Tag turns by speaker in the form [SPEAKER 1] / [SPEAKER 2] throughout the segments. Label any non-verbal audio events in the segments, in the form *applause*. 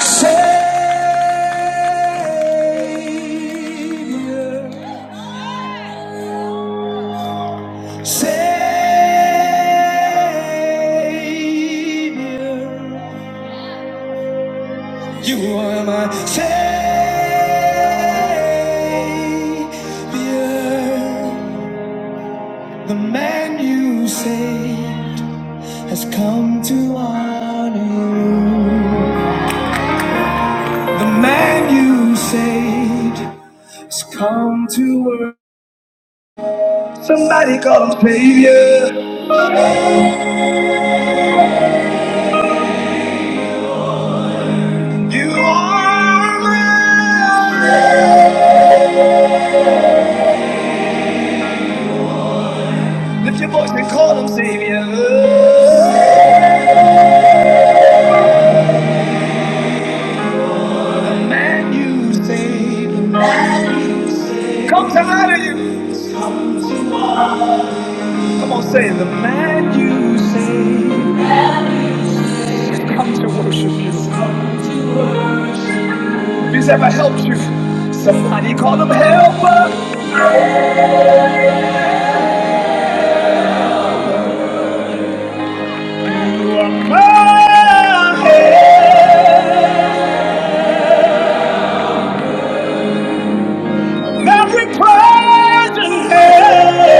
[SPEAKER 1] Savior, Savior, you are my Savior. The man you saved has come to honor you. The man you saved. It's come to work. Somebody call him Savior. You are mine. Lift your voice and call him Savior. The man you save. Comes out of you. Come on, say the man you save. has Come to worship you. If he's ever helped you, somebody call him Helper. Oh, yeah. Every praise in hand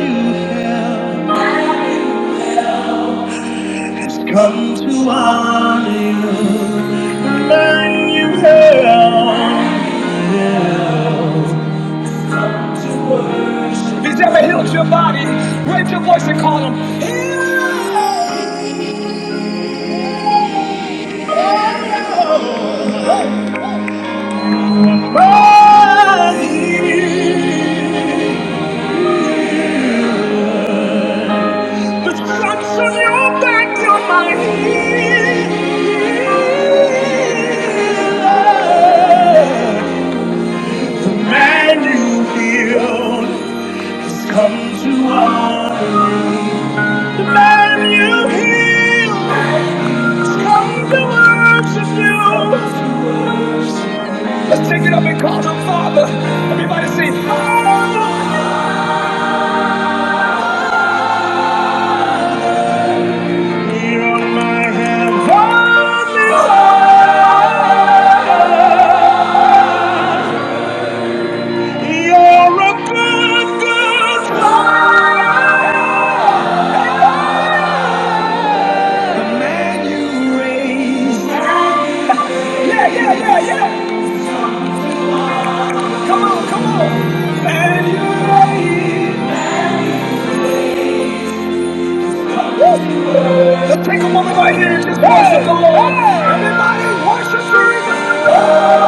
[SPEAKER 1] you held come to honor you. Man you held. He's ever healed your body. Raise your voice and call him. Healing Body. The stripes on your back, you're my healer. The man you healed. Come to honor you. Love you. He's come to worship you. Let's take it up and call him Father. Everybody say, Father. Here on my hands. hold me, Father. You're a good, good Father. The man you raised. Yeah, yeah, yeah, yeah. Come on, come on. Let's take a moment right here and just worship the Lord. Everybody worship Jesus.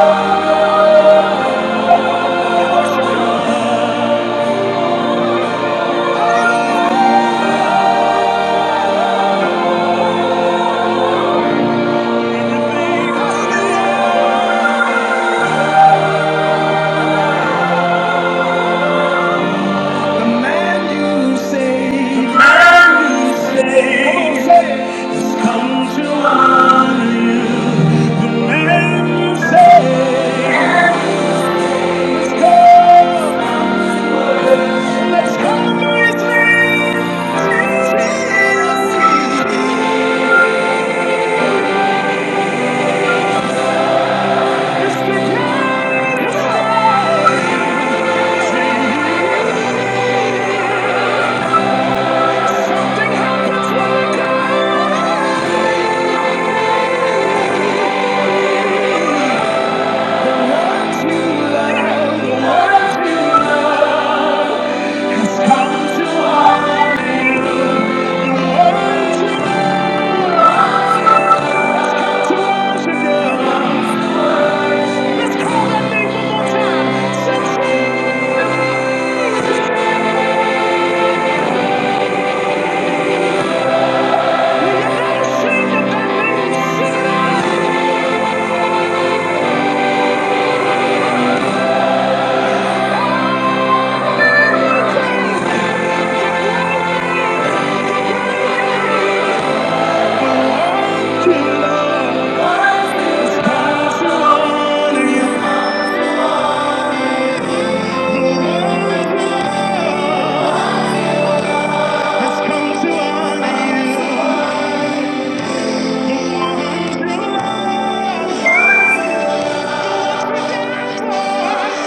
[SPEAKER 1] The man you saved. The man you saved. has Come to honor you. The man you saved. Let's go. Let's come to his name. Jesus. Mr. King. Nothing happens when we die. Let's come to honor you.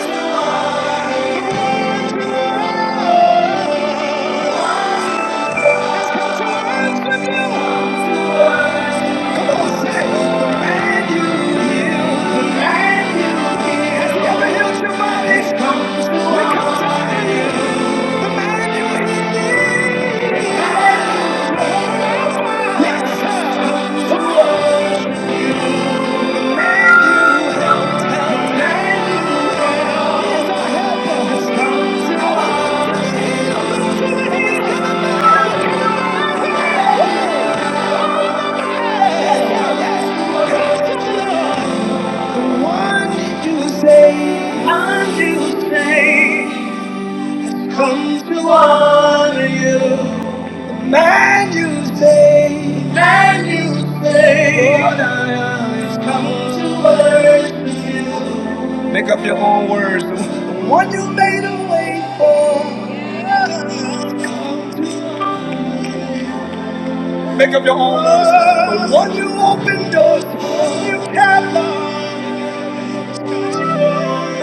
[SPEAKER 1] Come to honor you, man you say, man you say, what I am is come to worship. Make up your own words. The one you made a way for. Make up your own words. The one you opened doors for. You can't lie.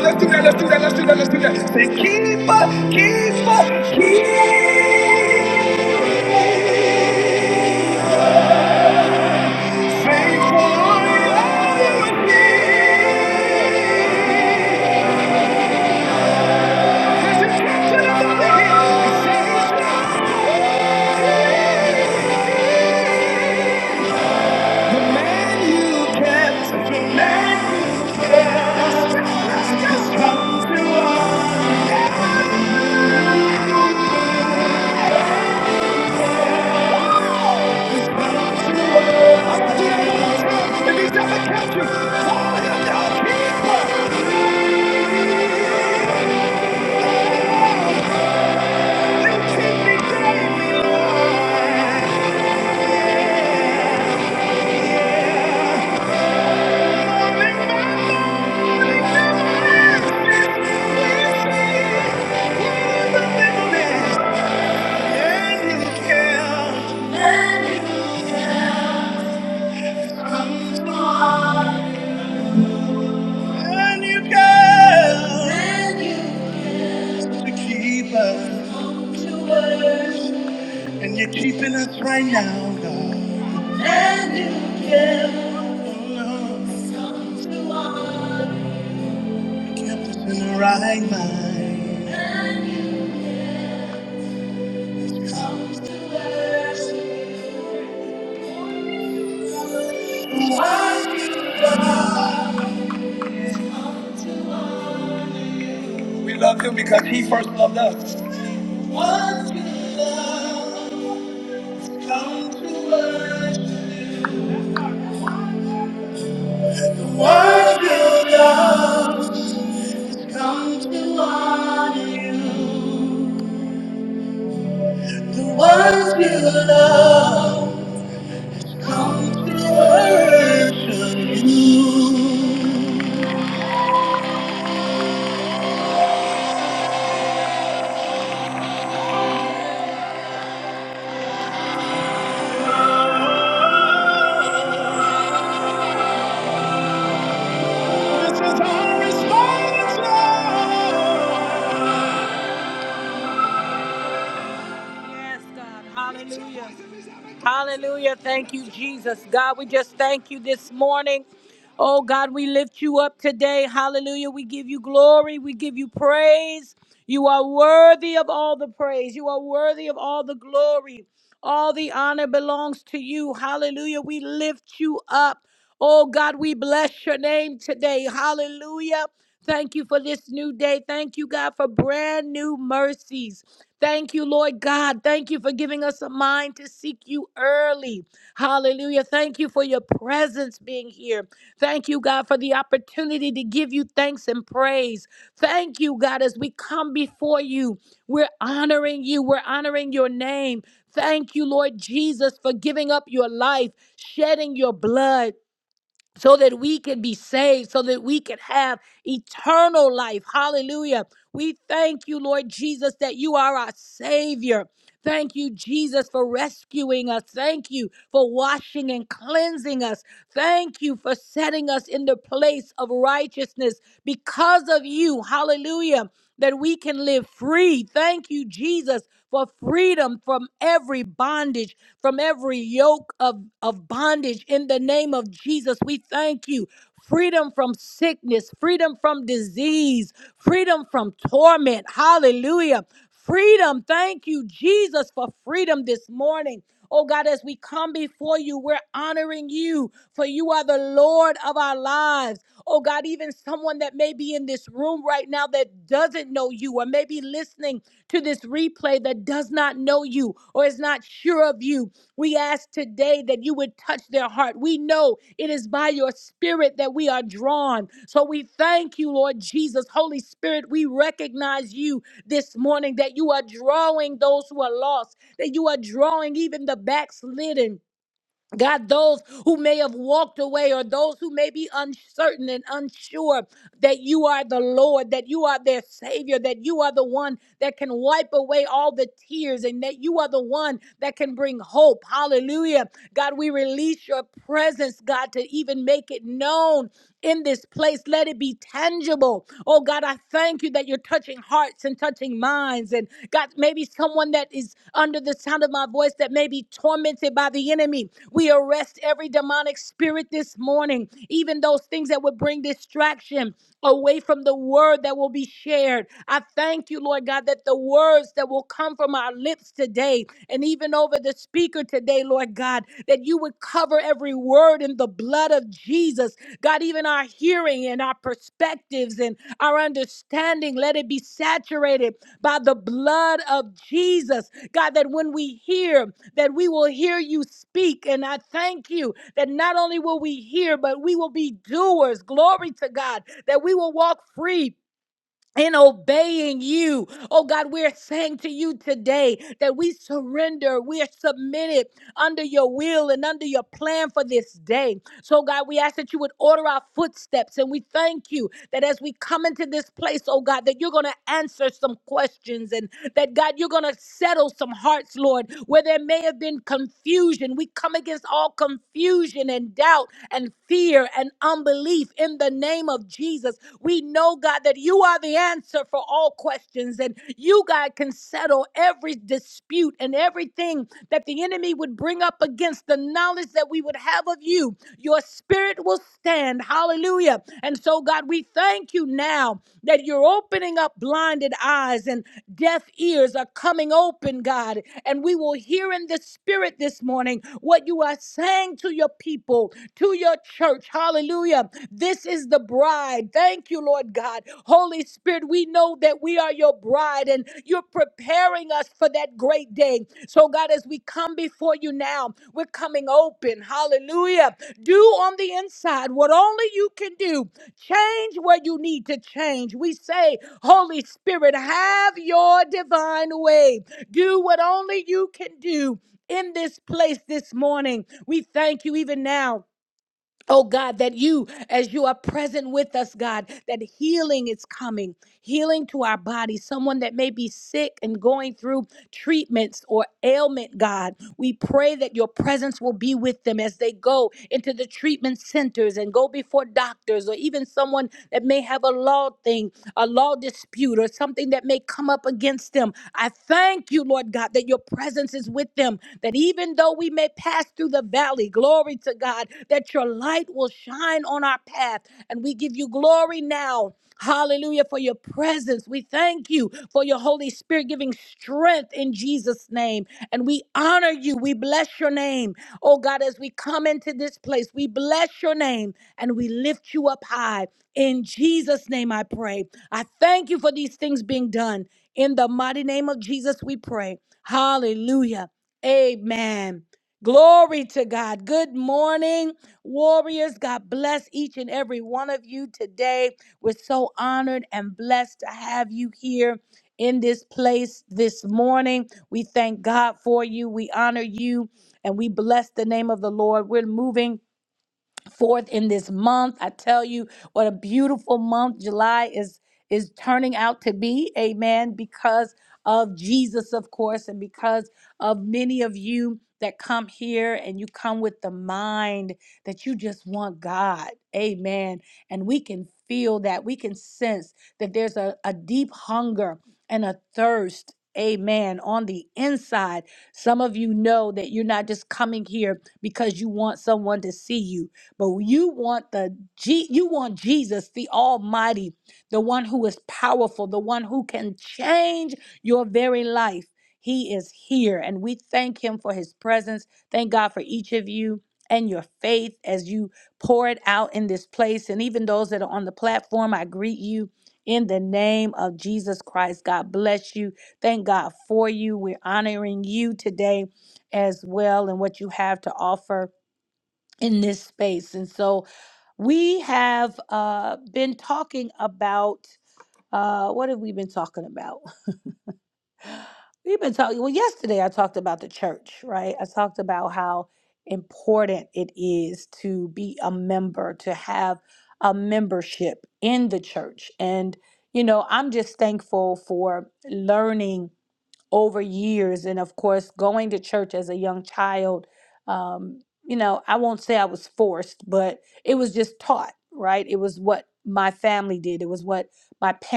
[SPEAKER 1] Let's do that, let's do that, let's do that, let's do that. Say, keep up, keep up, keep faithful. Listen to the man you kept, the man you And you're keeping us right now, God. And you care, Oh, no. We love him because he first loved us. What you love. come to honor you, the ones we love, to worship you.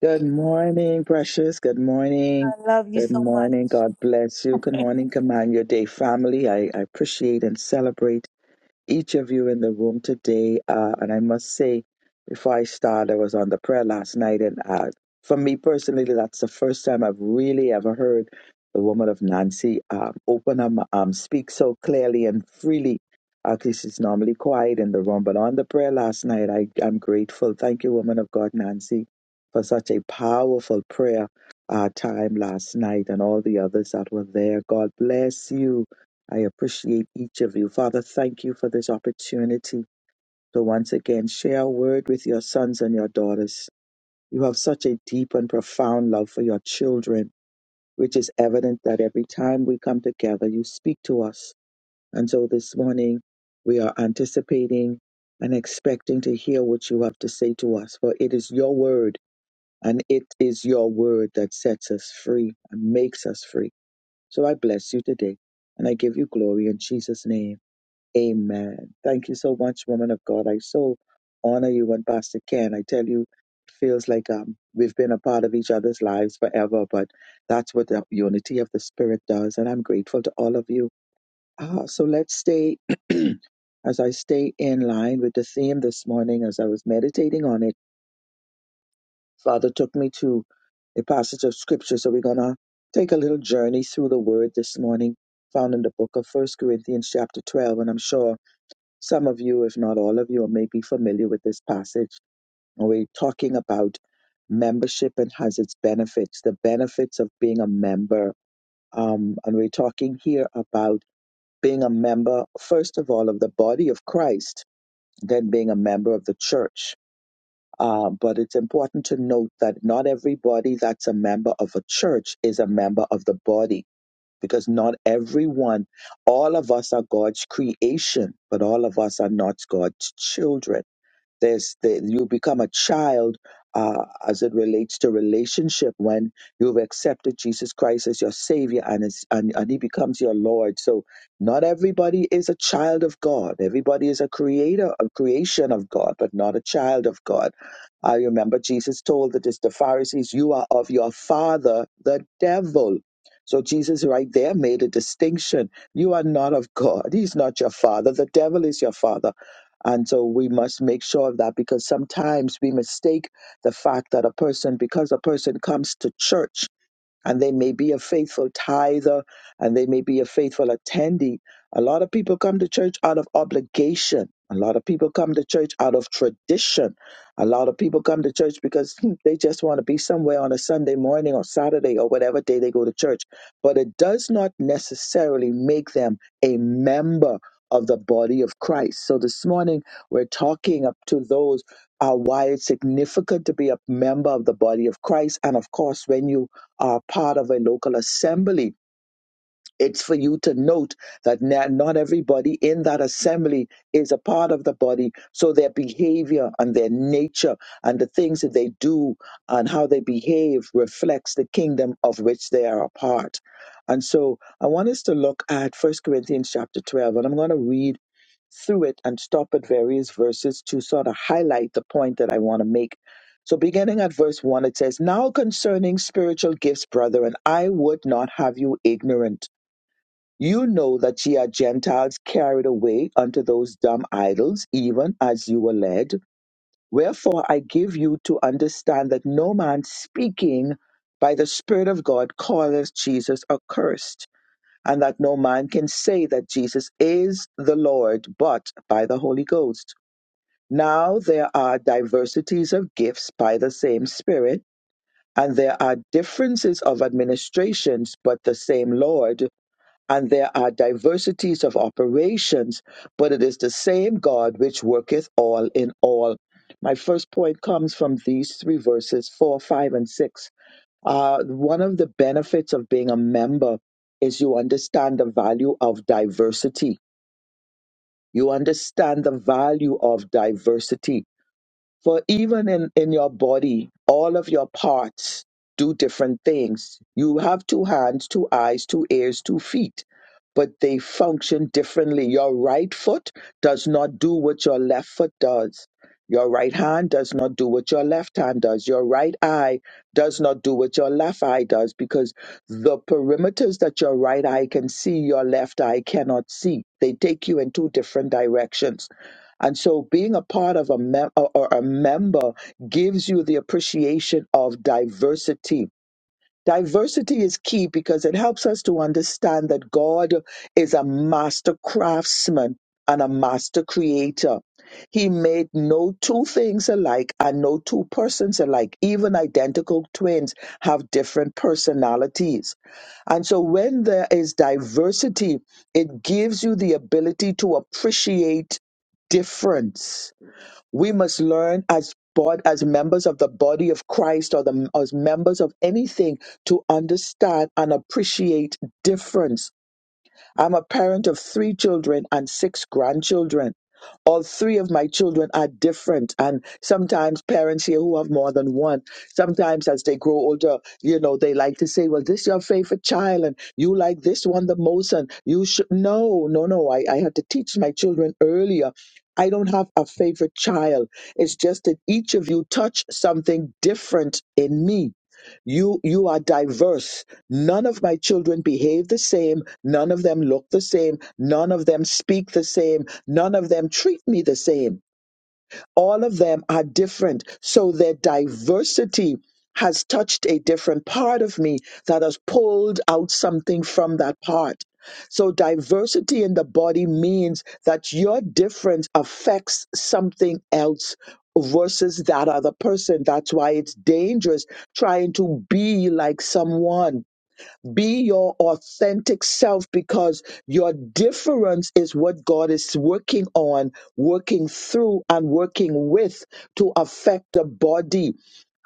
[SPEAKER 2] Good morning, precious. Good morning. Good morning. God bless you. Good morning, Command Your Day family. I, I appreciate and celebrate each of you in the room today. Uh, and I must say, before I start, I was on the prayer last night, and uh, for me personally, that's the first time I've really ever heard the woman of Nancy um, open her, mu- um, speak so clearly and freely. At least she's normally quiet in the room, but on the prayer last night, I am grateful. Thank you, woman of God, Nancy, for such a powerful prayer uh, time last night, and all the others that were there. God bless you I appreciate each of you. Father, thank you for this opportunity to once again share a word with your sons and your daughters. You have such a deep and profound love for your children, which is evident that every time we come together, you speak to us. And so this morning, we are anticipating and expecting to hear what you have to say to us, for it is your word, and it is your word that sets us free and makes us free. So I bless you today, and I give you glory in Jesus' name. Amen. Thank you so much, woman of God. I so honor you and Pastor Ken. I tell you, it feels like um, we've been a part of each other's lives forever, but that's what the unity of the Spirit does. And I'm grateful to all of you. Ah, so let's stay, *clears throat* as I stay in line with the theme this morning, as I was meditating on it, Father took me to a passage of Scripture. So we're going to take a little journey through the Word this morning, found in the book of First Corinthians, chapter 12. And I'm sure. Some of you, if not all of you, may be familiar with this passage. We're talking about membership and has its benefits, the benefits of being a member. Um, and we're talking here about being a member, first of all, of the body of Christ, then being a member of the church. Uh, but it's important to note that not everybody that's a member of a church is a member of the body, because not everyone, all of us are God's creation, but all of us are not God's children there's the, you become a child uh, as it relates to relationship when you've accepted Jesus Christ as your Savior and, is, and and He becomes your Lord. So not everybody is a child of God. Everybody is a creator, a creation of God, but not a child of God. I remember Jesus told the, the Pharisees, "You are of your father, the devil." So Jesus right there made a distinction. You are not of God. He's not your father. The devil is your father and so we must make sure of that because sometimes we mistake the fact that a person, because a person comes to church and they may be a faithful tither and they may be a faithful attendee. A lot of people come to church out of obligation. A lot of people come to church out of tradition. A lot of people come to church because hmm, they just want to be somewhere on a Sunday morning or Saturday or whatever day they go to church. But it does not necessarily make them a member of the body of Christ. So this morning we're talking up to those uh, why it's significant to be a member of the body of Christ. And of course, when you are part of a local assembly it's for you to note that na- not everybody in that assembly is a part of the body. So their behavior and their nature and the things that they do and how they behave reflects the kingdom of which they are a part. And so I want us to look at First Corinthians chapter 12, and I'm going to read through it and stop at various verses to sort of highlight the point that I want to make. So, beginning at verse 1, it says, Now concerning spiritual gifts, brethren, I would not have you ignorant. You know that ye are Gentiles carried away unto those dumb idols, even as you were led. Wherefore I give you to understand that no man speaking by the Spirit of God calleth Jesus accursed, and that no man can say that Jesus is the Lord but by the Holy Ghost. Now there are diversities of gifts by the same Spirit, and there are differences of administrations, but the same Lord and there are diversities of operations, but it is the same God which worketh all in all. My first point comes from these three verses four, five, and six. Uh, one of the benefits of being a member is you understand the value of diversity. You understand the value of diversity. For even in, in your body, all of your parts do different things. You have two hands, two eyes, two ears, two feet, but they function differently. Your right foot does not do what your left foot does. Your right hand does not do what your left hand does. Your right eye does not do what your left eye does because the perimeters that your right eye can see, your left eye cannot see. They take you in two different directions. And so being a part of a mem- or or a member gives you the appreciation of diversity Diversity is key because it helps us to understand that God is a master craftsman and a master creator. He made no two things alike and no two persons alike. Even identical twins have different personalities. And so when there is diversity, it gives you the ability to appreciate difference we must learn as bod- as members of the body of Christ or the as members of anything to understand and appreciate difference I'm a parent of three children and six grandchildren. All three of my children are different, and sometimes parents here who have more than one, sometimes as they grow older, you know, they like to say, "Well, this is your favorite child, and you like this one the most, and you should." No, no, no. I, I had to teach my children earlier. I don't have a favorite child. It's just that each of you touch something different in me you you are diverse. None of my children behave the same, none of them look the same, none of them speak the same, none of them treat me the same all of them are different. So their diversity has touched a different part of me that has pulled out something from that part. So diversity in the body means that your difference affects something else versus that other person. That's why it's dangerous trying to be like someone be your authentic self because your difference is what God is working on, working through, and working with to affect the body.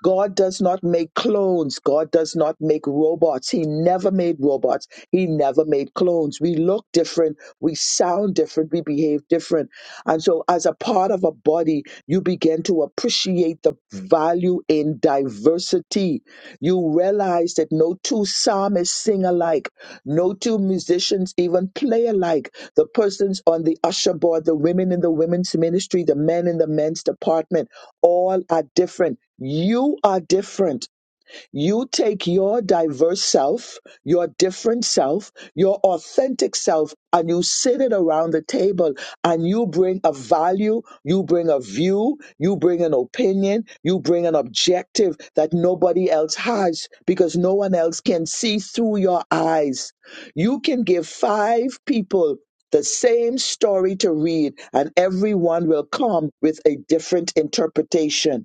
[SPEAKER 2] God does not make clones. God does not make robots. He never made robots. He never made clones. We look different. We sound different. We behave different. And so, as a part of a body, you begin to appreciate the value in diversity you realize that no two psalmists sing alike, no two musicians even play alike. The persons on the usher board, the women in the women's ministry, the men in the men's department, all are different. You are different. You take your diverse self, your different self, your authentic self, and you sit it around the table and you bring a value, you bring a view, you bring an opinion, you bring an objective that nobody else has because no one else can see through your eyes. You can give five people the same story to read, and everyone will come with a different interpretation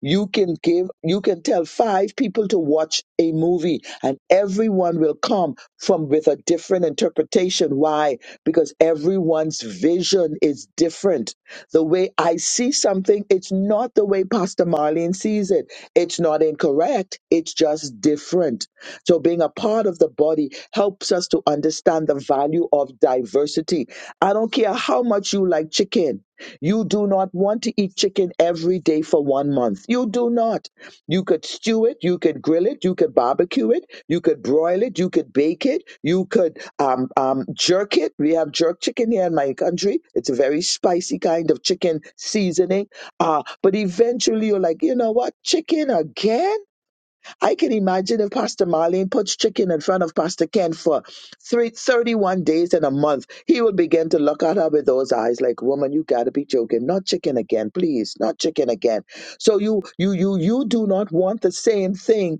[SPEAKER 2] you can give, you can tell five people to watch a movie and everyone will come from with a different interpretation. Why? Because everyone's vision is different. The way I see something, it's not the way Pastor Marlene sees it. It's not incorrect. It's just different. So being a part of the body helps us to understand the value of diversity. I don't care how much you like chicken. You do not want to eat chicken every day for one month. You do not. You could stew it, you could grill it, you could barbecue it, you could broil it, you could bake it, you could um, um, jerk it. We have jerk chicken here in my country. It's a very spicy kind of chicken seasoning. Uh, but eventually you're like, you know what? Chicken again? I can imagine if Pastor Marlene puts chicken in front of Pastor Ken for three thirty-one days in a month, he will begin to look at her with those eyes like, woman, you gotta be joking. Not chicken again, please. Not chicken again. So you, you, you, you do not want the same thing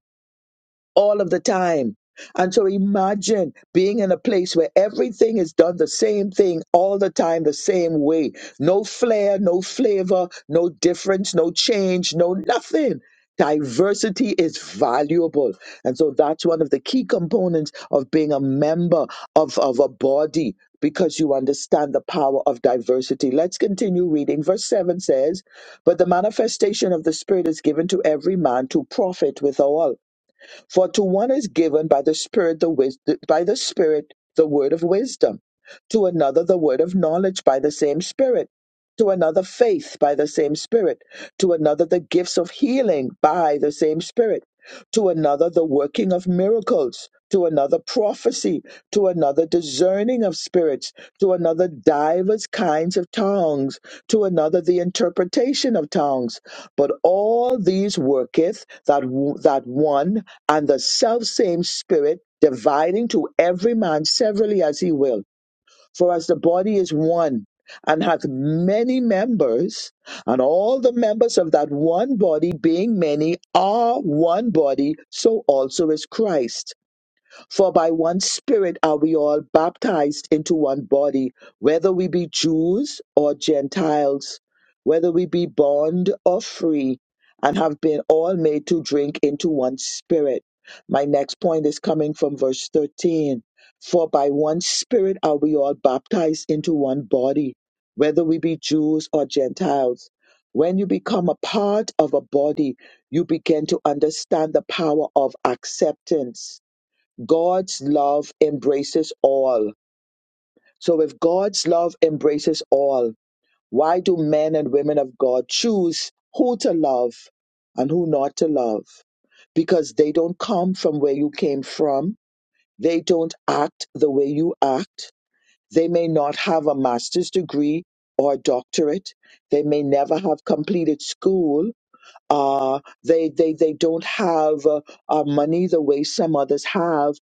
[SPEAKER 2] all of the time. And so imagine being in a place where everything is done the same thing all the time, the same way. No flair, no flavor, no difference, no change, no nothing. Diversity is valuable. And so that's one of the key components of being a member of, of a body because you understand the power of diversity. Let's continue reading. Verse 7 says, But the manifestation of the Spirit is given to every man to profit withal. For to one is given by the Spirit the wis- by the Spirit the word of wisdom, to another the word of knowledge by the same Spirit, to another faith by the same Spirit, to another the gifts of healing by the same Spirit, to another the working of miracles, to another prophecy, to another discerning of spirits, to another divers kinds of tongues, to another the interpretation of tongues. But all these worketh that w- that one and the self same spirit, dividing to every man severally as he will. For as the body is one and hath many members, and all the members of that one body, being many, are one body, so also is Christ. For by one Spirit are we all baptized into one body, whether we be Jews or Gentiles, whether we be bond or free, and have been all made to drink into one Spirit. My next point is coming from verse 13. For by one Spirit are we all baptized into one body, whether we be Jews or Gentiles. When you become a part of a body, you begin to understand the power of acceptance God's love embraces all. So if God's love embraces all, why do men and women of God choose who to love and who not to love? Because they don't come from where you came from. They don't act the way you act. They may not have a master's degree or a doctorate. They may never have completed school uh, they they they don't have uh, uh, money the way some others have,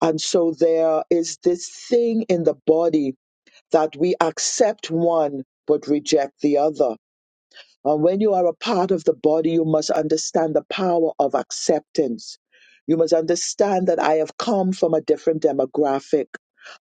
[SPEAKER 2] and so there is this thing in the body that we accept one but reject the other and when you are a part of the body, you must understand the power of acceptance. You must understand that I have come from a different demographic.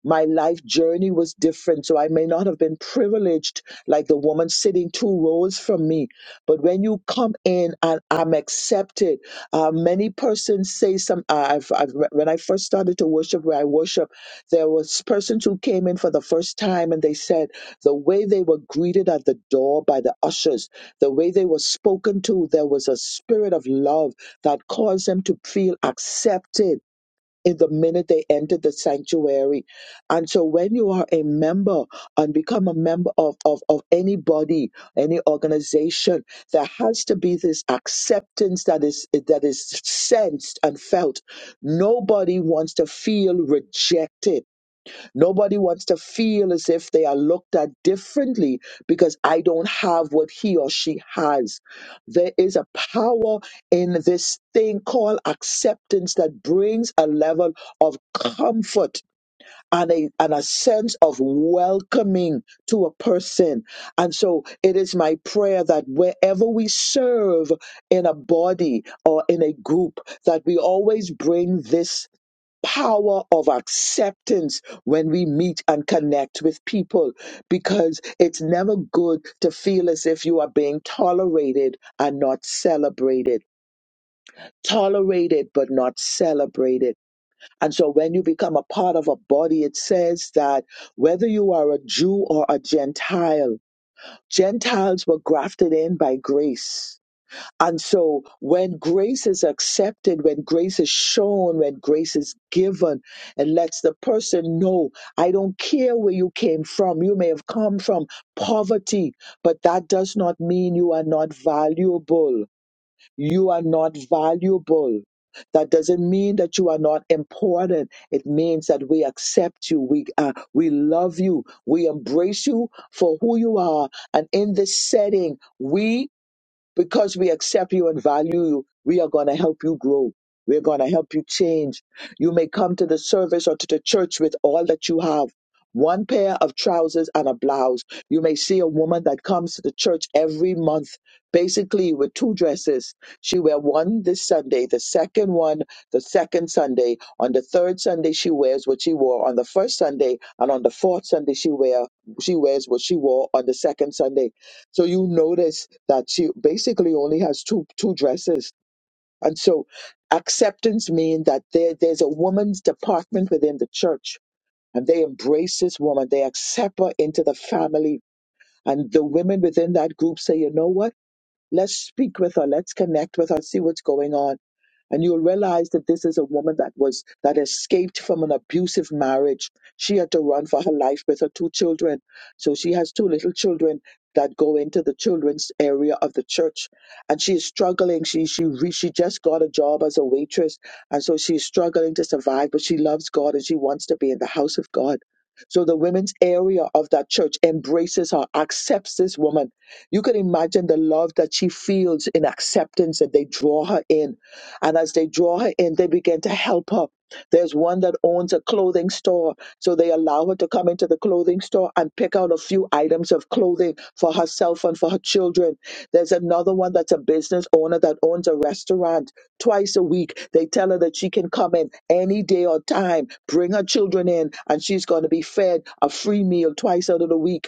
[SPEAKER 2] My life journey was different, so I may not have been privileged like the woman sitting two rows from me. But when you come in and I'm accepted, uh, many persons say some. Uh, I've, I've, when I first started to worship where I worship, there was persons who came in for the first time and they said the way they were greeted at the door by the ushers the way they were spoken to, there was a spirit of love that caused them to feel accepted in the minute they entered the sanctuary. And so when you are a member and become a member of, of, of any body, any organization, there has to be this acceptance that is that is sensed and felt. Nobody wants to feel rejected Nobody wants to feel as if they are looked at differently because I don't have what he or she has. There is a power in this thing called acceptance that brings a level of comfort and a, and a sense of welcoming to a person. And so it is my prayer that wherever we serve in a body or in a group, that we always bring this power of acceptance when we meet and connect with people because it's never good to feel as if you are being tolerated and not celebrated. Tolerated but not celebrated. And so when you become a part of a body, it says that whether you are a Jew or a Gentile, Gentiles were grafted in by grace and so when grace is accepted, when grace is shown, when grace is given, it lets the person know, I don't care where you came from. You may have come from poverty, but that does not mean you are not valuable. You are not valuable. That doesn't mean that you are not important. It means that we accept you. We, uh, we love you. We embrace you for who you are. And in this setting, we because we accept you and value you, we are going to help you grow. We're going to help you change. You may come to the service or to the church with all that you have. One pair of trousers and a blouse. You may see a woman that comes to the church every month, basically with two dresses. She wear one this Sunday, the second one the second Sunday. On the third Sunday, she wears what she wore on the first Sunday, and on the fourth Sunday, she wear she wears what she wore on the second Sunday so you notice that she basically only has two two dresses. And so acceptance means that there, there's a woman's department within the church and they embrace this woman. They accept her into the family. And the women within that group say, you know what? Let's speak with her. Let's connect with her, see what's going on. And you'll realize that this is a woman that was, that escaped from an abusive marriage. She had to run for her life with her two children. So she has two little children that go into the children's area of the church. And she is struggling. She, she, re, she just got a job as a waitress. And so she's struggling to survive, but she loves God and she wants to be in the house of God. So the women's area of that church embraces her, accepts this woman you can imagine the love that she feels in acceptance that they draw her in. And as they draw her in, they begin to help her. There's one that owns a clothing store. So they allow her to come into the clothing store and pick out a few items of clothing for herself and for her children. There's another one that's a business owner that owns a restaurant. Twice a week, they tell her that she can come in any day or time, bring her children in, and she's going to be fed a free meal twice out of the week.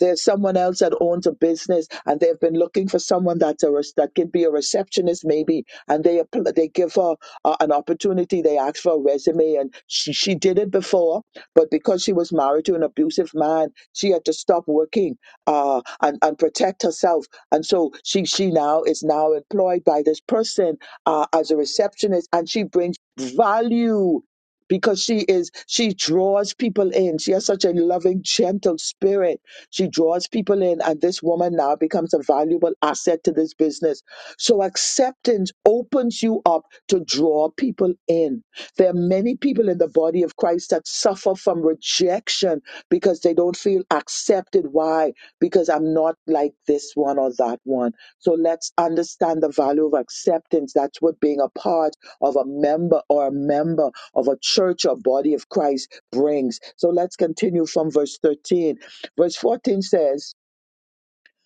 [SPEAKER 2] There's someone else that owns a business and they've been looking for someone that's a, rec- that can be a receptionist maybe. And they, appl- they give her uh, an opportunity. They ask for a resume and she, she did it before, but because she was married to an abusive man, she had to stop working uh, and, and protect herself. And so she, she now is now employed by this person uh, as a receptionist and she brings value because she is she draws people in she has such a loving gentle spirit she draws people in, and this woman now becomes a valuable asset to this business. So acceptance opens you up to draw people in. There are many people in the body of Christ that suffer from rejection because they don't feel accepted. Why? Because I'm not like this one or that one. So let's understand the value of acceptance. That's what being a part of a member or a member of a church or body of Christ brings. So let's continue from verse 13. Verse 14 says,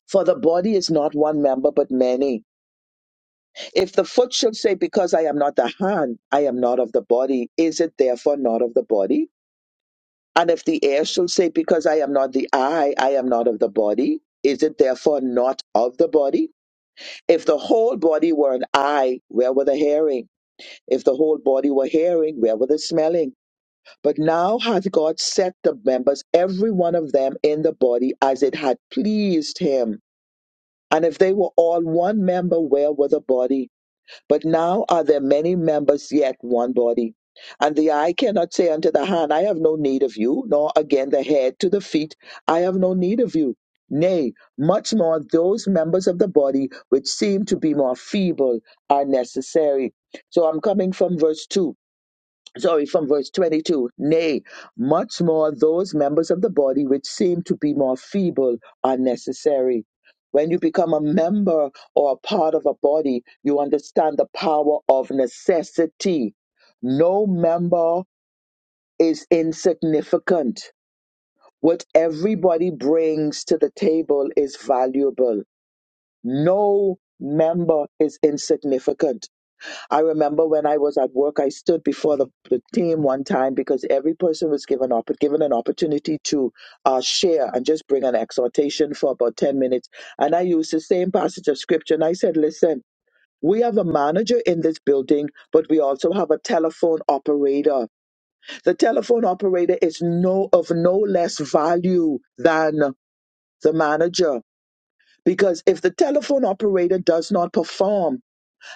[SPEAKER 2] For the body is not one member, but many. If the foot should say, Because I am not the hand, I am not of the body, is it therefore not of the body? And if the ear should say, Because I am not the eye, I am not of the body, is it therefore not of the body? If the whole body were an eye, where were the hearing? If the whole body were hearing, where were the smelling? But now hath God set the members, every one of them, in the body as it had pleased him And if they were all one member, where were the body? But now are there many members, yet one body. And the eye cannot say unto the hand, I have no need of you, nor again the head to the feet, I have no need of you. Nay, much more those members of the body which seem to be more feeble are necessary. So I'm coming from verse 2 sorry, from verse 22. Nay, much more those members of the body which seem to be more feeble are necessary. When you become a member or a part of a body, you understand the power of necessity. No member is insignificant. What everybody brings to the table is valuable. No member is insignificant I remember when I was at work, I stood before the, the team one time because every person was given opp- given an opportunity to uh, share and just bring an exhortation for about ten minutes. And I used the same passage of scripture, and I said, "Listen." We have a manager in this building, but we also have a telephone operator. The telephone operator is no of no less value than the manager because if the telephone operator does not perform,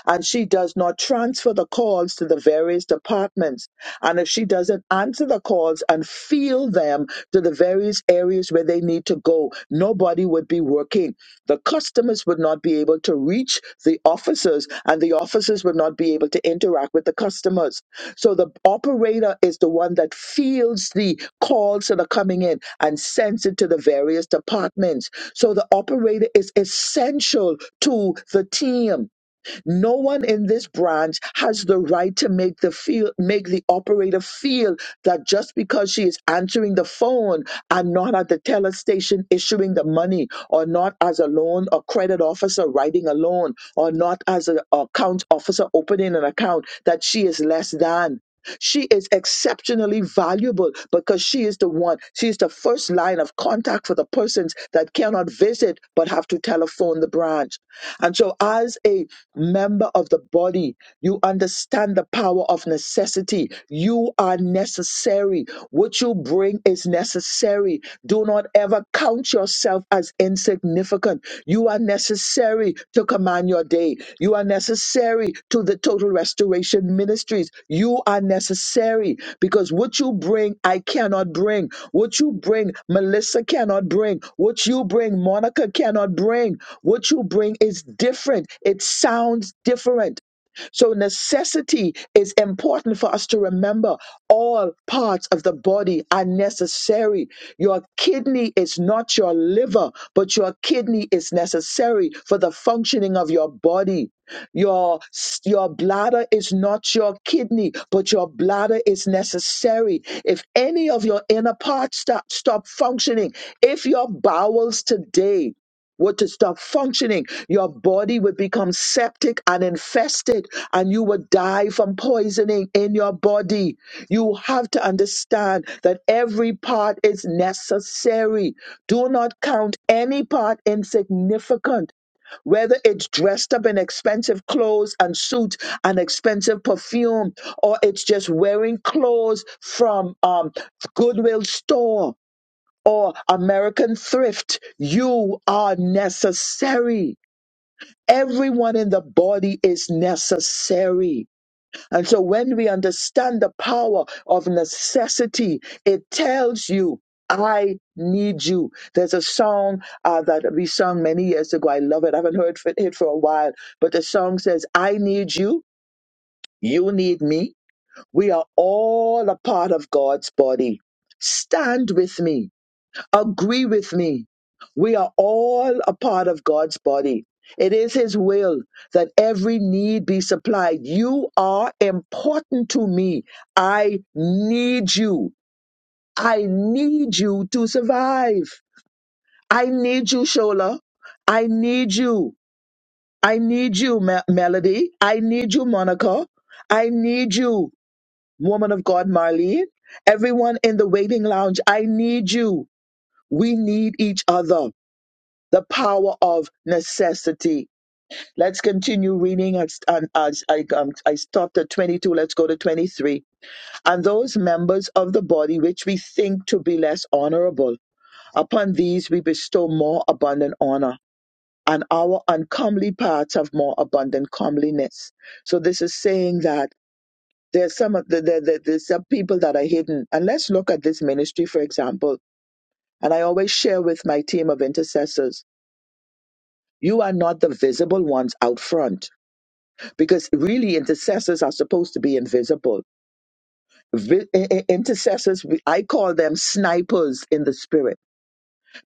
[SPEAKER 2] and she does not transfer the calls to the various departments, and if she doesn't answer the calls and field them to the various areas where they need to go, nobody would be working. The customers would not be able to reach the officers, and the officers would not be able to interact with the customers. So the operator is the one that fields the calls that are coming in and sends it to the various departments. So the operator is essential to the team no one in this branch has the right to make the feel make the operator feel that just because she is answering the phone and not at the teller station issuing the money, or not as a loan or credit officer writing a loan, or not as an account officer opening an account, that she is less than. She is exceptionally valuable because she is the one, she is the first line of contact for the persons that cannot visit but have to telephone the branch. And so, as a member of the body. You understand the power of necessity. You are necessary. What you bring is necessary. Do not ever count yourself as insignificant. You are necessary to command your day. You are necessary necessary to the total restoration ministries. You are necessary because what you bring, I cannot bring. What you bring, Melissa cannot bring. What you bring, Monica cannot bring. What you bring is different, it sounds different. So, necessity is important for us to remember. All parts of the body are necessary. Your kidney is not your liver, but your kidney is necessary for the functioning of your body. Your, your bladder is not your kidney, but your bladder is necessary. If any of your inner parts stop, stop functioning, if your bowels today were to stop functioning, your body would become septic and infested, and you would die from poisoning in your body. You have to understand that every part is necessary. Do not count any part insignificant whether it's dressed up in expensive clothes and suits and expensive perfume, or it's just wearing clothes from um, Goodwill store or American thrift, you are necessary. Everyone in the body is necessary. And so when we understand the power of necessity, it tells you, I need you. There's a song uh, that we sung many years ago. I love it. I haven't heard for- it for a while, but the song says, I need you. You need me. We are all a part of God's body. Stand with me. Agree with me. We are all a part of God's body. It is His will that every need be supplied. You are important to me. I need you. I need you to survive. I need you, Shola. I need you. I need you, Me- Melody. I need you, Monica. I need you, woman of God, Marlene. Everyone in the waiting lounge, I need you. We need each other. the power of necessity. Let's continue reading. As, and as I, um, I stopped at 22, let's go to 23. And those members of the body which we think to be less honorable, upon these we bestow more abundant honor. And our uncomely parts have more abundant comeliness. So this is saying that there's some of the, the, the, there's some people that are hidden. And let's look at this ministry, for example. And I always share with my team of intercessors You are not the visible ones out front because really intercessors are supposed to be invisible. Vi- i- i- intercessors, we- I call them snipers in the spirit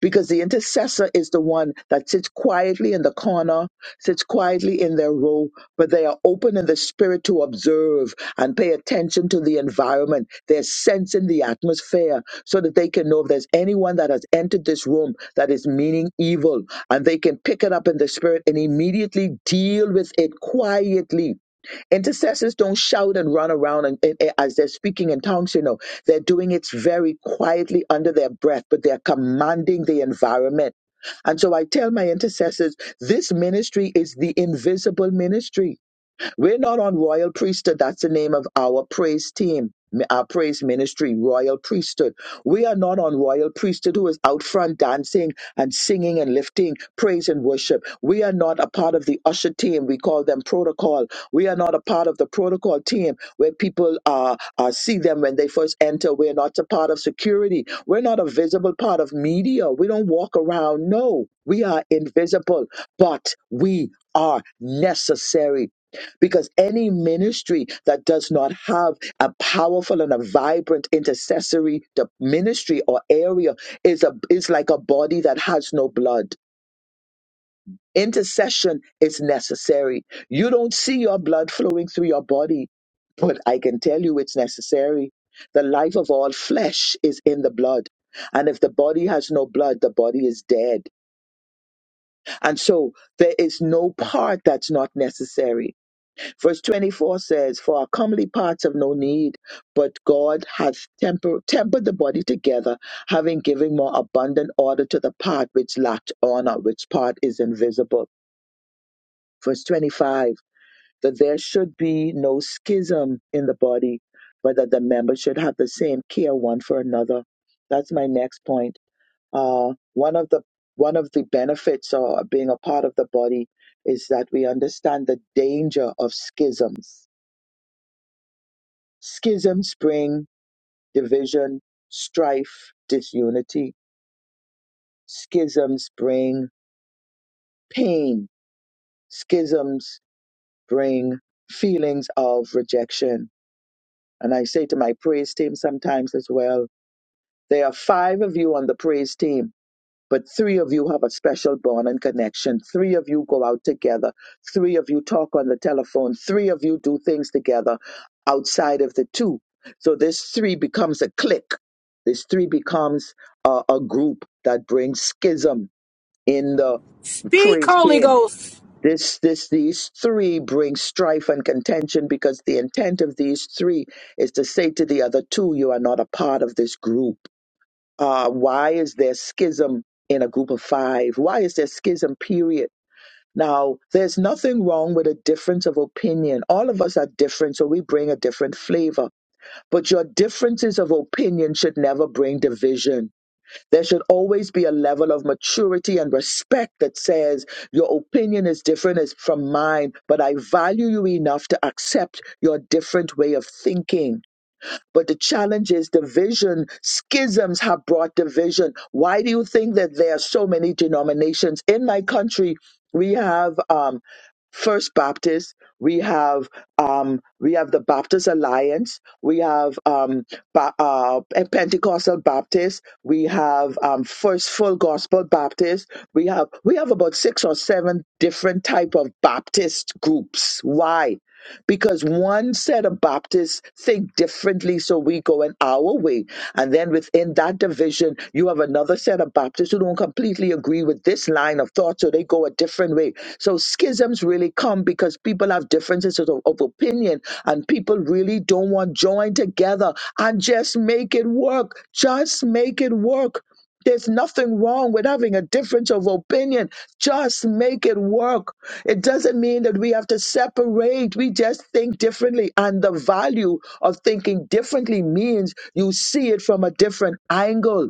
[SPEAKER 2] because the intercessor is the one that sits quietly in the corner, sits quietly in their row, but they are open in the spirit to observe and pay attention to the environment. They're sensing the atmosphere so that they can know if there's anyone that has entered this room that is meaning evil, and they can pick it up in the spirit and immediately deal with it quietly Intercessors don't shout and run around and, and- and as they're speaking in tongues, you know, they're doing it very quietly under their breath, but they're commanding the environment. And so I tell my intercessors, this ministry is the invisible ministry. We're not on royal priesthood. That's the name of our praise team, m- our praise ministry, royal priesthood. We are not on royal priesthood who is out front dancing and singing and lifting praise and worship. We are not a part of the usher team. We call them protocol. We are not a part of the protocol team where people uh, uh, see them when they first enter. We're not a part of security. We're not a visible part of media. We don't walk around. No, we are invisible, but we are necessary because any ministry that does not have a powerful and a vibrant intercessory the ministry or area is a is like a body that has no blood intercession is necessary you don't see your blood flowing through your body but i can tell you it's necessary the life of all flesh is in the blood and if the body has no blood the body is dead and so there is no part that's not necessary Verse 24 says, For our comely parts have no need, but God hath temper, tempered the body together, having given more abundant order to the part which lacked honor, which part is invisible. Verse 25, that there should be no schism in the body, but that the members should have the same care one for another. That's my next point. Uh, one of the one of the benefits of being a part of the body is that we understand the danger of schisms Schism bring division, strife, disunity. Schisms bring pain. Schisms bring feelings of rejection. And I say to my praise team sometimes as well, there are five of you on the praise team but three of you have a special bond and connection. Three of you go out together. Three of you talk on the telephone. Three of you do things together outside of the two. So this three becomes a clique. This three becomes a, a group that brings schism in the praise team. This, this, these three bring strife and contention because the intent of these three is to say to the other two, you are not a part of this group uh, why is there schism in a group of five? Why is there schism, period? Now, there's nothing wrong with a difference of opinion. All of us are different, so we bring a different flavor. But your differences of opinion should never bring division. There should always be a level of maturity and respect that says, your opinion is different as from mine, but I value you enough to accept your different way of thinking. But the challenge is division. Schisms have brought division. Why do you think that there are so many denominations? In my country, we have um, First Baptist, we have um, we have the Baptist Alliance, we have um, ba- uh, Pentecostal Baptist, we have um, First Full Gospel Baptist, we have we have about six or seven different type of Baptist groups. Why? because one set of Baptists think differently, so we go in our way. And then within that division, you have another set of Baptists who don't completely agree with this line of thought, so they go a different way. So schisms really come because people have differences of, of opinion and people really don't want to join together and just make it work. Just make it work there's nothing wrong with having a difference of opinion. Just make it work. It doesn't mean that we have to separate. We just think differently. And the value of thinking differently means you see it from a different angle.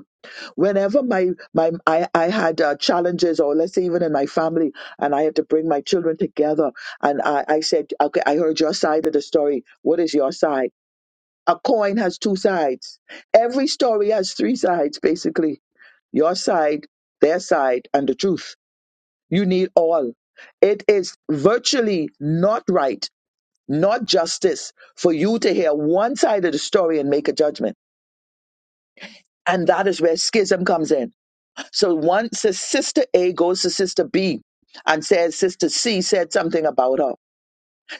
[SPEAKER 2] Whenever my, my I, I had uh, challenges, or let's say even in my family, and I had to bring my children together, and I, I said, okay, I heard your side of the story. What is your side? A coin has two sides. Every story has three sides, basically your side, their side, and the truth. You need all. It is virtually not right, not justice for you to hear one side of the story and make a judgment. And that is where schism comes in. So once a sister A goes to sister B and says sister C said something about her.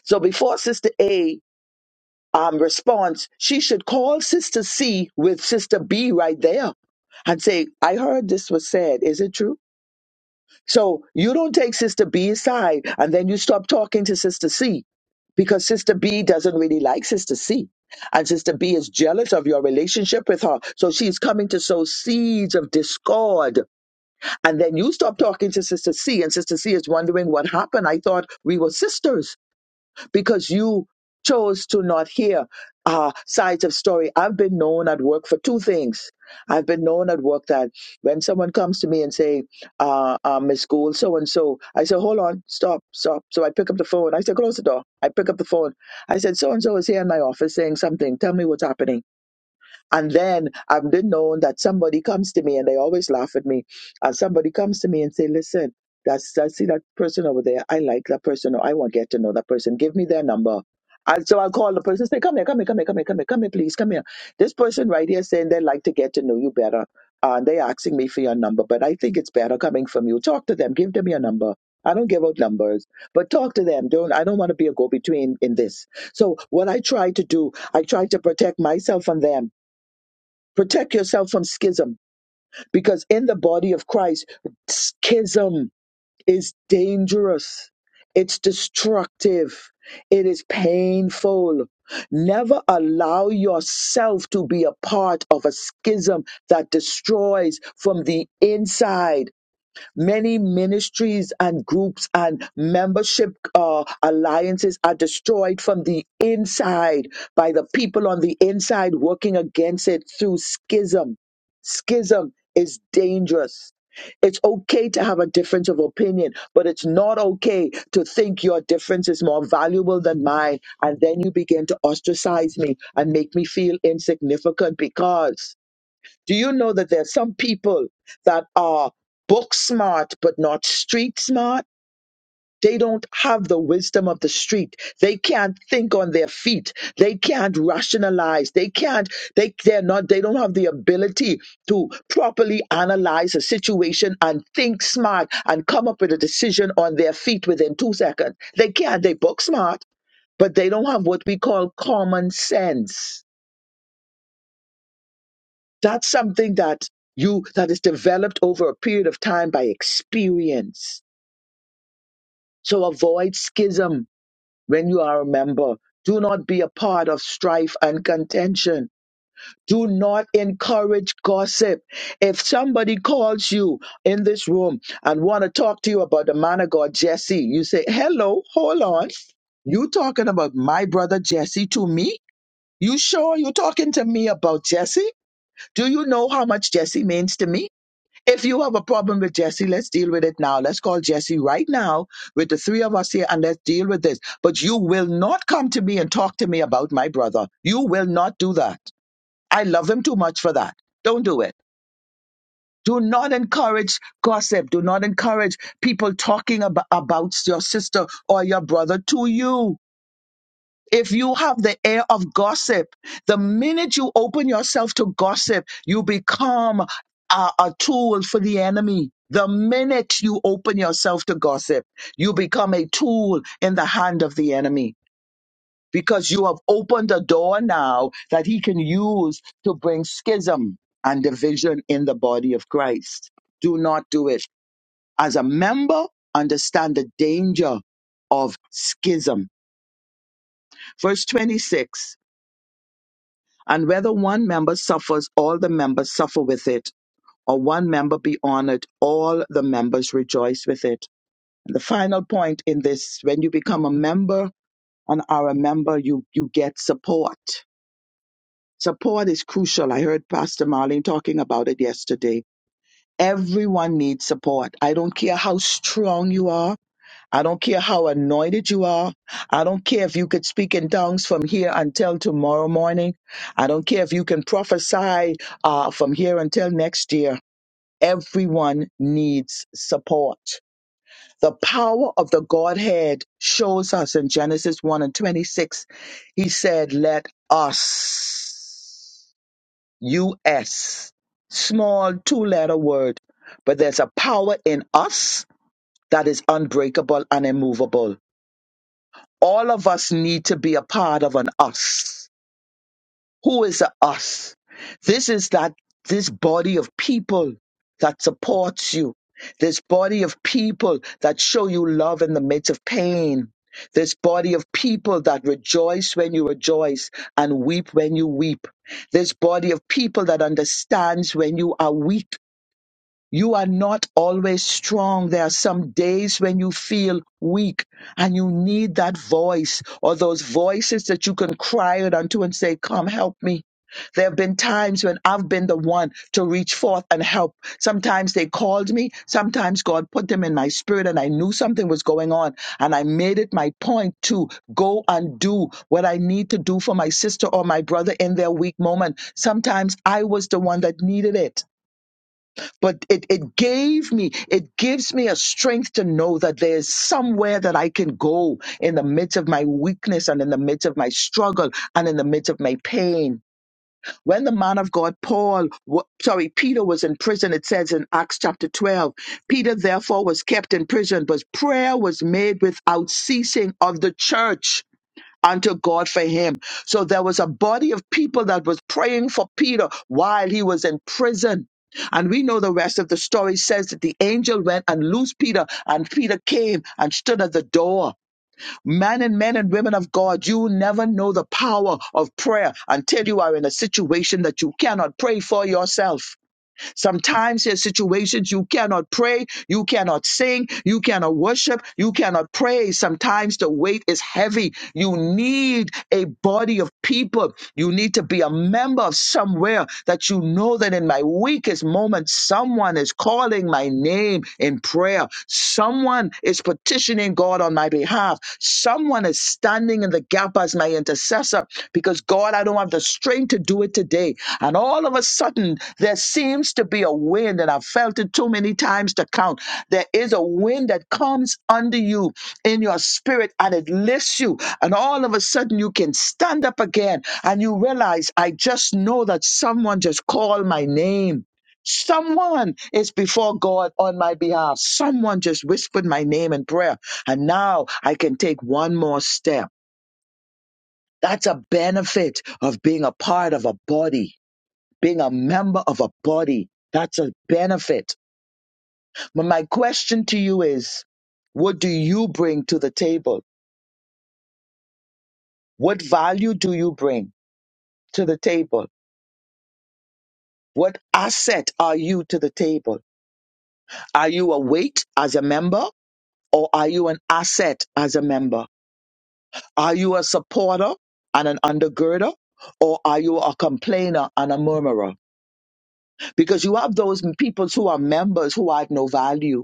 [SPEAKER 2] So before sister A um, response, she should call Sister C with Sister B right there and say, I heard this was said. Is it true? So you don't take Sister B's side and then you stop talking to Sister C because Sister B doesn't really like Sister C. And Sister B is jealous of your relationship with her. So she's coming to sow seeds of discord. And then you stop talking to Sister C, and Sister C is wondering what happened. I thought we were sisters because you chose to not hear uh, sides of story. I've been known at work for two things. I've been known at work that when someone comes to me and say, uh, uh, Miss Gould, so and so, I say, hold on, stop, stop. So I pick up the phone. I say, close the door. I pick up the phone. I said, so and so is here in my office saying something. Tell me what's happening. And then I've been known that somebody comes to me and they always laugh at me. And somebody comes to me and say, listen, that's, I see that person over there. I like that person or I want to get to know that person. Give me their number. And so I'll call the person say, come here, come here, come here, come here, come here, come here, please, come here. This person right here saying they like to get to know you better. And they're asking me for your number, but I think it's better coming from you. Talk to them, give them your number. I don't give out numbers, but talk to them. Don't I don't want to be a go-between in this. So what I try to do, I try to protect myself from them Protect yourself from schism because in the body of Christ, schism is dangerous. It's destructive. It is painful. Never allow yourself to be a part of a schism that destroys from the inside. Many ministries and groups and membership uh, alliances are destroyed from the inside by the people on the inside working against it through schism. Schism is dangerous. It's okay to have a difference of opinion, but it's not okay to think your difference is more valuable than mine. And then you begin to ostracize me and make me feel insignificant because do you know that there are some people that are book smart but not street smart? They don't have the wisdom of the street. They can't think on their feet. They can't rationalize. They can't, they, they're not, they don't have the ability to properly analyze a situation and think smart and come up with a decision on their feet within two seconds. They can't, they book smart, but they don't have what we call common sense That's something that you that is developed over a period of time by experience. So avoid schism when you are a member. Do not be a part of strife and contention. Do not encourage gossip. If somebody calls you in this room and want to talk to you about the man of God Jesse, you say, "Hello, hold on. You talking about my brother Jesse to me? You sure you talking to me about Jesse? Do you know how much Jesse means to me? If you have a problem with Jesse, let's deal with it now. Let's call Jesse right now with the three of us here and let's deal with this. But you will not come to me and talk to me about my brother. You will not do that. I love him too much for that. Don't do it. Do not encourage gossip. Do not encourage people talking ab- about your sister or your brother to you if you have the air of gossip, the minute you open yourself to gossip, you become a, a tool for the enemy. The minute you open yourself to gossip, you become a tool in the hand of the enemy because you have opened a door now that he can use to bring schism and division in the body of Christ. Do not do it. As a member, understand the danger of schism. Verse 26 And whether one member suffers, all the members suffer with it, or one member be honored, all the members rejoice with it. And the final point in this, when you become a member and are a member, you, you get support. Support is crucial. I heard Pastor Marlene talking about it yesterday. Everyone needs support. I don't care how strong you are. I don't care how anointed you are. I don't care if you could speak in tongues from here until tomorrow morning. I don't care if you can prophesy uh, from here until next year. Everyone needs support. The power of the Godhead shows us in Genesis 1 and 26. He said, Let us, U.S., small two letter word, but there's a power in us that is unbreakable and immovable all of us need to be a part of an us. Who is a us? This is that this body of people that supports you. This body of people that show you love in the midst of pain. This body of people that rejoice when you rejoice and weep when you weep. This body of people that understands when you are weak you are not always strong. There are some days when you feel weak and you need that voice or those voices that you can cry out unto and say, Come help me. There have been times when I've been the one to reach forth and help. Sometimes they called me. Sometimes God put them in my spirit and I knew something was going on. And I made it my point to go and do what I need to do for my sister or my brother in their weak moment. Sometimes I was the one that needed it but it, it gave me it gives me a strength to know that there's somewhere that i can go in the midst of my weakness and in the midst of my struggle and in the midst of my pain when the man of god paul wa- sorry peter was in prison it says in acts chapter 12 peter therefore was kept in prison but prayer was made without ceasing of the church unto God for him. So there was a body of people that was praying for Peter while he was in prison. And we know the rest of the story says that the angel went and loosed Peter, and Peter came and stood at the door. Men and men and women of God, you never know the power of prayer until you are in a situation that you cannot pray for yourself. Sometimes there's situations you cannot pray, you cannot sing, you cannot worship, you cannot praise. Sometimes the weight is heavy. You need a body of people. You need to be a member of somewhere that you know that in my weakest moment, someone is calling my name in prayer. Someone is petitioning God on my behalf. Someone is standing in the gap as my intercessor because God, I don't have the strength to do it today. And all of a sudden, there seems to be a wind, and I've felt it too many times to count. There is a wind that comes under you in your spirit and it lifts you. And all of a sudden, you can stand up again and you realize, I just know that someone just called my name. Someone is before God on my behalf. Someone just whispered my name in prayer, and now I can take one more step. That's a benefit of being a part of a body, being a member of a body. That's a benefit. But my question to you is what do you bring to the table? What value do you bring to the table? What asset are you to the table? Are you a weight as a member or are you an asset as a member? Are you a supporter and an undergirder? Or are you a complainer and a murmurer? Because you have those people who are members who add no value.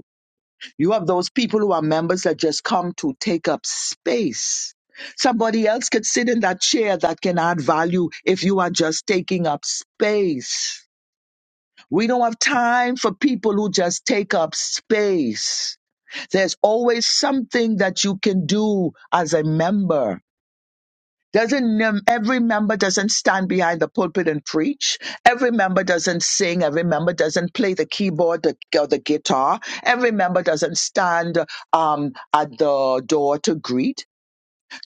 [SPEAKER 2] You have those people who are members that just come to take up space. Somebody else could sit in that chair that can add value if you are just taking up space. We don't have time for people who just take up space. There's always something that you can do as a member Doesn't mem- every member doesn't stand behind the pulpit and preach? Every member doesn't sing. Every member doesn't play the keyboard the, or the guitar. Every member doesn't stand um, at the door to greet.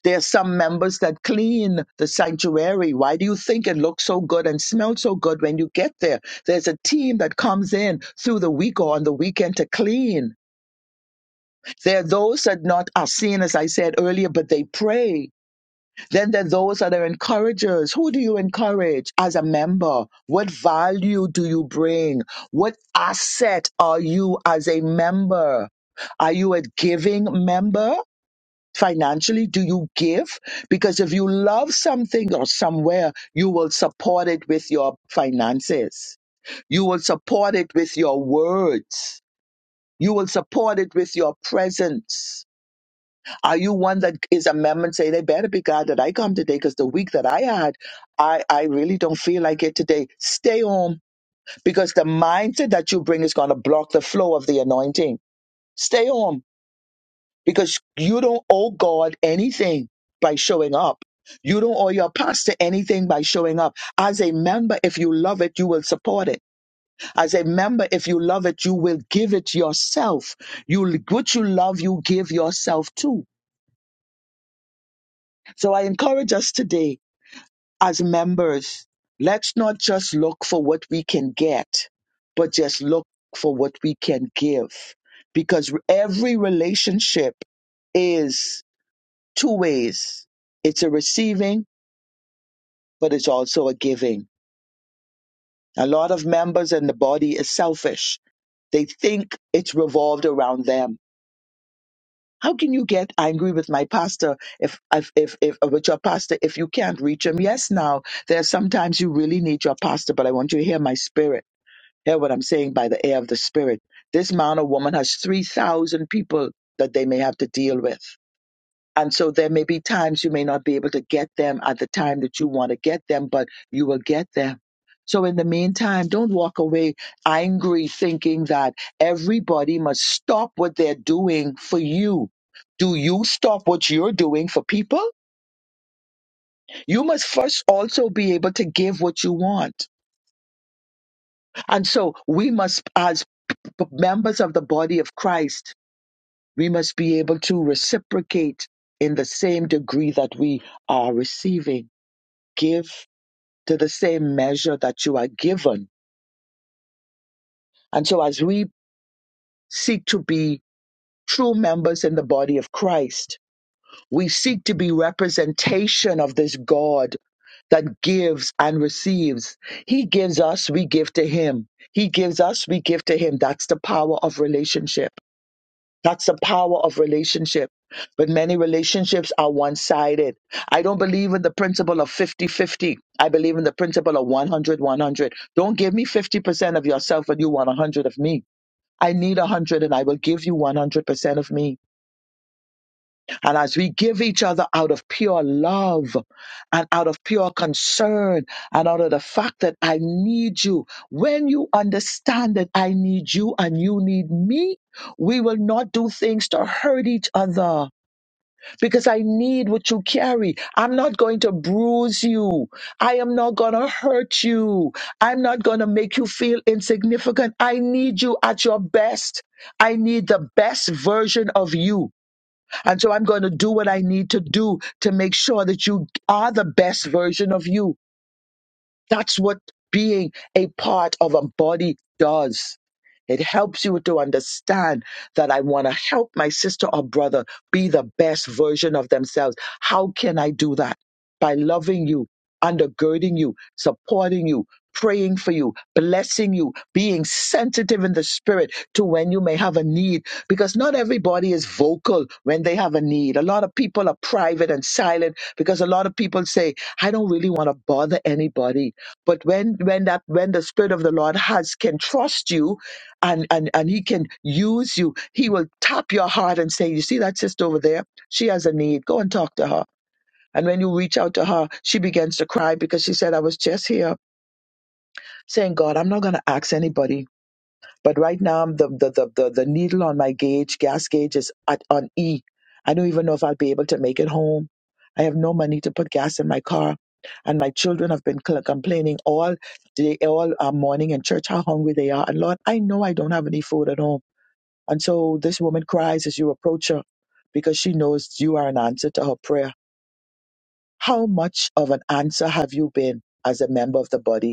[SPEAKER 2] There are some members that clean the sanctuary. Why do you think it looks so good and smells so good when you get there? There's a team that comes in through the week or on the weekend to clean. There are those that not are seen, as I said earlier, but they pray then there's those that are encouragers. Who do you encourage as a member? What value do you bring? What asset are you as a member? Are you a giving member? Financially, do you give? Because if you love something or somewhere, you will support it with your finances. You will support it with your words. You will support it with your presence. Are you one that is a member and say, they better be God that I come today because the week that I had, I, I really don't feel like it today. Stay home because the mindset that you bring is going to block the flow of the anointing. Stay home because you don't owe God anything by showing up. You don't owe your pastor anything by showing up. As a member, if you love it, you will support it. As a member, if you love it, you will give it yourself. You, what you love, you give yourself to. So I encourage us today as members, let's not just look for what we can get, but just look for what we can give. Because every relationship is two ways it's a receiving, but it's also a giving. A lot of members in the body is selfish, they think it's revolved around them. How can you get angry with my pastor if, if, if, if with your pastor if you can't reach him? Yes, now there are sometimes you really need your pastor, but I want you to hear my spirit Hear what I'm saying by the air of the Spirit. This man or woman has 3,000 people that they may have to deal with. And so there may be times you may not be able to get them at the time that you want to get them, but you will get them. So in the meantime, don't walk away angry thinking that everybody must stop what they're doing for you. Do you stop what you're doing for people? You must first also be able to give what you want. And so we must, as members of the body of Christ, We must be able to reciprocate in the same degree that we are receiving. Give to the same measure that you are given. And so, as we seek to be true members in the body of Christ, we seek to be representation of this God that gives and receives. He gives us, we give to him. He gives us, we give to him. That's the power of relationship. That's the power of relationship. But many relationships are one sided. I don't believe in the principle of fifty-fifty. I believe in the principle of one hundred one hundred. Don't give me 50% of yourself and you want 100 of me. I need 100 and I will give you 100% of me. And as we give each other out of pure love and out of pure concern and out of the fact that I need you, when you understand that I need you and you need me, we will not do things to hurt each other because I need what you carry. I'm not going to bruise you. I am not going to hurt you. I'm not going to make you feel insignificant. I need you at your best. I need the best version of you. And so I'm going to do what I need to do to make sure that you are the best version of you. That's what being a part of a body does. It helps you to understand that I want to help my sister or brother be the best version of themselves. How can I do that? By loving you, undergirding you, supporting you, praying for you, blessing you, being sensitive in the spirit to when you may have a need. Because not everybody is vocal when they have a need. A lot of people are private and silent because a lot of people say, I don't really want to bother anybody but when when that when the spirit of the lord has can trust you and and and he can use you he will tap your heart and say you see that sister over there she has a need go and talk to her and when you reach out to her she begins to cry because she said i was just here saying god i'm not going to ask anybody but right now, I'm the, the, the, the, the needle on my gauge, gas gauge is at, on E. I don't even know if I'll be able to make it home. I have no money to put gas in my car. And my children have been cl- complaining all day, all uh, morning in church how hungry they are. And Lord, I know I don't have any food at home. And so this woman cries as you approach her because she knows you are an answer to her prayer. How much of an answer have you been as a member of the body?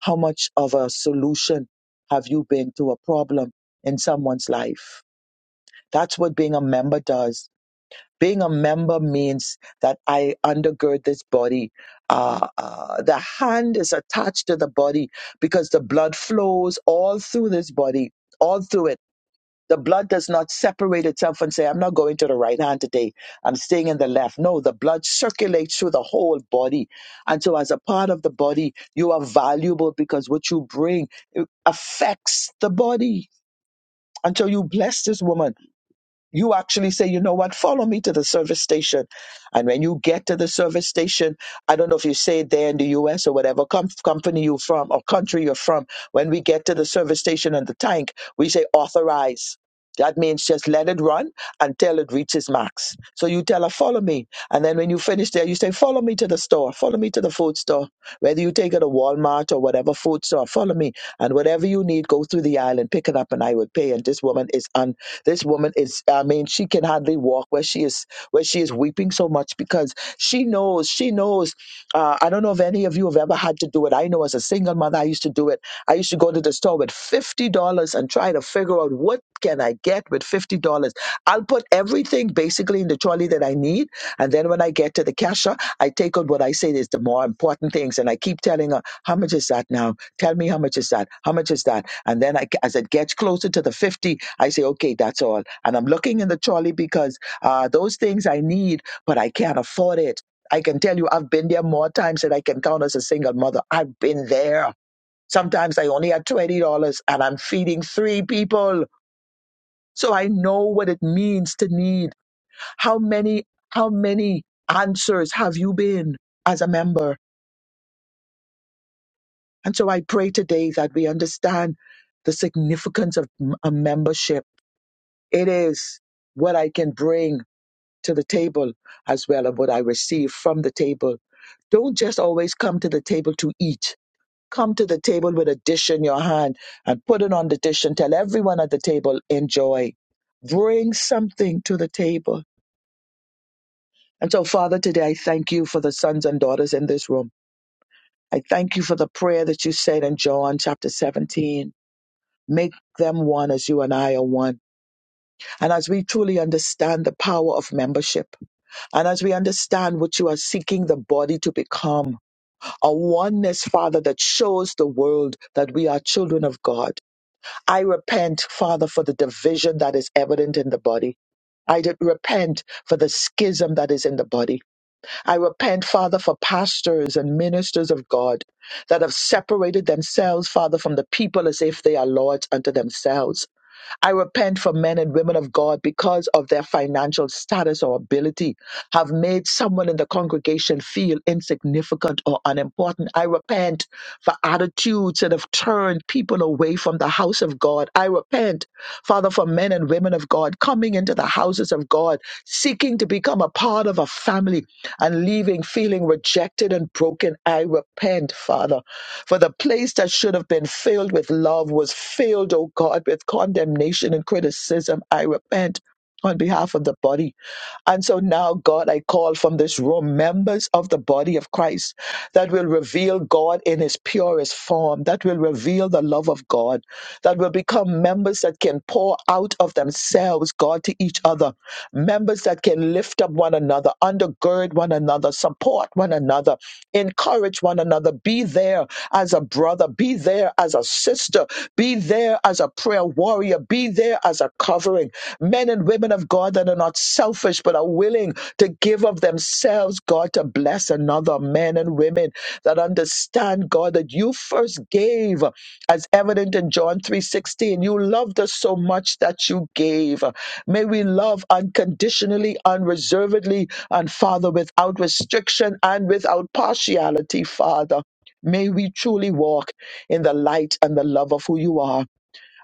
[SPEAKER 2] How much of a solution have you been to a problem in someone's life? That's what being a member does. Being a member means that I undergird this body. Uh, uh, the hand is attached to the body because the blood flows all through this body, all through it the blood does not separate itself and say, I'm not going to the right hand today. I'm staying in the left. No, the blood circulates through the whole body. And so, as a part of the body, you are valuable because what you bring it affects the body. And so, you bless this woman you actually say, you know what, follow me to the service station. And when you get to the service station, I don't know if you say it there in the US or whatever com- company you're from or country you're from, when we get to the service station and the tank, we say authorize. That means just let it run until it reaches max. So you tell her, follow me. And then when you finish there, you say, follow me to the store, follow me to the food store. Whether you take her to Walmart or whatever food store, follow me. And whatever you need, go through the aisle and pick it up and I would pay. And this woman is on. This woman is, I mean, she can hardly walk where she is, where she is weeping so much because she knows, she knows. Uh, I don't know if any of you have ever had to do it. I know as a single mother, I used to do it. I used to go to the store with $50 and try to figure out what can I get with $50. I'll put everything basically in the trolley that I need. And then when I get to the cashier, I take out what I say is the more important things. And I keep telling her, how much is that now? Tell me how much is that? How much is that? And then I, as it gets closer to the 50, I say, okay, that's all. And I'm looking in the trolley because uh, those things I need, but I can't afford it. I can tell you, I've been there more times than I can count as a single mother. I've been there. Sometimes I only had $20 and I'm feeding three people. So I know what it means to need. How many, how many answers have you been as a member? And so I pray today that we understand the significance of m- a membership It is what I can bring to the table as well and what I receive from the table. Don't just always come to the table to eat. Come to the table with a dish in your hand and put it on the dish and tell everyone at the table, enjoy. Bring something to the table. And so, Father, today I thank you for the sons and daughters in this room. I thank you for the prayer that you said in John chapter 17. Make them one as you and I are one. And as we truly understand the power of membership, And as we understand what you are seeking the body to become, a oneness, Father, that shows the world that we are children of God. I repent, Father, for the division that is evident in the body. I did repent for the schism that is in the body. I repent, Father, for pastors and ministers of God that have separated themselves, Father, from the people as if they are lords unto themselves. I repent for men and women of God because of their financial status or ability have made someone in the congregation feel insignificant or unimportant. I repent for attitudes that have turned people away from the house of God. I repent Father, for men and women of God coming into the houses of God, seeking to become a part of a family and leaving feeling rejected and broken. I repent, Father, for the place that should have been filled with love was filled, oh God, with condemnation and criticism. I repent on behalf of the body. And so now, God, I call from this room members of the body of Christ that will reveal God in his purest form, that will reveal the love of God, that will become members that can pour out of themselves, God, to each other, members that can lift up one another, undergird one another, support one another. Encourage one another. Be there as a brother. Be there as a sister. Be there as a prayer warrior. Be there as a covering. Men and women of God that are not selfish but are willing to give of themselves, God, to bless another. Men and women that understand, God, that you first gave as evident in John 3:16 you loved us so much that you gave may we love unconditionally unreservedly and father without restriction and without partiality father may we truly walk in the light and the love of who you are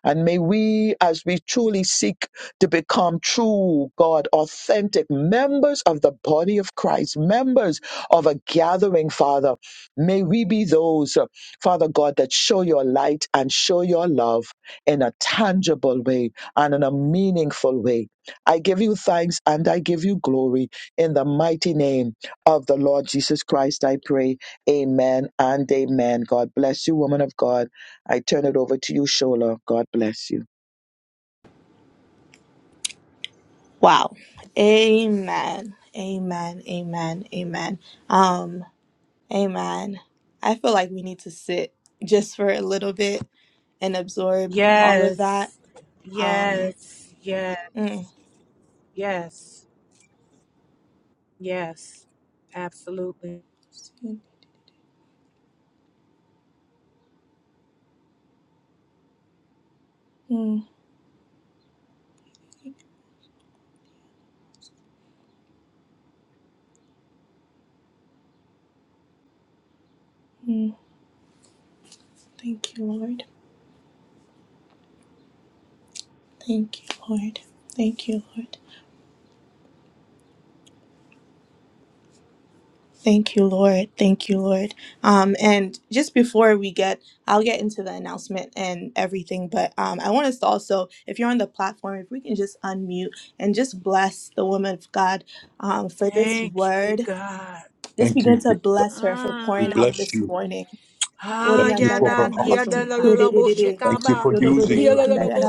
[SPEAKER 2] and may we, as we truly seek to become true, God, authentic members of the body of Christ, members of a gathering, Father, may we be those, uh, Father God, that show your light and show your love in a tangible way and in a meaningful way. I give you thanks and I give you glory in the mighty name of the Lord Jesus Christ. I pray. Amen and amen. God bless you, woman of God. I turn it over to you, Shola. God bless you.
[SPEAKER 3] Wow. Amen. Amen. Amen. Amen. Um, amen. I feel like we need to sit just for a little bit and absorb all of that. Um mm, mm, mm. thank you, Lord. Thank you, Lord. Thank you, Lord. Thank you, Lord. Thank you, Lord. Um, and just before we get, I'll get into the announcement and everything, but um, I want us to also, if you're on the platform, if we can just unmute and just bless the woman of God um, for this word. Just
[SPEAKER 4] Thank you,
[SPEAKER 3] begin to
[SPEAKER 4] Jesus.
[SPEAKER 3] bless her for
[SPEAKER 4] We
[SPEAKER 3] pouring out
[SPEAKER 4] bless
[SPEAKER 3] this
[SPEAKER 4] you.
[SPEAKER 3] morning. Lord,
[SPEAKER 4] Thank you for her heart. Thank you for using her.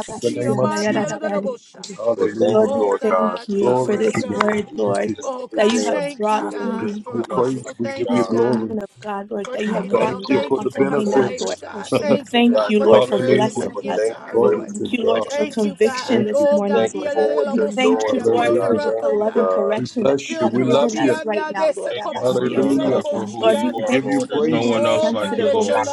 [SPEAKER 4] In the name of Jesus.
[SPEAKER 5] Well, thank
[SPEAKER 4] Hallelujah.
[SPEAKER 5] you,
[SPEAKER 3] we
[SPEAKER 5] Lord God.
[SPEAKER 3] thank you for
[SPEAKER 4] Glory to
[SPEAKER 3] this
[SPEAKER 4] your
[SPEAKER 3] word,
[SPEAKER 5] Just,
[SPEAKER 4] name. Thank you.
[SPEAKER 3] Lord,
[SPEAKER 5] just
[SPEAKER 3] that you
[SPEAKER 5] everything up to
[SPEAKER 3] have brought
[SPEAKER 5] you, Lord.
[SPEAKER 4] We
[SPEAKER 5] There's
[SPEAKER 3] through
[SPEAKER 4] give
[SPEAKER 5] no
[SPEAKER 4] you
[SPEAKER 5] one else
[SPEAKER 4] praise.
[SPEAKER 5] like
[SPEAKER 4] We
[SPEAKER 5] you,
[SPEAKER 4] give you
[SPEAKER 3] this
[SPEAKER 5] God.
[SPEAKER 3] woman
[SPEAKER 4] glory.
[SPEAKER 3] of God, Lord, that
[SPEAKER 5] Praise
[SPEAKER 3] you have
[SPEAKER 5] God,
[SPEAKER 3] brought
[SPEAKER 4] Thank
[SPEAKER 5] your
[SPEAKER 3] through
[SPEAKER 4] you
[SPEAKER 5] holy
[SPEAKER 4] for the
[SPEAKER 3] Apostle
[SPEAKER 5] name,
[SPEAKER 3] K
[SPEAKER 5] Lord.
[SPEAKER 3] now, Lord.
[SPEAKER 4] benefits.
[SPEAKER 3] We thank
[SPEAKER 5] God,
[SPEAKER 3] you,
[SPEAKER 5] you are
[SPEAKER 3] Lord, for
[SPEAKER 5] faithful,
[SPEAKER 4] Hallelujah.
[SPEAKER 3] blessing
[SPEAKER 5] Lord.
[SPEAKER 3] us.
[SPEAKER 5] Thank you for
[SPEAKER 4] Glory
[SPEAKER 5] this.
[SPEAKER 4] to
[SPEAKER 3] Thank you, Lord,
[SPEAKER 4] God.
[SPEAKER 3] for conviction
[SPEAKER 4] Thank
[SPEAKER 3] this
[SPEAKER 4] you,
[SPEAKER 3] morning,
[SPEAKER 5] Thank you
[SPEAKER 3] Lord.
[SPEAKER 4] Jesus.
[SPEAKER 5] for what
[SPEAKER 3] We
[SPEAKER 5] you're
[SPEAKER 3] thank
[SPEAKER 5] doing,
[SPEAKER 3] you,
[SPEAKER 5] Lord
[SPEAKER 3] Lord, for
[SPEAKER 5] God.
[SPEAKER 4] Hallelujah.
[SPEAKER 3] just
[SPEAKER 5] Thank
[SPEAKER 3] the
[SPEAKER 5] you,
[SPEAKER 3] love and
[SPEAKER 5] God.
[SPEAKER 4] We
[SPEAKER 3] correction that
[SPEAKER 4] bless
[SPEAKER 3] you
[SPEAKER 4] you. We
[SPEAKER 3] have
[SPEAKER 4] love
[SPEAKER 3] given
[SPEAKER 4] you.
[SPEAKER 3] us right now, Lord.
[SPEAKER 5] Thank you for it,
[SPEAKER 3] Abasi and
[SPEAKER 5] Lord
[SPEAKER 4] Hallelujah.
[SPEAKER 3] Dede.
[SPEAKER 5] God, for who
[SPEAKER 3] Lord,
[SPEAKER 5] you
[SPEAKER 3] we
[SPEAKER 4] We
[SPEAKER 5] are,
[SPEAKER 4] give
[SPEAKER 3] thank
[SPEAKER 4] you
[SPEAKER 3] you
[SPEAKER 5] Lord.
[SPEAKER 3] for
[SPEAKER 5] There's no
[SPEAKER 4] praise
[SPEAKER 3] making
[SPEAKER 5] one
[SPEAKER 3] us
[SPEAKER 4] today.
[SPEAKER 5] else like you,
[SPEAKER 3] sensitive, oh God.
[SPEAKER 5] Lord.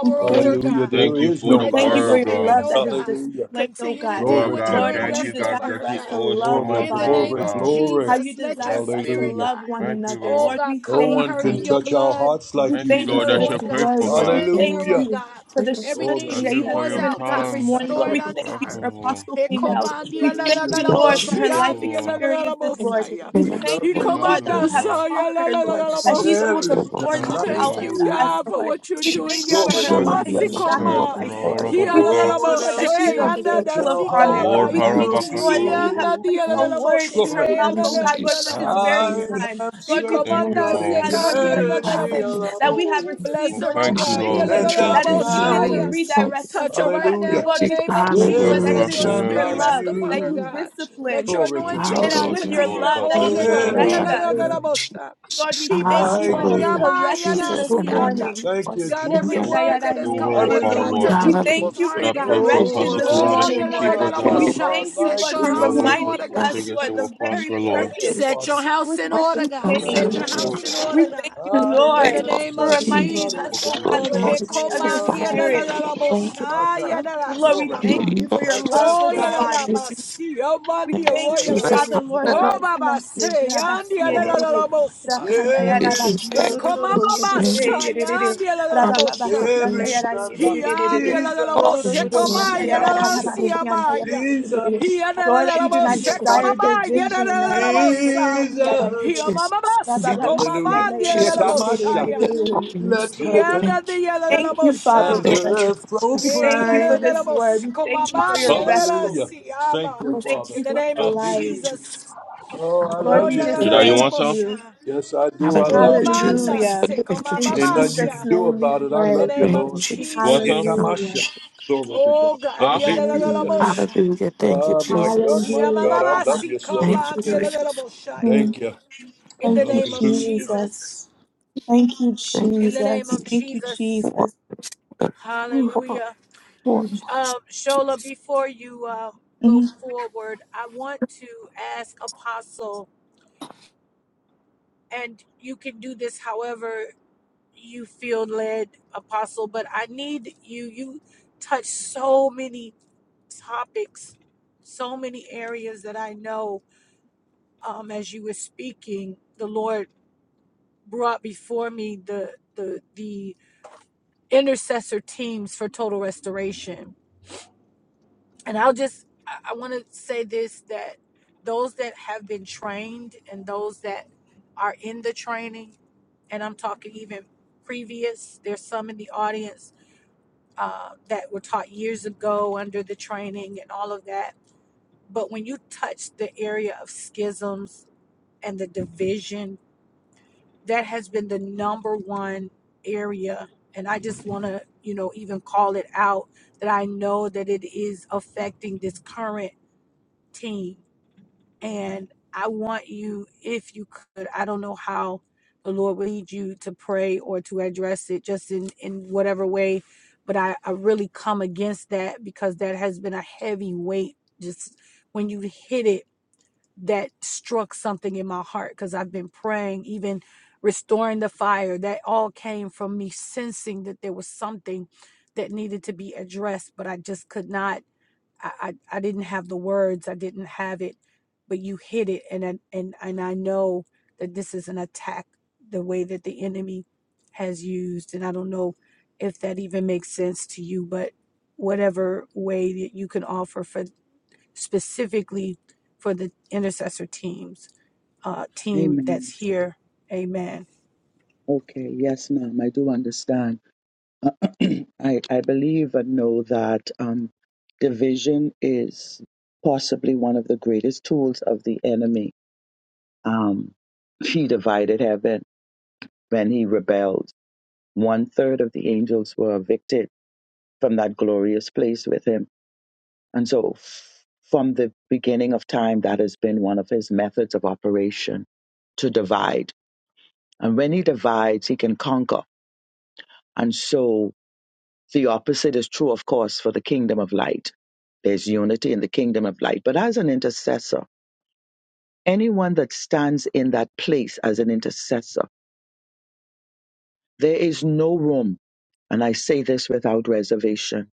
[SPEAKER 3] We thank
[SPEAKER 4] Hallelujah.
[SPEAKER 3] you.
[SPEAKER 4] There
[SPEAKER 5] Thank you
[SPEAKER 4] is
[SPEAKER 5] for
[SPEAKER 3] We
[SPEAKER 5] the
[SPEAKER 3] thank
[SPEAKER 4] nobody
[SPEAKER 3] you for
[SPEAKER 5] word,
[SPEAKER 4] like
[SPEAKER 3] your
[SPEAKER 4] you.
[SPEAKER 5] God.
[SPEAKER 3] love that is
[SPEAKER 4] Hallelujah.
[SPEAKER 3] displayed, oh God.
[SPEAKER 5] Oh,
[SPEAKER 4] Glory to
[SPEAKER 5] God,
[SPEAKER 3] Lord, how
[SPEAKER 4] God.
[SPEAKER 5] thank
[SPEAKER 3] you
[SPEAKER 5] you, God,
[SPEAKER 3] desire
[SPEAKER 5] that
[SPEAKER 3] for
[SPEAKER 5] you
[SPEAKER 3] us to
[SPEAKER 5] always
[SPEAKER 3] love
[SPEAKER 5] come
[SPEAKER 4] Glory,
[SPEAKER 3] the
[SPEAKER 5] on
[SPEAKER 3] body,
[SPEAKER 5] time,
[SPEAKER 4] glory,
[SPEAKER 5] God.
[SPEAKER 3] how
[SPEAKER 4] glory.
[SPEAKER 3] you desire for us to
[SPEAKER 4] Hallelujah.
[SPEAKER 3] love one
[SPEAKER 5] Thank you,
[SPEAKER 3] another.
[SPEAKER 5] Lord.
[SPEAKER 3] Lord, we
[SPEAKER 4] No
[SPEAKER 3] thank
[SPEAKER 4] one can
[SPEAKER 3] you.
[SPEAKER 4] touch our hearts
[SPEAKER 3] We
[SPEAKER 4] like
[SPEAKER 5] Thank
[SPEAKER 4] you
[SPEAKER 5] you,
[SPEAKER 3] thank you
[SPEAKER 5] Lord,
[SPEAKER 4] can,
[SPEAKER 3] for
[SPEAKER 5] that
[SPEAKER 3] this
[SPEAKER 5] you're
[SPEAKER 4] Lord.
[SPEAKER 3] word,
[SPEAKER 5] faithful,
[SPEAKER 3] Lord. We
[SPEAKER 5] God.
[SPEAKER 3] thank
[SPEAKER 4] Hallelujah.
[SPEAKER 3] you for the
[SPEAKER 4] Glory
[SPEAKER 3] strengthening
[SPEAKER 5] Thank
[SPEAKER 3] that
[SPEAKER 4] to
[SPEAKER 3] you
[SPEAKER 5] you for
[SPEAKER 3] have
[SPEAKER 4] God.
[SPEAKER 5] your
[SPEAKER 3] given us this
[SPEAKER 5] calm,
[SPEAKER 3] morning,
[SPEAKER 4] Thank
[SPEAKER 3] Lord.
[SPEAKER 4] you,
[SPEAKER 3] We thank
[SPEAKER 4] Father.
[SPEAKER 3] you for
[SPEAKER 5] merciful,
[SPEAKER 3] Apostle Female. We thank
[SPEAKER 4] Hallelujah.
[SPEAKER 3] you,
[SPEAKER 4] We
[SPEAKER 3] Lord,
[SPEAKER 4] love
[SPEAKER 6] Establish
[SPEAKER 3] for
[SPEAKER 4] you
[SPEAKER 3] her
[SPEAKER 4] today.
[SPEAKER 3] life
[SPEAKER 5] cool,
[SPEAKER 3] experiences, Lord. We
[SPEAKER 4] We
[SPEAKER 6] unity,
[SPEAKER 3] thank
[SPEAKER 4] love
[SPEAKER 3] you,
[SPEAKER 6] Lord,
[SPEAKER 4] you
[SPEAKER 5] Thank
[SPEAKER 3] Lord,
[SPEAKER 5] you,
[SPEAKER 3] that
[SPEAKER 4] today.
[SPEAKER 5] O
[SPEAKER 3] you have
[SPEAKER 5] God.
[SPEAKER 3] taught her,
[SPEAKER 6] in
[SPEAKER 3] Lord,
[SPEAKER 6] this
[SPEAKER 3] that she's
[SPEAKER 6] nation.
[SPEAKER 4] There
[SPEAKER 3] able to
[SPEAKER 6] So,
[SPEAKER 4] is
[SPEAKER 6] Lord
[SPEAKER 3] pour
[SPEAKER 4] none
[SPEAKER 5] Thank
[SPEAKER 3] this
[SPEAKER 6] God,
[SPEAKER 5] you,
[SPEAKER 4] like
[SPEAKER 3] out
[SPEAKER 5] God.
[SPEAKER 3] unto us,
[SPEAKER 4] you.
[SPEAKER 3] Lord. We thank you
[SPEAKER 6] Jesus,
[SPEAKER 3] for
[SPEAKER 4] Glory
[SPEAKER 3] her
[SPEAKER 4] to
[SPEAKER 5] Thank
[SPEAKER 6] show
[SPEAKER 5] you,
[SPEAKER 4] God.
[SPEAKER 3] life of
[SPEAKER 5] Jesus
[SPEAKER 6] love to
[SPEAKER 5] Christ.
[SPEAKER 6] one
[SPEAKER 3] sacrifice,
[SPEAKER 6] another.
[SPEAKER 3] Lord. We
[SPEAKER 5] Kararabako
[SPEAKER 3] thank
[SPEAKER 4] No
[SPEAKER 5] God.
[SPEAKER 3] you,
[SPEAKER 4] one
[SPEAKER 3] Lord, that
[SPEAKER 4] else
[SPEAKER 3] she is a
[SPEAKER 4] can touch
[SPEAKER 3] vessel of
[SPEAKER 4] our heart
[SPEAKER 3] honor.
[SPEAKER 5] Oh,
[SPEAKER 4] like
[SPEAKER 3] We
[SPEAKER 6] Lord
[SPEAKER 3] thank
[SPEAKER 4] you
[SPEAKER 3] you,
[SPEAKER 6] Jesus,
[SPEAKER 3] Lord, that
[SPEAKER 5] rarabakako.
[SPEAKER 3] you have
[SPEAKER 4] do.
[SPEAKER 3] placed a word in her
[SPEAKER 4] Glory.
[SPEAKER 3] mouth, oh
[SPEAKER 6] mercy,
[SPEAKER 3] God, Lord, for
[SPEAKER 6] mercy,
[SPEAKER 3] this very
[SPEAKER 4] I
[SPEAKER 3] time.
[SPEAKER 4] have
[SPEAKER 3] Lord, we
[SPEAKER 4] searched
[SPEAKER 5] Thank
[SPEAKER 3] thank
[SPEAKER 5] you,
[SPEAKER 3] you,
[SPEAKER 4] throughout
[SPEAKER 3] oh
[SPEAKER 5] Lord.
[SPEAKER 3] God,
[SPEAKER 6] mercy,
[SPEAKER 3] Lord, for the
[SPEAKER 6] mercy,
[SPEAKER 4] eternity
[SPEAKER 3] blessings that we have
[SPEAKER 4] alone,
[SPEAKER 3] received,
[SPEAKER 5] Oh,
[SPEAKER 3] Lord, the
[SPEAKER 5] thank you,
[SPEAKER 6] mercy.
[SPEAKER 5] Lord.
[SPEAKER 3] conviction
[SPEAKER 4] and
[SPEAKER 3] that
[SPEAKER 4] I've
[SPEAKER 3] is needed to
[SPEAKER 4] found
[SPEAKER 6] Have
[SPEAKER 3] redirect us, oh God.
[SPEAKER 4] Hallelujah.
[SPEAKER 3] Lord,
[SPEAKER 6] mercy,
[SPEAKER 3] we
[SPEAKER 6] God,
[SPEAKER 3] thank
[SPEAKER 6] on
[SPEAKER 3] you,
[SPEAKER 6] the
[SPEAKER 3] Lord,
[SPEAKER 4] There
[SPEAKER 3] that it
[SPEAKER 5] Magnify
[SPEAKER 4] is
[SPEAKER 3] is
[SPEAKER 6] nation.
[SPEAKER 3] with
[SPEAKER 4] none
[SPEAKER 3] your
[SPEAKER 5] him,
[SPEAKER 4] like
[SPEAKER 5] God.
[SPEAKER 3] love that you
[SPEAKER 4] you.
[SPEAKER 3] discipline.
[SPEAKER 4] Glory
[SPEAKER 5] And
[SPEAKER 4] to
[SPEAKER 5] we
[SPEAKER 3] It
[SPEAKER 4] God.
[SPEAKER 3] is
[SPEAKER 6] Jesus,
[SPEAKER 5] exalt
[SPEAKER 3] with
[SPEAKER 5] you,
[SPEAKER 3] your
[SPEAKER 5] Lord,
[SPEAKER 3] love
[SPEAKER 5] above
[SPEAKER 3] that you
[SPEAKER 5] everything,
[SPEAKER 6] Lord,
[SPEAKER 4] There
[SPEAKER 5] God.
[SPEAKER 3] correct
[SPEAKER 6] Lord, Jesus, have mercy on
[SPEAKER 4] is
[SPEAKER 6] the
[SPEAKER 3] us.
[SPEAKER 6] American
[SPEAKER 4] none
[SPEAKER 6] nation. Lord,
[SPEAKER 3] Lord, we thank you
[SPEAKER 4] like
[SPEAKER 3] for
[SPEAKER 5] Thank
[SPEAKER 6] have
[SPEAKER 3] this
[SPEAKER 5] you,
[SPEAKER 6] Jesus,
[SPEAKER 4] you.
[SPEAKER 5] Lord
[SPEAKER 3] correction
[SPEAKER 5] Jesus.
[SPEAKER 3] this
[SPEAKER 6] Hallelujah.
[SPEAKER 3] morning.
[SPEAKER 6] I
[SPEAKER 4] Thank you,
[SPEAKER 3] We
[SPEAKER 5] Thank
[SPEAKER 4] Jesus.
[SPEAKER 5] you for your word,
[SPEAKER 6] thank
[SPEAKER 5] Father, Lord.
[SPEAKER 4] Hallelujah.
[SPEAKER 6] you and
[SPEAKER 3] thank you for
[SPEAKER 5] But
[SPEAKER 3] your
[SPEAKER 5] I pray for
[SPEAKER 3] correction
[SPEAKER 4] No
[SPEAKER 5] Apostle
[SPEAKER 4] one
[SPEAKER 3] this
[SPEAKER 5] Canal
[SPEAKER 4] else
[SPEAKER 5] that you
[SPEAKER 3] morning,
[SPEAKER 4] can
[SPEAKER 5] keep
[SPEAKER 3] Lord.
[SPEAKER 5] her,
[SPEAKER 4] touch
[SPEAKER 5] God.
[SPEAKER 3] We
[SPEAKER 4] our heart
[SPEAKER 3] thank you,
[SPEAKER 4] like
[SPEAKER 6] in
[SPEAKER 3] Lord, for
[SPEAKER 5] No
[SPEAKER 6] your
[SPEAKER 4] you
[SPEAKER 5] weapons
[SPEAKER 3] reminding
[SPEAKER 4] do.
[SPEAKER 5] fashioned
[SPEAKER 3] us,
[SPEAKER 5] against her
[SPEAKER 3] Lord,
[SPEAKER 5] will
[SPEAKER 3] the very
[SPEAKER 5] prosper, Lord.
[SPEAKER 4] Thank you,
[SPEAKER 3] purpose
[SPEAKER 4] Father.
[SPEAKER 3] with
[SPEAKER 6] name, I thank
[SPEAKER 3] which you
[SPEAKER 5] Yeah,
[SPEAKER 6] you,
[SPEAKER 3] came.
[SPEAKER 6] Jesus.
[SPEAKER 4] Hallelujah.
[SPEAKER 5] hallelujah.
[SPEAKER 3] We thank you,
[SPEAKER 6] In
[SPEAKER 4] I
[SPEAKER 6] the
[SPEAKER 3] Lord,
[SPEAKER 6] name
[SPEAKER 4] have
[SPEAKER 6] of
[SPEAKER 3] for
[SPEAKER 4] searched
[SPEAKER 3] reminding
[SPEAKER 4] throughout
[SPEAKER 6] Jesus,
[SPEAKER 3] us, oh God,
[SPEAKER 6] Lord,
[SPEAKER 3] Lord, the
[SPEAKER 6] Lord,
[SPEAKER 3] point
[SPEAKER 4] eternity
[SPEAKER 3] of your
[SPEAKER 4] alone.
[SPEAKER 3] spirit.
[SPEAKER 4] Ata.
[SPEAKER 3] Lord, we
[SPEAKER 4] Glory.
[SPEAKER 3] thank
[SPEAKER 6] heal
[SPEAKER 3] you for
[SPEAKER 6] your
[SPEAKER 3] your
[SPEAKER 4] And
[SPEAKER 3] love
[SPEAKER 4] I
[SPEAKER 3] for the
[SPEAKER 4] found
[SPEAKER 3] body. We thank you,
[SPEAKER 4] there
[SPEAKER 3] Father,
[SPEAKER 4] is
[SPEAKER 3] Lord,
[SPEAKER 4] none.
[SPEAKER 3] for this message.
[SPEAKER 6] is
[SPEAKER 4] Glory.
[SPEAKER 3] Rabasiyedididi,
[SPEAKER 4] There is
[SPEAKER 6] that
[SPEAKER 4] none,
[SPEAKER 3] rakandayarabasororo,
[SPEAKER 6] this is just
[SPEAKER 3] yedididi, yedididi,
[SPEAKER 4] there is
[SPEAKER 3] rabababasiyandayara,
[SPEAKER 4] none like
[SPEAKER 3] yedididididi,
[SPEAKER 4] Jesus.
[SPEAKER 3] dorororo,
[SPEAKER 6] as
[SPEAKER 4] Itamasha,
[SPEAKER 6] you
[SPEAKER 3] yandayararabasiyandayara, yedididi.
[SPEAKER 4] Jesus,
[SPEAKER 3] Lord, that you do not
[SPEAKER 6] is this
[SPEAKER 3] desire
[SPEAKER 4] Itamasha,
[SPEAKER 3] division. Rabasokondiyara,
[SPEAKER 6] people
[SPEAKER 3] yedididi,
[SPEAKER 4] Jesus. Hallelujah.
[SPEAKER 3] rabababasiyandayara, yedididi,
[SPEAKER 4] Itamasha, let heaven
[SPEAKER 3] Thank you, Father,
[SPEAKER 4] and
[SPEAKER 6] thank
[SPEAKER 3] Lord.
[SPEAKER 6] you
[SPEAKER 4] earth
[SPEAKER 3] We
[SPEAKER 6] for
[SPEAKER 3] thank you for this
[SPEAKER 4] proclaim.
[SPEAKER 3] word. We thank you for your vessel.
[SPEAKER 4] Hallelujah. Thank
[SPEAKER 3] We
[SPEAKER 4] you,
[SPEAKER 3] thank
[SPEAKER 4] Father.
[SPEAKER 3] you for her life.
[SPEAKER 4] Hallelujah. Oh, I
[SPEAKER 3] Lord,
[SPEAKER 4] love
[SPEAKER 3] we
[SPEAKER 4] you
[SPEAKER 3] just
[SPEAKER 5] Jedi,
[SPEAKER 4] today.
[SPEAKER 5] you
[SPEAKER 3] thank
[SPEAKER 5] want some?
[SPEAKER 3] you.
[SPEAKER 4] Yes, I do. I love you.
[SPEAKER 3] Hallelujah.
[SPEAKER 6] the
[SPEAKER 3] In
[SPEAKER 4] Ain't nothing you can
[SPEAKER 3] Jesus'
[SPEAKER 4] do
[SPEAKER 3] name we
[SPEAKER 4] about it. I
[SPEAKER 3] pray.
[SPEAKER 4] love you, Lord.
[SPEAKER 5] You want some?
[SPEAKER 4] Itamasha.
[SPEAKER 3] Hallelujah.
[SPEAKER 4] Glory to God. *laughs*
[SPEAKER 5] Huh?
[SPEAKER 4] Hallelujah.
[SPEAKER 3] Hallelujah.
[SPEAKER 4] Ah, my God, my God.
[SPEAKER 3] Hallelujah.
[SPEAKER 4] I love you so.
[SPEAKER 3] Hmm.
[SPEAKER 4] Thank you.
[SPEAKER 3] Thank you,
[SPEAKER 4] Hallelujah.
[SPEAKER 3] Jesus. Thank you, Jesus. Thank you, Jesus. Whew.
[SPEAKER 6] what
[SPEAKER 3] Mhm.
[SPEAKER 2] Amen. Okay, yes, ma'am, I do understand. *clears throat* I, I believe and know that um, division is possibly one of the greatest tools of the enemy. Um, *laughs* he divided heaven when he rebelled. One third of the angels were evicted from that glorious place with him. And so, f- from the beginning of time, that has been one of his methods of operation to divide. And when he divides, he can conquer. And so the opposite is true, of course, for the kingdom of light. There's unity in the kingdom of light. But as an intercessor, anyone that stands in that place as an intercessor, there is no room. And I say this without reservation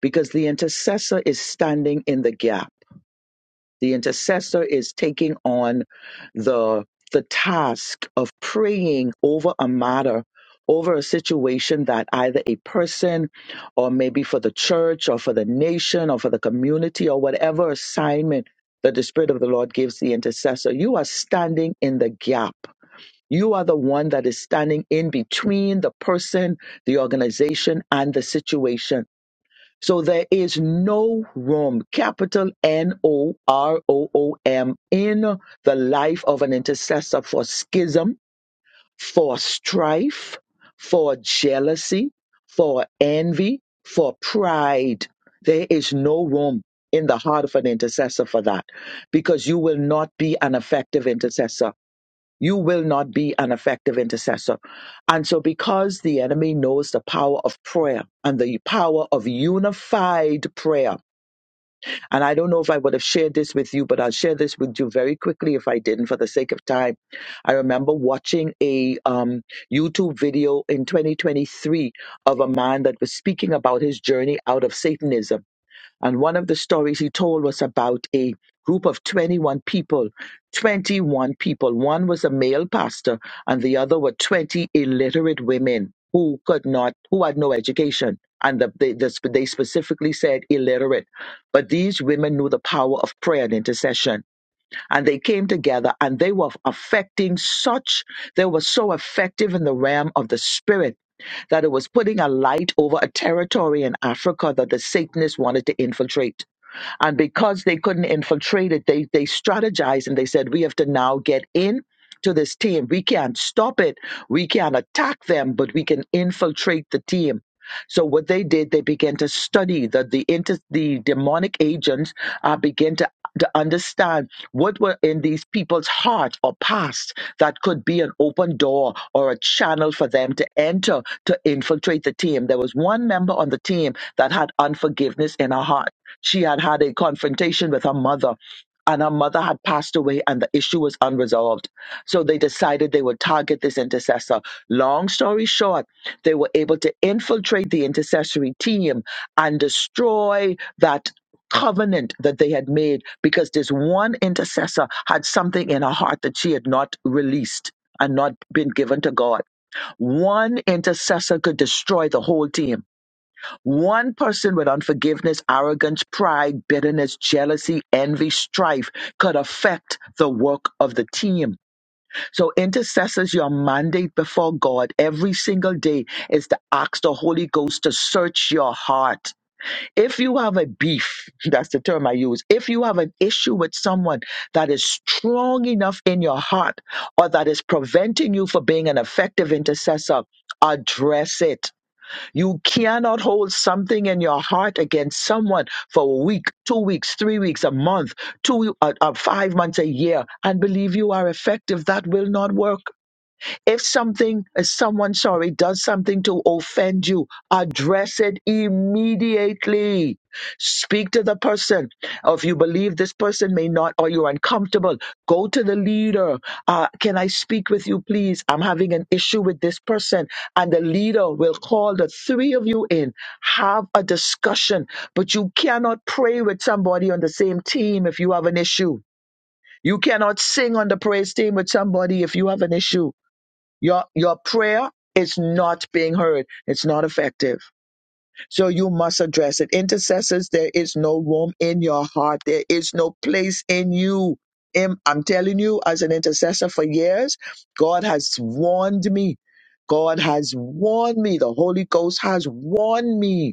[SPEAKER 2] because the intercessor is standing in the gap The intercessor is taking on the the task of praying over a matter over a situation that either a person or maybe for the church or for the nation or for the community or whatever assignment that the spirit of the lord gives the intercessor you are standing in the gap you are the one that is standing in between the person the organization and the situation so there is no room, capital N O R O O M, in the life of an intercessor for schism, for strife, for jealousy, for envy, for pride. There is no room in the heart of an intercessor for that because you will not be an effective intercessor you will not be an effective intercessor. And so, because the enemy knows the power of prayer and the power of unified prayer, and I don't know if I would have shared this with you, but I'll share this with you very quickly if I didn't for the sake of time. I remember watching a um, YouTube video in 2023 of a man that was speaking about his journey out of Satanism and one of the stories he told was about a group of 21 people. 21 people. One was a male pastor, and the other were 20 illiterate women who could not, who had no education. And the, they, the, they specifically said illiterate. But these women knew the power of prayer and intercession and they came together and they were affecting such, they were so effective in the realm of the spirit that it was putting a light over a territory in Africa that the Satanists wanted to infiltrate. And because they couldn't infiltrate it, they, they strategized and they said, we have to now get in to this team. We can't stop it. We can't attack them, but we can infiltrate the team. So what they did, they began to study that the the inter, the demonic agents uh, began to to understand what were in these people's heart or past that could be an open door or a channel for them to enter to infiltrate the team. There was one member on the team that had unforgiveness in her heart she had had a confrontation with her mother, and her mother had passed away, and the issue was unresolved. So they decided they would target this intercessor. Long story short, they were able to infiltrate the intercessory team and destroy that. Covenant that they had made because this one intercessor had something in her heart that she had not released and not been given to God. One intercessor could destroy the whole team. One person with unforgiveness, arrogance, pride, bitterness, jealousy, envy, strife could affect the work of the team. So, intercessors, your mandate before God every single day is to ask the Holy Ghost to search your heart. If you have a beef, *laughs* that's the term I use, if you have an issue with someone that is strong enough in your heart or that is preventing you from being an effective intercessor, address it you cannot hold something in your heart against someone for a week, two weeks, three weeks, a month, two, uh, uh, five months, a year, and believe you are effective. That will not work. If something, if someone, sorry, does something to offend you, address it immediately. Speak to the person. Or if you believe this person may not, or you're uncomfortable, go to the leader. Uh, can I speak with you, please? I'm having an issue with this person. And the leader will call the three of you in, have a discussion. But you cannot pray with somebody on the same team if you have an issue. You cannot sing on the praise team with somebody if you have an issue. Your your prayer is not being heard. It's not effective. So you must address it. Intercessors, there is no room in your heart. There is no place in you. Im- I'm telling you, as an intercessor for years, God has warned me. God has warned me. The Holy Ghost has warned me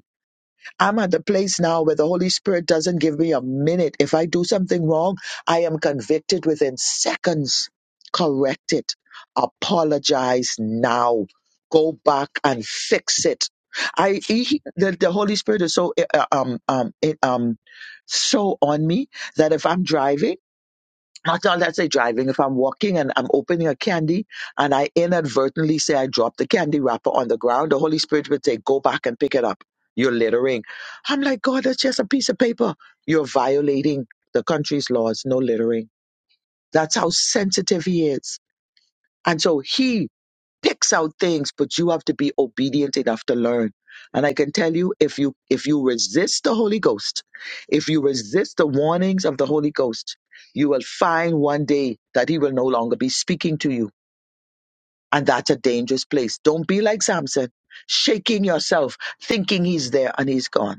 [SPEAKER 2] I'm at the place now where the Holy Spirit doesn't give me a minute. If I do something wrong, I am convicted within seconds. Correct it. Apologize now. Go back and fix it. I he, the, the Holy Spirit is so uh, um um it, um so on me that if I'm driving not all that say driving. If I'm walking and I'm opening a candy and I inadvertently say I dropped the candy wrapper on the ground, the Holy Spirit would say, Go back and pick it up. You're littering. I'm like, God, that's just a piece of paper. You're violating the country's laws, no littering. That's how sensitive he is. And so he picks out things, but you have to be obedient enough to learn. And I can tell you, if you if you resist the Holy Ghost, if you resist the warnings of the Holy Ghost, you will find one day that He will no longer be speaking to you, and that's a dangerous place. Don't be like Samson, shaking yourself, thinking He's there and He's gone.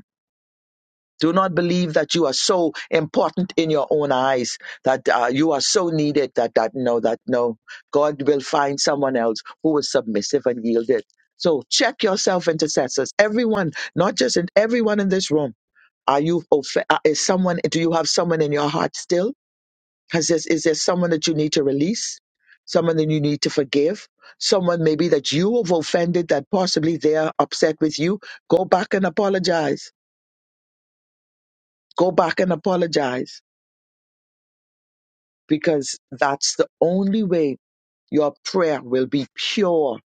[SPEAKER 2] Do not believe that you are so important in your own eyes, that uh, you are so needed that, that no, that no. God will find someone else who is submissive and yielded. So check yourself, intercessors. Everyone, not just in everyone in this room. Are you off- uh, is someone? Do you have someone in your heart still? Has this, is there someone that you need to release? Someone that you need to forgive? Someone maybe that you have offended that possibly they are upset with you? Go back and apologize. Go back and apologize because that's the only way your prayer will be pure.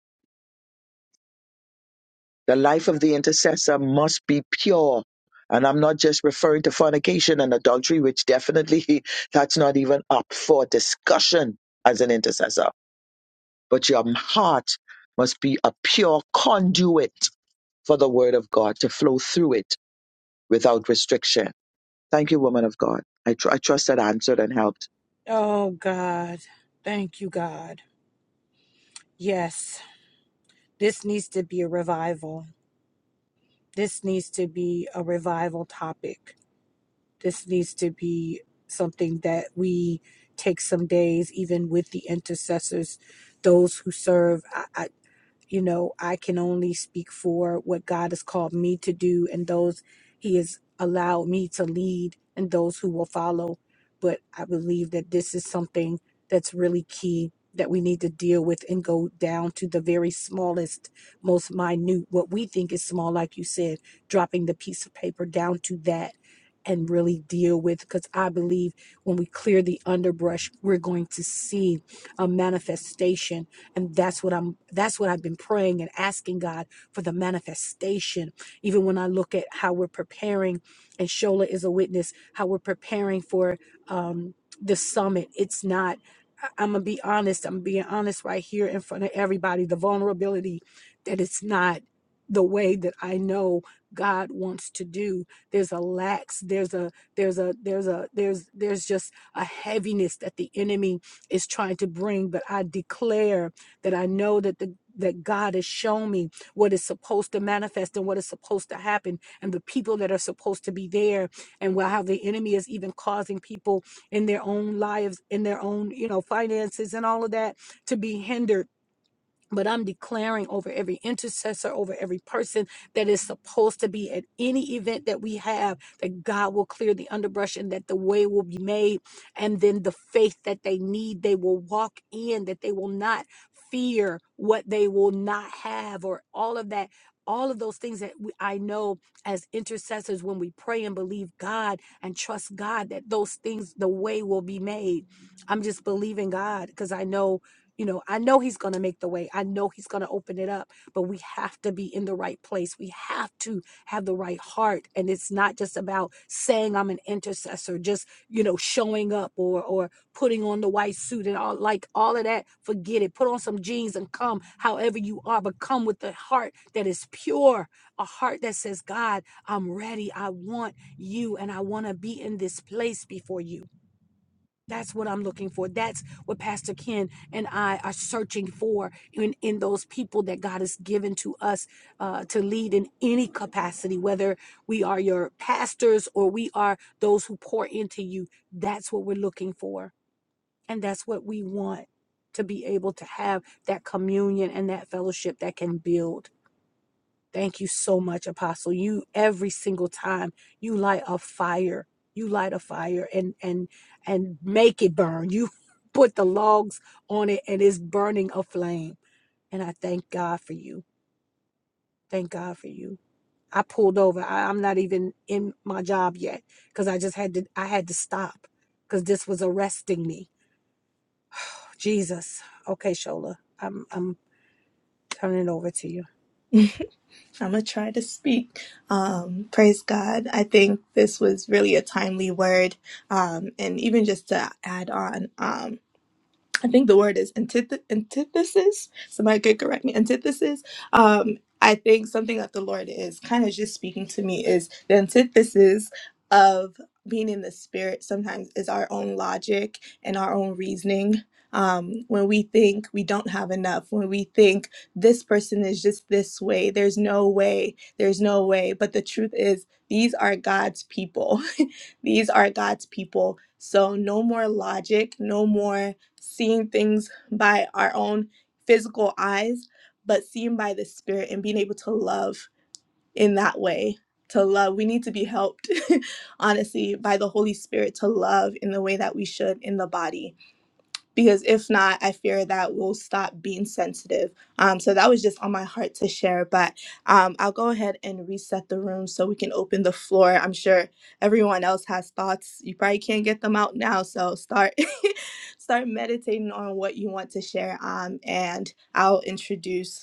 [SPEAKER 2] The life of the intercessor must be pure. And I'm not just referring to fornication and adultery, which definitely *laughs* that's not even up for discussion as an intercessor. But your heart must be a pure conduit for the word of God to flow through it without restriction. Thank you, woman of God. I, tr- I trust that answered and helped.
[SPEAKER 3] I'm gonna try to speak. Um, praise God. I think this was really a timely word. Um, and even just to add on, um, I think the word is antith- antithesis. Somebody could correct me. Antithesis. Um, I think something that the Lord is kind of just speaking to me is the antithesis of being in the spirit sometimes is our own logic and our own reasoning. Um, when we think we don't have enough, when we think this person is just this way, there's no way, there's no way. But the truth is, these are God's people. *laughs* these are God's people. So no more logic, no more seeing things by our own physical eyes, but seen by the spirit and being able to love in that way. To love, we need to be helped, *laughs* honestly, by the Holy Spirit to love in the way that we should in the body because if not, I fear that we'll stop being sensitive. Um, so that was just on my heart to share, but um, I'll go ahead and reset the room so we can open the floor. I'm sure everyone else has thoughts. You probably can't get them out now, so start *laughs* start meditating on what you want to share. Um, and I'll introduce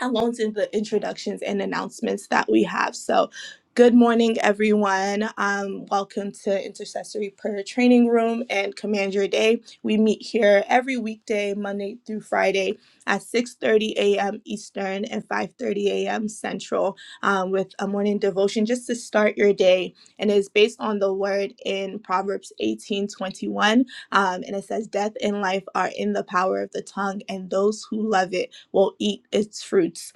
[SPEAKER 3] alongside the introductions and announcements that we have. So, good morning, everyone. Um, welcome to Intercessory Prayer Training Room and Command Your Day. We meet here every weekday, Monday through Friday, at 6:30 a.m. Eastern and 5:30 a.m. Central, um, with a morning devotion just to start your day. And it's based on the word in Proverbs 18:21, um, and it says, "Death and life are in the power of the tongue, and those who love it." will eat its fruits.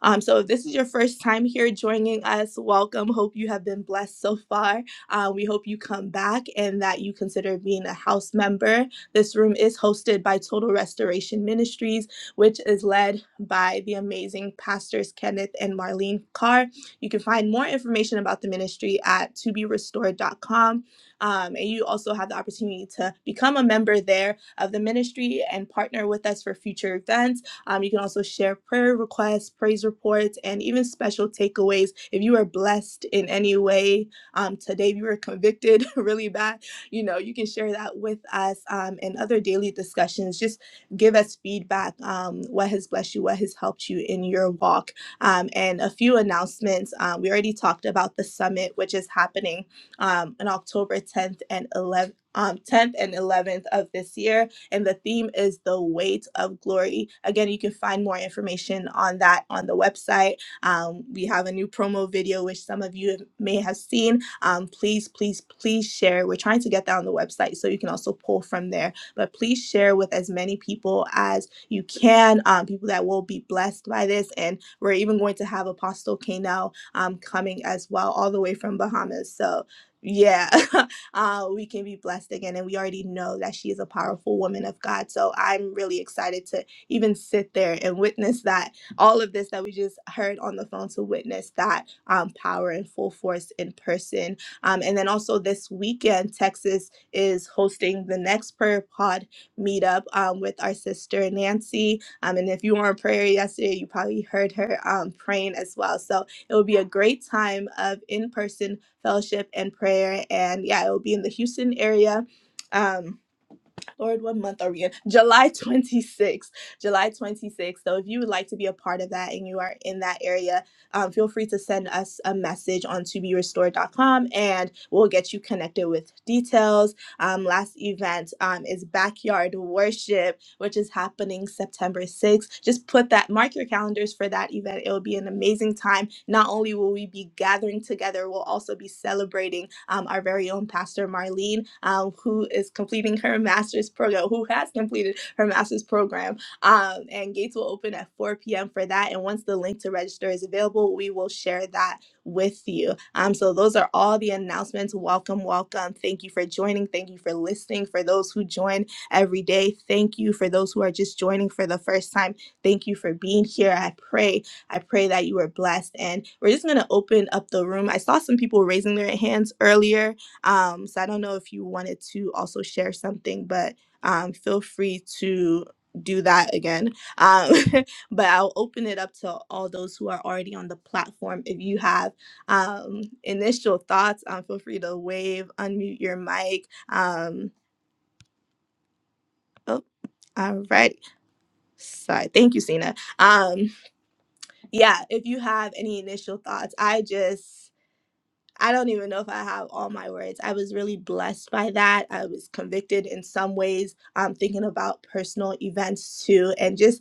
[SPEAKER 3] Um, so, if this is your first time here joining us, welcome. Hope you have been blessed so far. Uh, we hope you come back and that you consider being a house member. This room is hosted by Total Restoration Ministries, which is led by the amazing pastors Kenneth and Marlene Carr. You can find more information about the ministry at toberestored.com. Um, and you also have the opportunity to become a member there of the ministry and partner with us for future events um, you can also share prayer requests, praise reports, and even special takeaways. If you are blessed in any way um, today, if you were convicted *laughs* really bad, you know, you can share that with us um, and other daily discussions. Just give us feedback um, what has blessed you, what has helped you in your walk. Um, and a few announcements. Um, we already talked about the summit, which is happening um, on October 10th and 11th. Um, 10th and 11th of this year and the theme is the weight of glory. Again, you can find more information on that on the website. Um, we have a new promo video, which some of you may have seen. Um, please, please, please share. We're trying to get that on the website so you can also pull from there. But please share with as many people as you can, um, people that will be blessed by this. And we're even going to have Apostle Kanel um, coming as well, all the way from Bahamas. So, yeah, *laughs* uh, we can be blessed again. And we already know that she is a powerful woman of God. So I'm really excited to even sit there and witness that all of this that we just heard on the phone to witness that um, power in full force in person. Um, and then also this weekend, Texas is hosting the next prayer pod meetup um, with our sister Nancy. Um, and if you were in prayer yesterday, you probably heard her um, praying as well. So it will be a great time of in person fellowship and prayer. And yeah, it will be in the Houston area. Um, Lord, what month are we in? July 26th. July 26th. So if you would like to be a part of that and you are in that area, um, feel free to send us a message on to be restored dot com, and we'll get you connected with details. Um, last event um, is backyard worship which is happening September 6th. Just put that, mark your calendars for that event. It will be an amazing time. Not only will we be gathering together, we'll also be celebrating um, our very own Pastor Marlene, um, who is completing her master's program, who has completed her master's program. Um, and gates will open at 4 p.m. for that. And once the link to register is available, we will share that with you. Um, so those are all the announcements. Welcome, welcome. Thank you for joining. Thank you for listening. For those who joined, every day. Thank you for those who are just joining for the first time. Thank you for being here. I pray, I pray that you are blessed. And we're just going to open up the room. I saw some people raising their hands earlier. Um, so I don't know if you wanted to also share something, but um, feel free to do that again. Um, *laughs* but I'll open it up to all those who are already on the platform. If you have um, initial thoughts, um, feel free to wave, unmute your mic. Um, Oh, all right. Sorry. Thank you, Cena. Um, yeah, if you have any initial thoughts, I just I don't even know if I have all my words. I was really blessed by that. I was convicted in some ways. Um, thinking about personal events too, and just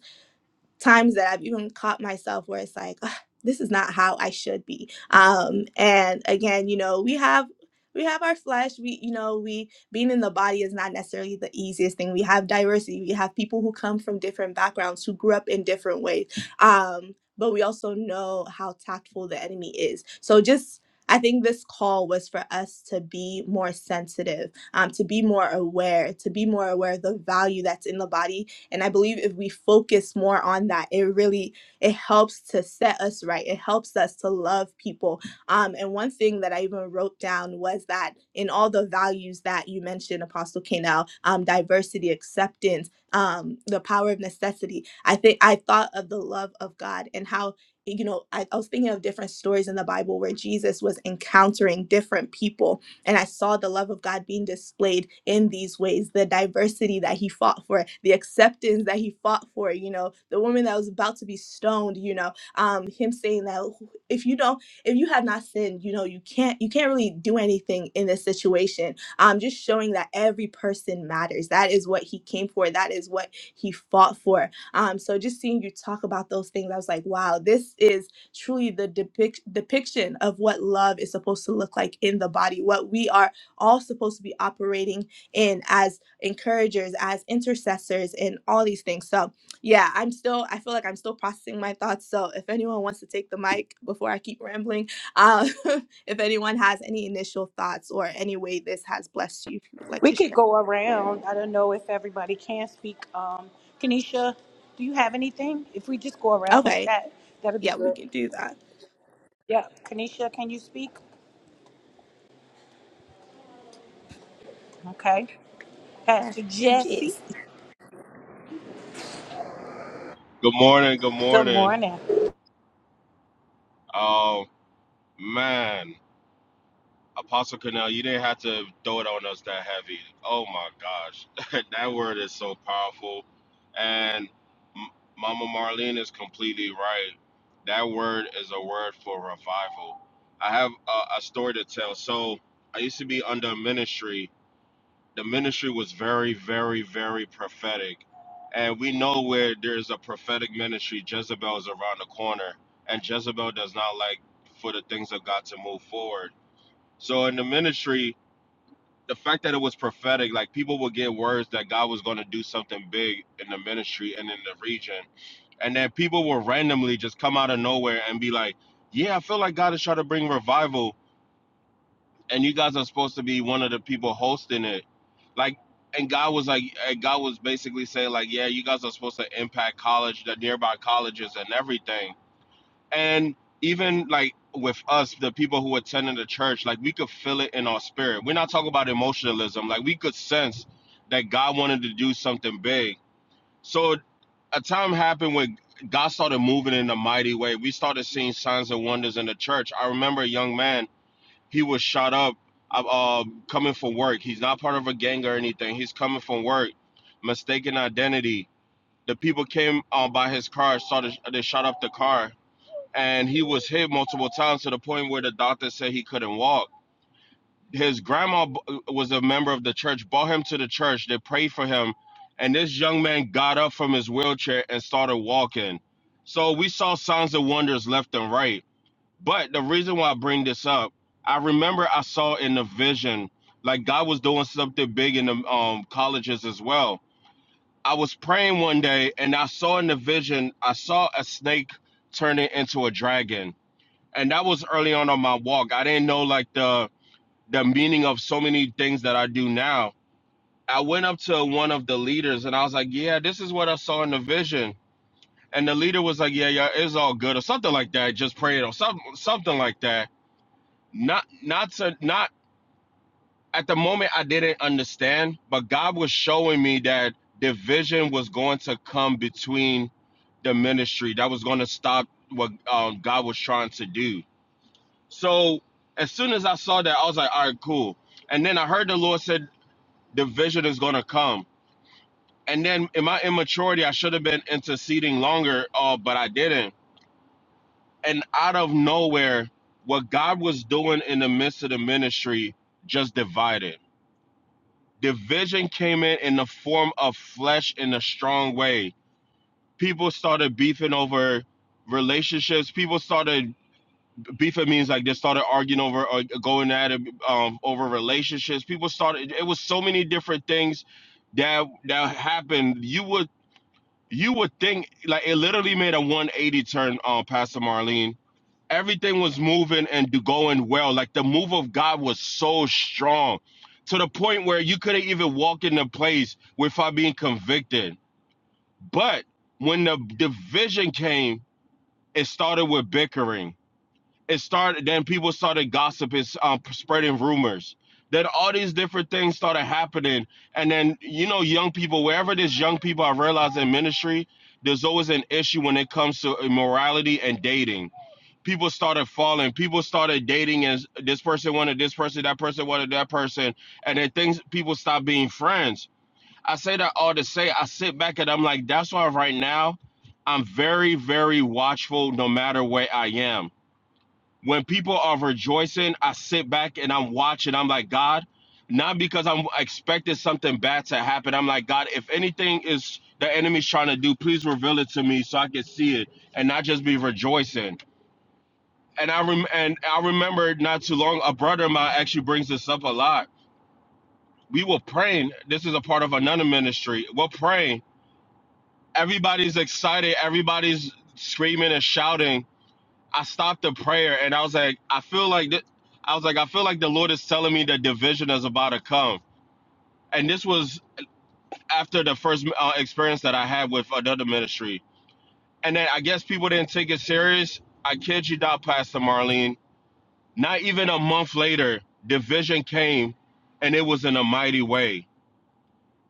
[SPEAKER 3] times that I've even caught myself where it's like, "Ugh, this is not how I should be. Um, and again, you know, we have we have our flesh. We, you know, we being in the body is not necessarily the easiest thing. We have diversity. We have people who come from different backgrounds who grew up in different ways. Um, but we also know how tactful the enemy is. So just I think this call was for us to be more sensitive, um, to be more aware, to be more aware of the value that's in the body and I believe if we focus more on that, it really it helps to set us right. It helps us to love people. Um, and one thing that I even wrote down was that in all the values that you mentioned, Apostle Kanel, um, diversity, acceptance, um, the power of necessity. I think I thought of the love of God and how you know I, I was thinking of different stories in the bible where jesus was encountering different people and I saw the love of God being displayed in these ways the diversity that he fought for, the acceptance that he fought for, you know, the woman that was about to be stoned, you know, um, him saying that if you don't, if you have not sinned, you know, you can't, you can't really do anything in this situation. Um, just showing that every person matters. That is what he came for. That is what he fought for. Um, so just seeing you talk about those things, I was like, wow, this is truly the depic- depiction of what love is supposed to look like in the body, what we are all supposed to be operating in as encouragers, as intercessors, and all these things. So, yeah, I'm still, I feel like I'm still processing my thoughts. So, if anyone wants to take the mic before I keep rambling, um, *laughs* if anyone has any initial thoughts or any way this has blessed you, if you would like to share. Okay. Yeah, we can do that. Pastor Jesse.
[SPEAKER 5] Good morning, good morning. Oh man, Apostle Cornell, you didn't have to throw it on us that heavy. Oh my gosh, *laughs* that word is so powerful, and M- Mama Marlene is completely right. That word is a word for revival. I have a, a story to tell. So I used to be under ministry, the ministry was very, very, very prophetic. And we know where there's a prophetic ministry, Jezebel is around the corner. And Jezebel does not like for the things of God to move forward. So in the ministry, the fact that it was prophetic, like people would get words that God was going to do something big in the ministry and in the region. And then people will randomly just come out of nowhere and be like, yeah, I feel like God is trying to bring revival and you guys are supposed to be one of the people hosting it like and god was like and god was basically saying like yeah you guys are supposed to impact college the nearby colleges and everything and even like with us the people who attended the church like we could feel it in our spirit we're not talking about emotionalism like we could sense that god wanted to do something big so a time happened when god started moving in a mighty way we started seeing signs and wonders in the church i remember a young man he was shot up uh, um, coming from work. He's not part of a gang or anything. He's coming from work. Mistaken identity. The people came uh, by his car, saw the, they shot up the car, and he was hit multiple times to the point where the doctor said he couldn't walk. His grandma was a member of the church, brought him to the church. They prayed for him, and this young man got up from his wheelchair and started walking. So we saw signs of wonders left and right but the reason why I bring this up, I remember I saw in the vision, like God was doing something big in the um, colleges as well. I was praying one day and I saw in the vision, I saw a snake turning into a dragon. And that was early on on my walk. I didn't know like the the meaning of so many things that I do now. I went up to one of the leaders and I was like, Yeah, this is what I saw in the vision. And the leader was like, Yeah, yeah, it's all good, or something like that. Just pray it or something something like that not not to not at the moment I didn't understand, but God was showing me that division was going to come between the ministry that was going to stop what um, God was trying to do. So as soon as I saw that, I was like, all right, cool. And then I heard the Lord said division is going to come. And then in my immaturity, I should have been interceding longer, uh, but I didn't. And out of nowhere, what God was doing in the midst of the ministry just divided division came in in the form of flesh in a strong way. People started beefing over relationships. People started beefing means like they started arguing over or going at it um, over relationships. People started. It was so many different things that that happened. You would you would think like it literally made a 180 turn on um, Pastor Marlene everything was moving and going well. Like the move of God was so strong to the point where you couldn't even walk in the place without being convicted. But when the division came, it started with bickering. It started, then people started gossiping, um, spreading rumors. Then all these different things started happening. And then, you know, young people, wherever there's young people, I realize in ministry, there's always an issue when it comes to immorality and dating people started falling. People started dating, and this person wanted this person, that person wanted that person, and then things people stopped being friends. I say that all to say I sit back and I'm like, that's why right now I'm very, very watchful no matter where I am. When people are rejoicing, I sit back and I'm watching. I'm like, God, not because I'm expecting something bad to happen. I'm like, God, if anything is the enemy's trying to do, please reveal it to me so I can see it and not just be rejoicing and I rem- and I remember not too long a brother of mine actually brings this up a lot. We were praying. This is a part of another ministry. We're praying. Everybody's excited. Everybody's screaming and shouting. I stopped the prayer and I was like, I feel like th- I was like, I feel like the Lord is telling me the division is about to come. And this was after the first uh, experience that I had with another ministry. And then I guess people didn't take it serious. I kid you not, Pastor Marlene Not even a month later, division came and it was in a mighty way.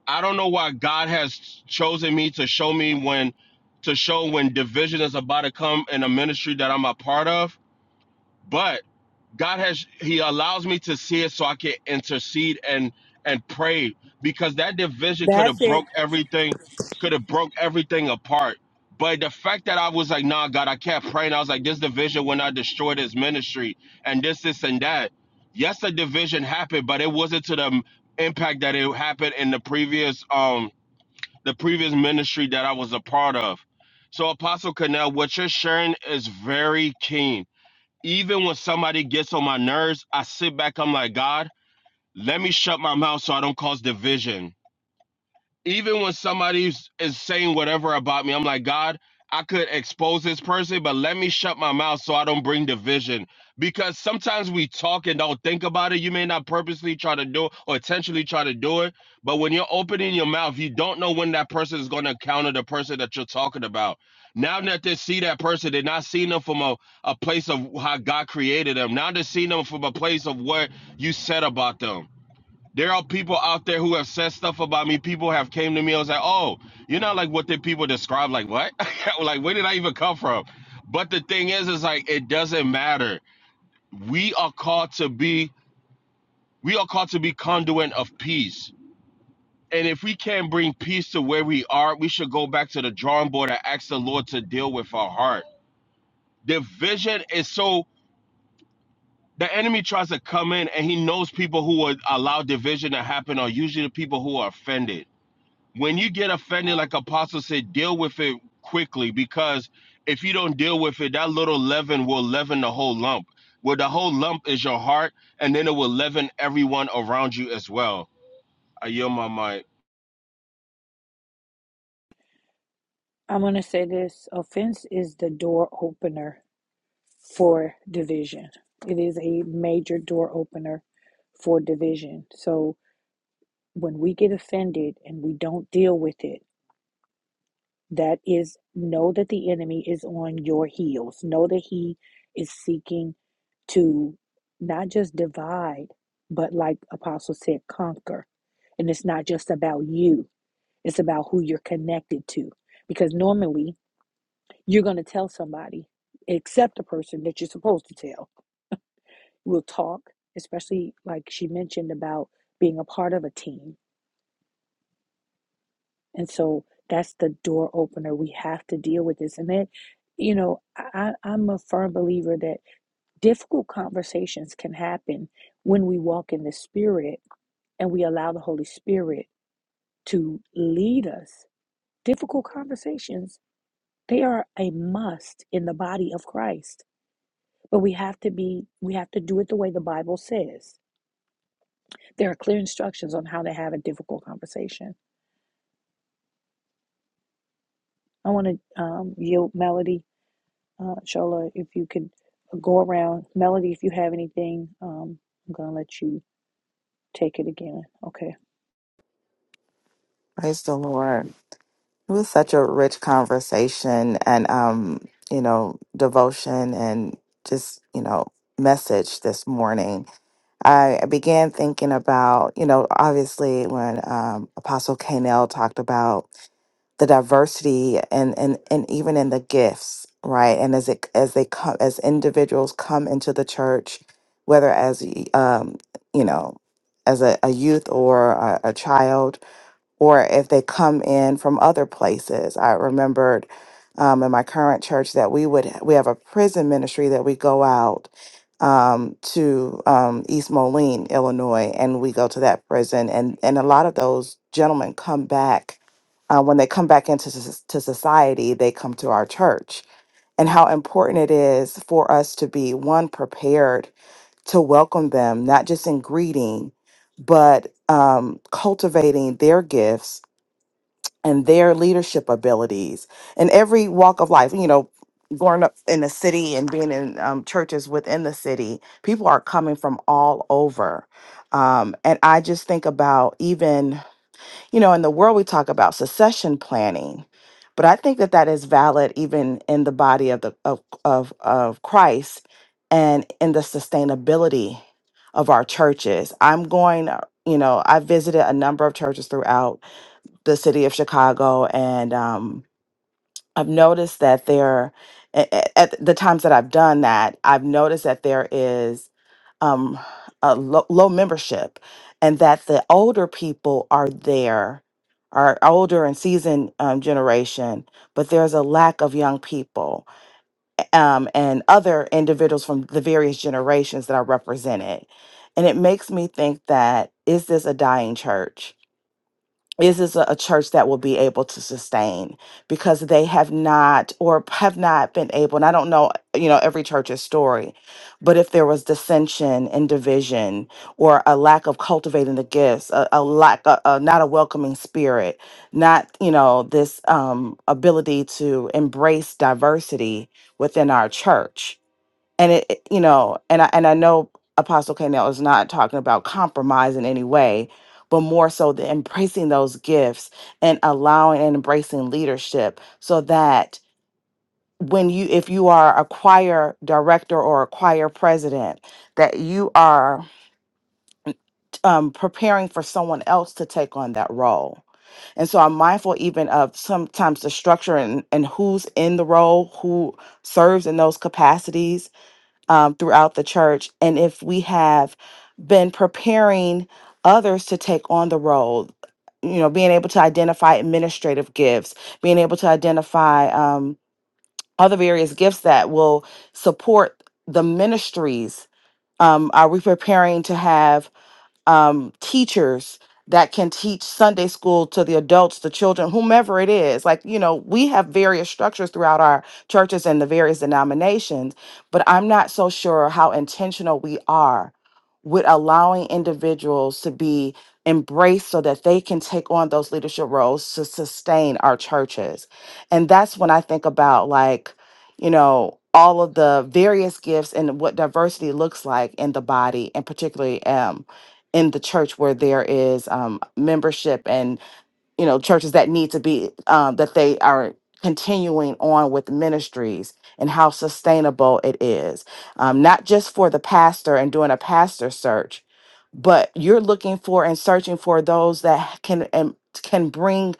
[SPEAKER 5] I don't know why God has chosen me to show me when to show when division is about to come in a ministry that I'm a part of, but God has He allows me to see it so I can intercede and and pray because that division could have broke everything, could have broke everything apart. But the fact that I was like, nah, God, I kept praying. I was like, this division will not destroy this ministry and this, this, and that. Yes, the division happened, but it wasn't to the impact that it happened in the previous um the previous ministry that I was a part of. So Apostle Connell, what you're sharing is very keen even when somebody gets on my nerves, I sit back. I'm like, God, let me shut my mouth so I don't cause division even when somebody is is saying whatever about me, I'm like, God, I could expose this person, but let me shut my mouth so I don't bring division. Because sometimes we talk and don't think about it. You may not purposely try to do it or intentionally try to do it, but when you're opening your mouth, you don't know when that person is going to encounter the person that you're talking about. Now that they see that person, they're not seeing them from a, a place of how God created them. Now they're seeing them from a place of what you said about them. There are people out there who have said stuff about me. People have came to me and was like, "Oh, you're not like what the people describe." Like what? *laughs* like where did I even come from? But the thing is, is like it doesn't matter. We are called to be. We are called to be conduit of peace. And if we can't bring peace to where we are, we should go back to the drawing board and ask the Lord to deal with our heart. Division is so. The enemy tries to come in, and he knows people who would allow division to happen are usually the people who are offended when you get offended, like Apostle said, deal with it quickly because if you don't deal with it, that little leaven will leaven the whole lump. Where the whole lump is your heart, and then it will leaven everyone around you as well. I yield my mic.
[SPEAKER 7] Praise the Lord. It was such a rich conversation and um, you know, devotion and just, you know, message this morning. I began thinking about, you know, obviously when um Apostle Kanell talked about the diversity and and and even in the gifts, right? And as it as they come as individuals come into the church, whether as um, you know, as a, a youth or a, a child or if they come in from other places. I remembered um, in my current church that we would we have a prison ministry that we go out um, to um, East Moline, Illinois, and we go to that prison, and and a lot of those gentlemen come back. Uh, when they come back into soc- to society, they come to our church, and how important it is for us to be one prepared to welcome them, not just in greeting, but um, cultivating their gifts and their leadership abilities in every walk of life. You know, growing up in the city and being in um, churches within the city, people are coming from all over. Um, and I just think about even, you know, in the world we talk about succession planning, but I think that that is valid even in the body of the of of, of Christ and in the sustainability of our churches. I'm going, uh, you know, I visited a number of churches throughout the city of Chicago, and um, I've noticed that there, a- a- at the times that I've done that, I've noticed that there is um, a low, low membership, and that the older people are there, are older and seasoned um, generation, but there's a lack of young people um, and other individuals from the various generations that are represented, and it makes me think that is this a dying church? is this a a church that will be able to sustain because they have not or have not been able and i don't know you know every church's story but if there was dissension and division or a lack of cultivating the gifts a, a lack a, a- not a welcoming spirit not you know this um, ability to embrace diversity within our church and it it- you know and i and i know apostle Canel is not talking about compromise in any way but more so the embracing those gifts and allowing and embracing leadership so that when you if you are a choir director or a choir president that you are um, preparing for someone else to take on that role and so i'm mindful even of sometimes the structure and, and who's in the role who serves in those capacities um, throughout the church and if we have been preparing others to take on the role you know being able to identify administrative gifts being able to identify um, other various gifts that will support the ministries um, are we preparing to have um, teachers that can teach Sunday school to the adults, the children, whomever it is. Like, you know, we have various structures throughout our churches and the various denominations, but I'm not so sure how intentional we are with allowing individuals to be embraced so that they can take on those leadership roles to sustain our churches. And that's when I think about like, you know, all of the various gifts and what diversity looks like in the body and particularly um, in the church where there is um, membership and you know churches that need to be um, that they are continuing on with ministries and how sustainable it is um, not just for the pastor and doing a pastor search but you're looking for and searching for those that can and can bring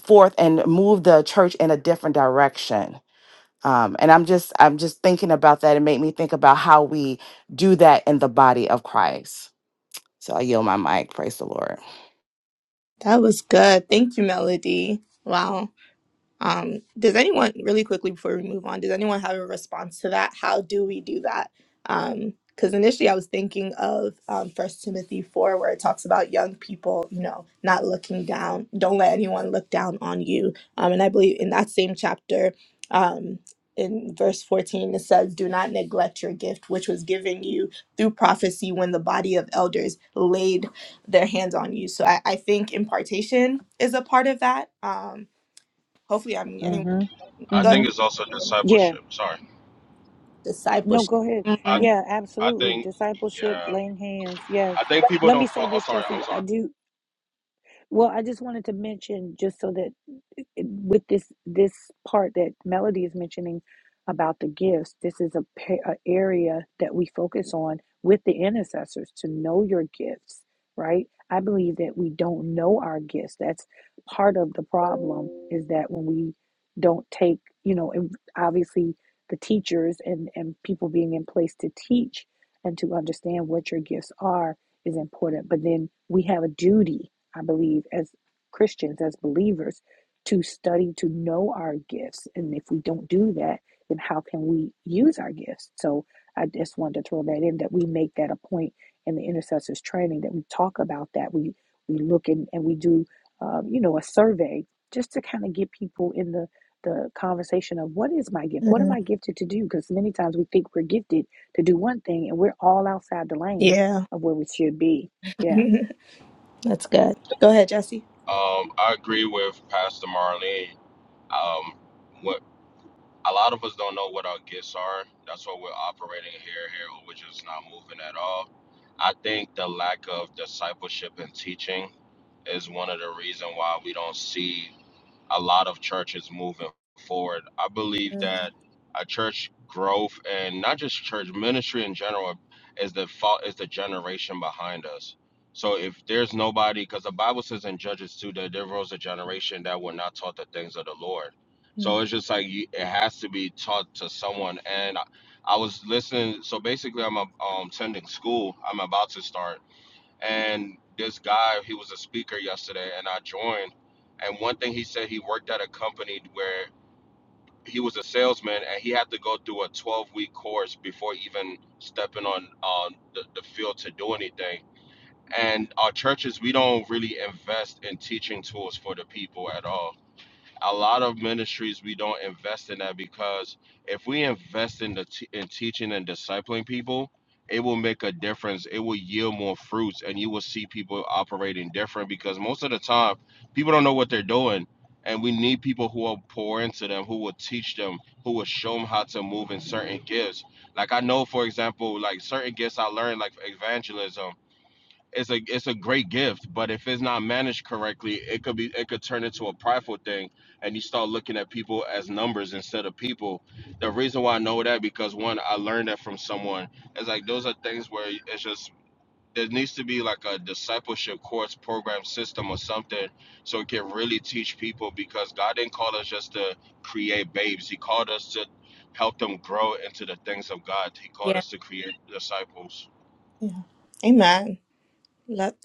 [SPEAKER 7] forth and move the church in a different direction um, and i'm just i'm just thinking about that and make me think about how we do that in the body of christ so I yield my mic. Praise the Lord.
[SPEAKER 3] That was good. Thank you, Melody. Wow. Um, does anyone, really quickly before we move on, does anyone have a response to that? How do we do that? Because initially I was thinking of um, 1 Timothy 4, where it talks about young people, you know, not looking down. Don't let anyone look down on you. Um, and I believe in that same chapter, um, in verse 14, it says, Do not neglect your gift, which was given you through prophecy when the body of elders laid their hands on you. So I, I think impartation is a part of that. Um, Hopefully, I'm getting
[SPEAKER 5] I
[SPEAKER 3] go
[SPEAKER 5] think it's also
[SPEAKER 3] ahead.
[SPEAKER 5] discipleship. Sorry,
[SPEAKER 3] Discipleship.
[SPEAKER 5] I
[SPEAKER 3] Mhm.
[SPEAKER 5] I think yeah, I think people don't fall. Oh, sorry, I'm sorry.
[SPEAKER 3] Mhm. Yeah, *laughs* that's good. Go ahead, Jesse.
[SPEAKER 5] Um, I agree with Pastor Marlene. Um, what a lot of us don't know what our gifts are. That's why we're operating here here, or we're just not moving at all I think the lack of discipleship and teaching is one of the reasons why we don't see a lot of churches moving forward. I believe that
[SPEAKER 3] Mhm.
[SPEAKER 5] a church growth and not just church ministry in general is the fault is the generation behind us. So if there's nobody, because the Bible says in Judges too that there was a generation that were not taught the things of the Lord. So
[SPEAKER 3] Mhm.
[SPEAKER 5] it's just like you- it has to be taught to someone. And I, I was listening. So basically, I'm um, attending school. I'm about to start and this guy he was a speaker yesterday and i joined and one thing he said he worked at a company where he was a salesman and he had to go through a 12 week course before even stepping on on the, the field to do anything and our churches we don't really invest in teaching tools for the people at all a lot of ministries we don't invest in that because if we invest in the t- in teaching and discipling people it will make a difference it will yield more fruits and you will see people operating different because most of the time people don't know what they're doing and we need people who will pour into them who will teach them who will show them how to move in certain gifts like i know for example like certain gifts i learned like evangelism it's a it's a great gift, but if it's not managed correctly, it could be it could turn into a prideful thing, and you start looking at people as numbers instead of people. The reason why I know that because one, I learned that from someone. It's like those are things where it's just there needs to be like a discipleship course program system or something, so it can really teach people because God didn't call us just to create babes. He called us to help them grow into the things of God. He called
[SPEAKER 3] Yeah,
[SPEAKER 5] us to create disciples.
[SPEAKER 3] yeah. Amen. Love.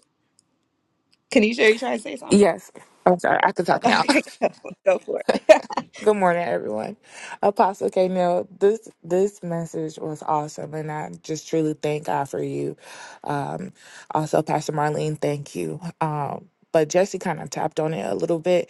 [SPEAKER 3] Kanisha, are you trying to say something?
[SPEAKER 8] Yes. I'm sorry, I can talk
[SPEAKER 3] *laughs*
[SPEAKER 8] now.
[SPEAKER 3] Okay, go for go for it.
[SPEAKER 8] *laughs* Good morning, everyone. Apostle K. Neal, this this message was awesome, and I just truly thank God for you. Um, also, Pastor Marlene, thank you. Um, but Jesse kind of tapped on it a little bit,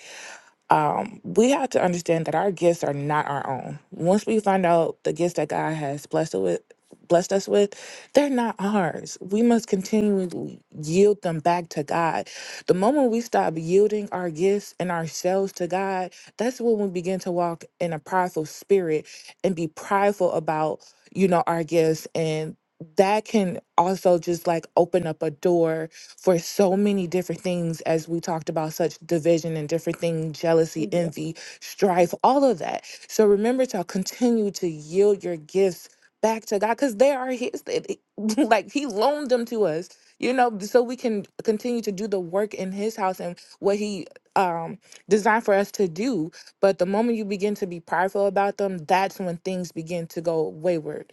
[SPEAKER 8] um, we have to understand that our gifts are not our own. Once we find out the gifts that God has blessed us with, blessed us with, they're not ours. We must continually yield them back to God. The moment we stop yielding our gifts and ourselves to God, that's when we begin to walk in a prideful spirit and be prideful about, you know, our gifts and that can also just like open up a door for so many different things, as we talked about, such division and different things, jealousy,
[SPEAKER 3] *laughs*
[SPEAKER 8] envy, strife, all of that. So remember to continue to yield your gifts back to God because they are His. They- they- *laughs* Like He loaned them to us, you know, so we can continue to do the work in His house and what He um designed for us to do. But the moment you begin to be prideful about them, that's when things begin to go wayward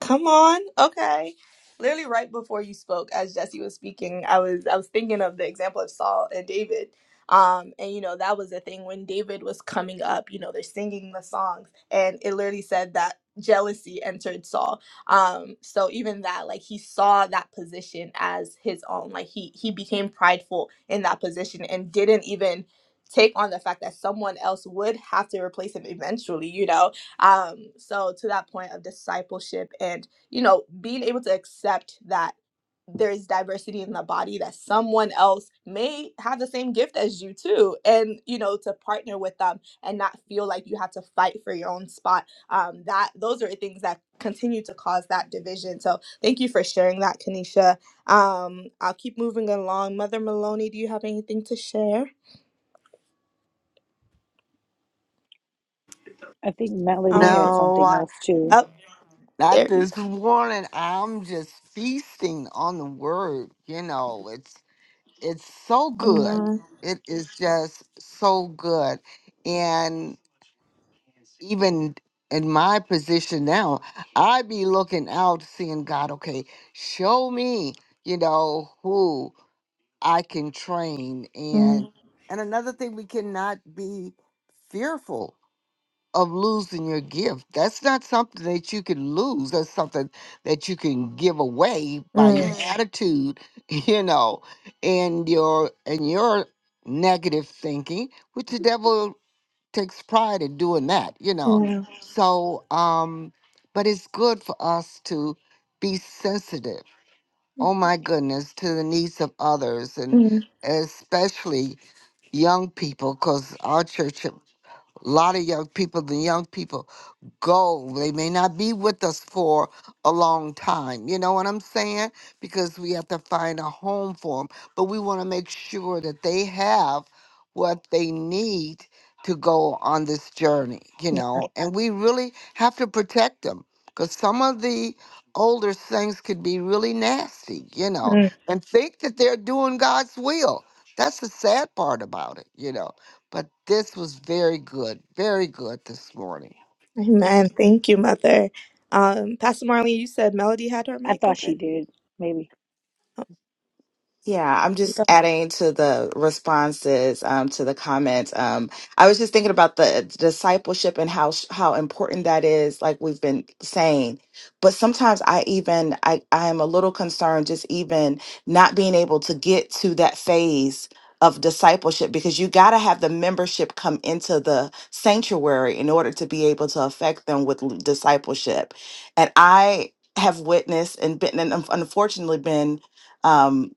[SPEAKER 3] Come on. Okay. Literally right before you spoke, as Jesse was speaking, I was I was thinking of the example of Saul and David. Um, and you know, that was the thing when David was coming up, you know, they're singing the songs, and it literally said that jealousy entered Saul. Um, so even that, like he saw that position as his own. Like he he became prideful in that position and didn't even take on the fact that someone else would have to replace him eventually, you know um so to that point of discipleship and you know being able to accept that there is diversity in the body that someone else may have the same gift as you too and you know to partner with them and not feel like you have to fight for your own spot um that those are things that continue to cause that division so thank you for sharing that kanisha um i'll keep moving along mother maloney do you have anything to share um
[SPEAKER 6] No, I,
[SPEAKER 3] up
[SPEAKER 6] not
[SPEAKER 3] there you-
[SPEAKER 6] this morning. I'm just feasting on the word. You know, it's it's so good.
[SPEAKER 3] Amen.
[SPEAKER 6] It is just so good, and even in my position now, I be looking out, seeing God, okay, show me, you know, who I can train.
[SPEAKER 3] Mm,
[SPEAKER 6] And and another thing, we cannot be fearful of losing your gift. That's not something that you can lose. That's something that you can give away by your Mm. attitude, *laughs* you know, and your and your negative thinking, which the devil takes pride in doing that, you know.
[SPEAKER 3] mm,
[SPEAKER 6] So, um, but it's good for us to be sensitive. Oh my goodness, to the needs of others, and
[SPEAKER 3] yeah.
[SPEAKER 6] especially young people, because our church, a lot of young people, the young people go. They may not be with us for a long time. You know what I'm saying? Because we have to find a home for them. But we want to make sure that they have what they need to go on this journey, you
[SPEAKER 3] Yeah.
[SPEAKER 6] know. And we really have to protect them because some of the older things could be really nasty, you know,
[SPEAKER 3] Mm.
[SPEAKER 6] and think that they're doing God's will. That's the sad part about it, you know. But this was very good, very good this morning.
[SPEAKER 3] Amen. Thank you, Mother. Um, Pastor Marlene, you said Melody had her mic open. Oh,
[SPEAKER 7] Yeah, I'm
[SPEAKER 3] you
[SPEAKER 7] just
[SPEAKER 3] go.
[SPEAKER 7] adding to the responses um, to the comments. Um, I was just thinking about the discipleship and how how important that is, like we've been saying. But sometimes I even I I am a little concerned just even not being able to get to that phase of discipleship because you got to have the membership come into the sanctuary in order to be able to affect them with l- discipleship. And I have witnessed and been and unfortunately been. um,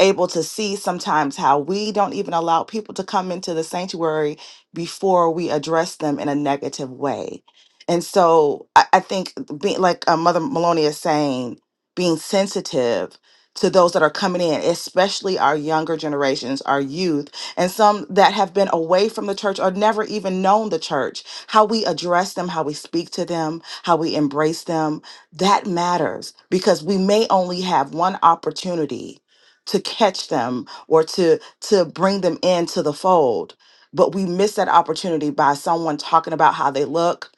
[SPEAKER 7] able to see sometimes how we don't even allow people to come into the sanctuary before we address them in a negative way. And so I, I think, being, like uh, Mother Maloney is saying, being sensitive to those that are coming in, especially our younger generations, our youth, and some that have been away from the church or never even known the church, how we address them, how we speak to them, how we embrace them, that matters because we may only have one opportunity to catch them or to to bring them into the fold but we miss that opportunity by someone talking about how they look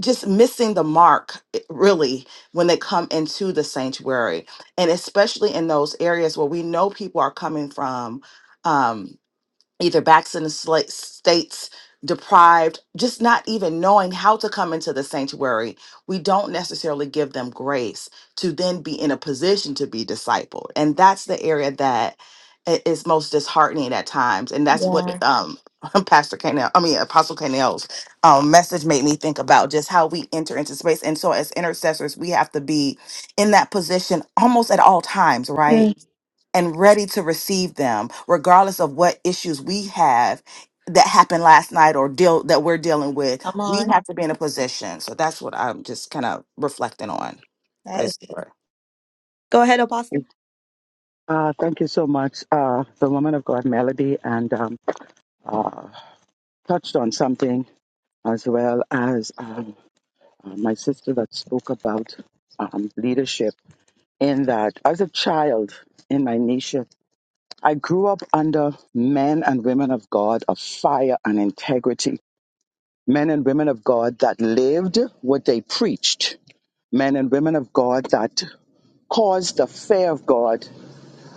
[SPEAKER 7] just missing the mark eh, really when they come into the sanctuary and especially in those areas where we know people are coming from um, either backs in the sla- states deprived just not even knowing how to come into the sanctuary we don't necessarily give them grace to then be in a position to be discipled and that's the area that i- is most disheartening at times and that's what
[SPEAKER 3] Yeah.
[SPEAKER 7] Mhm. um *laughs* pastor Canel, i mean apostle Canel's um message made me think about just how we enter into space and so as intercessors we have to be in that position almost at all times right
[SPEAKER 3] Mm.
[SPEAKER 7] and ready to receive them, regardless of what issues we have that happened last night or deal that we're dealing with.
[SPEAKER 3] Come
[SPEAKER 7] We
[SPEAKER 3] on.
[SPEAKER 7] have to be in a position. So that's what I'm just kind of reflecting on.
[SPEAKER 3] That is-
[SPEAKER 7] Praise the Lord.
[SPEAKER 3] go ahead, Apostle.
[SPEAKER 2] Uh, thank you so much, uh, the woman of God, Melody, and um, uh, touched on something as well as um, uh, my sister that spoke about um, leadership. In that, as a child in my nation, I grew up under men and women of God of fire and integrity, men and women of God that lived what they preached, men and women of God that caused the fear of God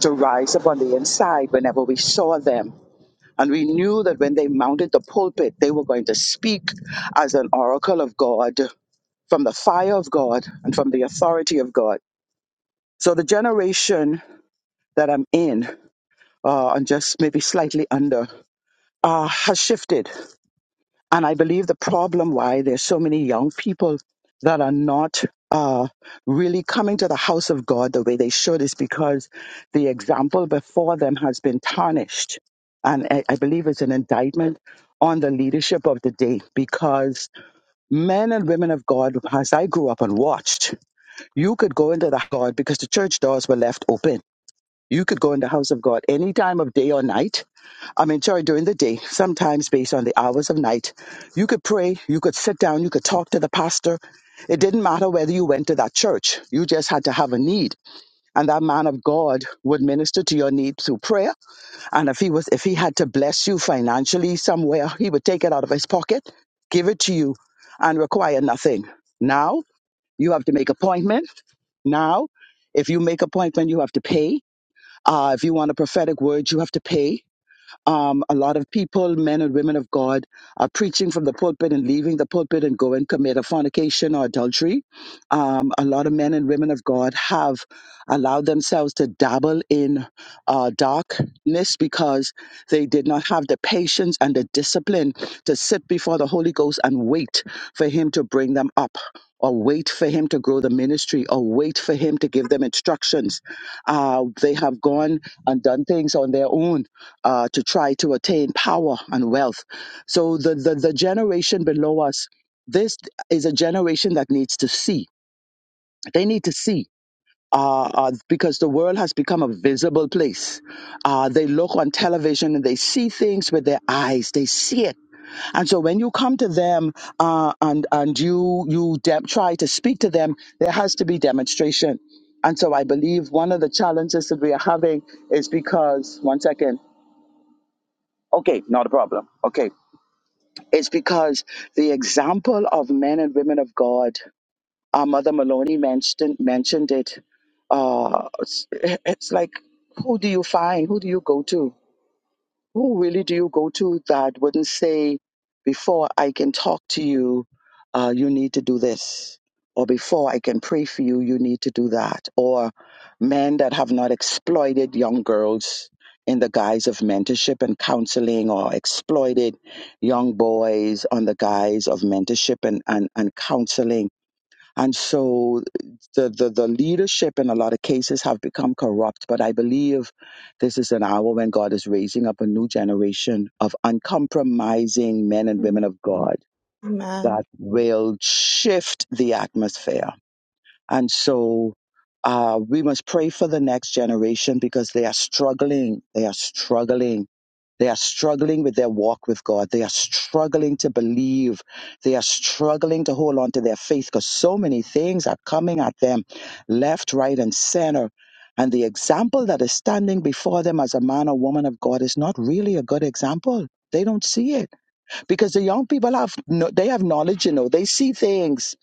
[SPEAKER 2] to rise up on the inside whenever we saw them And we knew that when they mounted the pulpit, they were going to speak as an oracle of God, from the fire of God, and from the authority of God. So the generation that I'm in, uh, and just maybe slightly under, uh, has shifted. And I believe the problem why there's so many young people that are not uh, really coming to the house of God the way they should is because the example before them has been tarnished. And I, I believe it's an indictment on the leadership of the day because men and women of God, as I grew up and watched, you could go into the God because the church doors were left open you could go in the house of God any time of day or night. I'm in church during the day, sometimes based on the hours of night. You could pray, you could sit down, you could talk to the pastor. It didn't matter whether you went to that church, you just had to have a need. And that man of God would minister to your need through prayer. And if he was if he had to bless you financially somewhere, he would take it out of his pocket, give it to you, and require nothing. Now you have to make appointment. Now, if you make appointment, you have to pay uh, if you want a prophetic word, you have to pay. Um, a lot of people, men and women of God, are preaching from the pulpit and leaving the pulpit and go and commit a fornication or adultery. Um, a lot of men and women of God have allowed themselves to dabble in uh, darkness because they did not have the patience and the discipline to sit before the Holy Ghost and wait for Him to bring them up. Or wait for him to grow the ministry, or wait for him to give them instructions. Uh, they have gone and done things on their own uh, to try to attain power and wealth. So the, the, the generation below us, this is a generation that needs to see. They need to see. Uh, uh, because the world has become a visible place. Uh, they look on television and they see things with their eyes. They see it. And so when you come to them uh, and and you you de- try to speak to them, there has to be demonstration. And so I believe one of the challenges that we are having is because one second. Okay, not a problem. Okay. It's because the example of men and women of God, our mother Maloney mentioned mentioned it. Uh, it's, it's like, who do you find? Who do you go to? who really do you go to that wouldn't say, before I can talk to you, uh, you need to do this? Or before I can pray for you, you need to do that? Or men that have not exploited young girls in the guise of mentorship and counseling, or exploited young boys on the guise of mentorship and, and, and counseling and so the, the, the leadership in a lot of cases have become corrupt. But I believe this is an hour when God is raising up a new generation of uncompromising men and
[SPEAKER 3] Amen.
[SPEAKER 2] women of God
[SPEAKER 3] Amen.
[SPEAKER 2] that will shift the atmosphere and so uh, we must pray for the next generation because they are struggling. They are struggling. They are struggling with their walk with God. They are struggling to believe. They are struggling to hold on to their faith because so many things are coming at them left, right, and center. And the example that is standing before them as a man or woman of God is not really a good example. They don't see it because the young people have no, they have knowledge, you know, they see things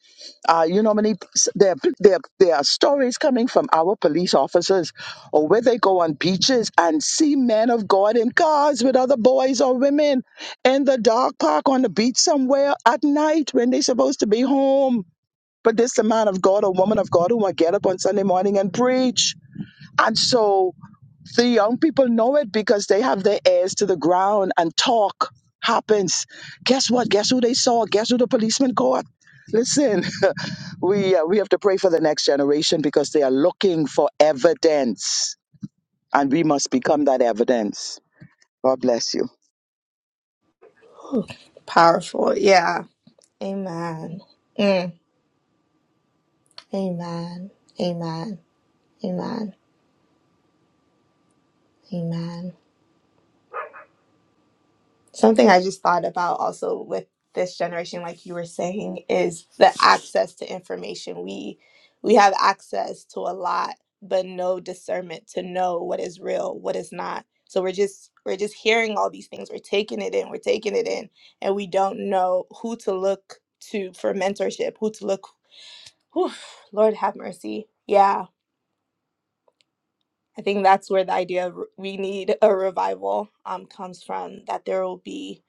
[SPEAKER 2] uh, you know, how many there, there there are stories coming from our police officers, or where they go on beaches and see men of God in cars with other boys or women in the dark park on the beach somewhere at night when they're supposed to be home. But this the man of God or woman of God who will get up on Sunday morning and preach. And so the young people know it because they have their ears to the ground and talk happens. Guess what? Guess who they saw? Guess who the policeman caught? Listen, *laughs* we uh, we have to pray for the next generation because they are looking for evidence, and we must become that evidence. God bless you.
[SPEAKER 3] Powerful. Yeah. Amen. Mm. Amen. Amen. Amen. Amen. Something I just thought about also with this generation, like you were saying, is the access to information. We we have access to a lot, but no discernment to know what is real, what is not. So we're just we're just hearing all these things. We're taking it in, we're taking it in, and we don't know who to look to for mentorship, who to look whew, Lord have mercy. Yeah. I think that's where the idea of re- we need a revival um, comes from, that there will be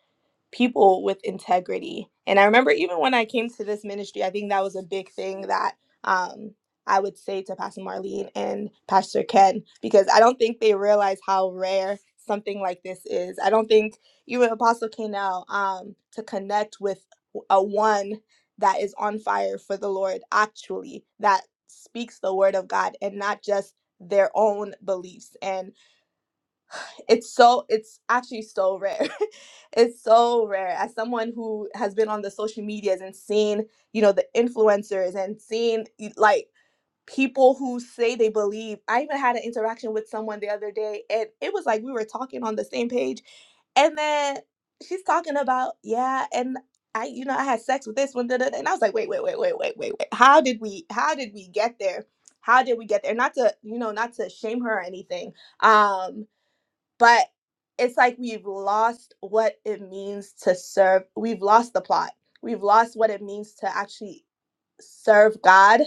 [SPEAKER 3] people with integrity. And I remember even when I came to this ministry, I think that was a big thing that um, I would say to Pastor Marlene and Pastor Ken, because I don't think they realize how rare something like this is. I don't think even Apostle K now um, to connect with a one that is on fire for the Lord, actually, that speaks the word of God and not just their own beliefs. and it's so it's actually so rare *laughs* it's so rare as someone who has been on the social medias and seen you know the influencers and seen y- like people who say they believe i even had an interaction with someone the other day and it was like we were talking on the same page and then she's talking about yeah and i you know i had sex with this one da, da, da. and i was like wait wait wait wait wait wait wait how did we how did we get there how did we get there not to you know not to shame her or anything um but it's like we've lost what it means to serve. We've lost the plot. We've lost what it means to actually serve God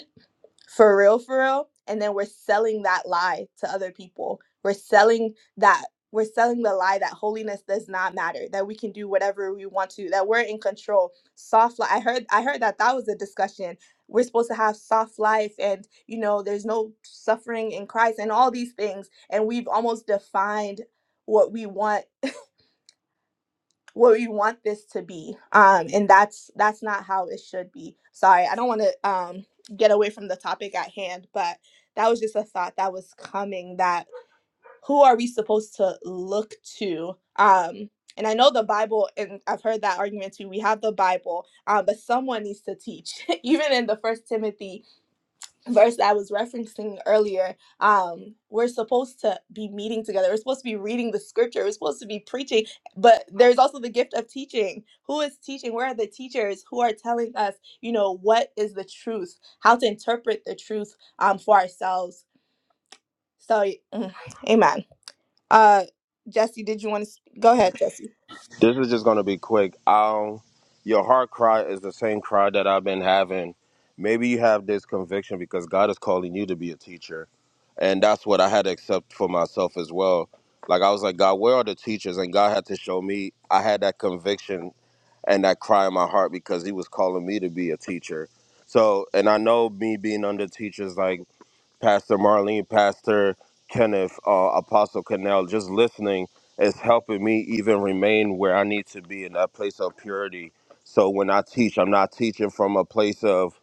[SPEAKER 3] for real for real and then we're selling that lie to other people we're selling that we're selling the lie that holiness does not matter that we can do whatever we want to that we're in control soft life i heard i heard that that was a discussion we're supposed to have soft life and you know there's no suffering in christ and all these things and we've almost defined what we want what we want this to be um and that's that's not how it should be sorry i don't want to um get away from the topic at hand but that was just a thought that was coming that who are we supposed to look to um and i know the bible and i've heard that argument too we have the bible um, but someone needs to teach *laughs* even in the first timothy verse that I was referencing earlier, um, we're supposed to be meeting together. We're supposed to be reading the scripture. We're supposed to be preaching, but there's also the gift of teaching. Who is teaching? Where are the teachers who are telling us, you know, what is the truth, how to interpret the truth um, for ourselves? So, mm, amen. Uh, Jesse, did you want to go ahead, Jesse?
[SPEAKER 5] This is just gonna be quick. Um, your heart cry is the same cry that I've been having. Maybe you have this conviction because God is calling you to be a teacher, and that's what I had to accept for myself as well. Like I was like, God, where are the teachers? And God had to show me. I had that conviction and that cry in my heart because He was calling me to be a teacher. So, and I know me being under teachers, like Pastor Marlene, Pastor Kenneth, uh, Apostle Cannell, just listening is helping me even remain where I need to be in that place of purity. So when I teach, I'm not teaching from a place of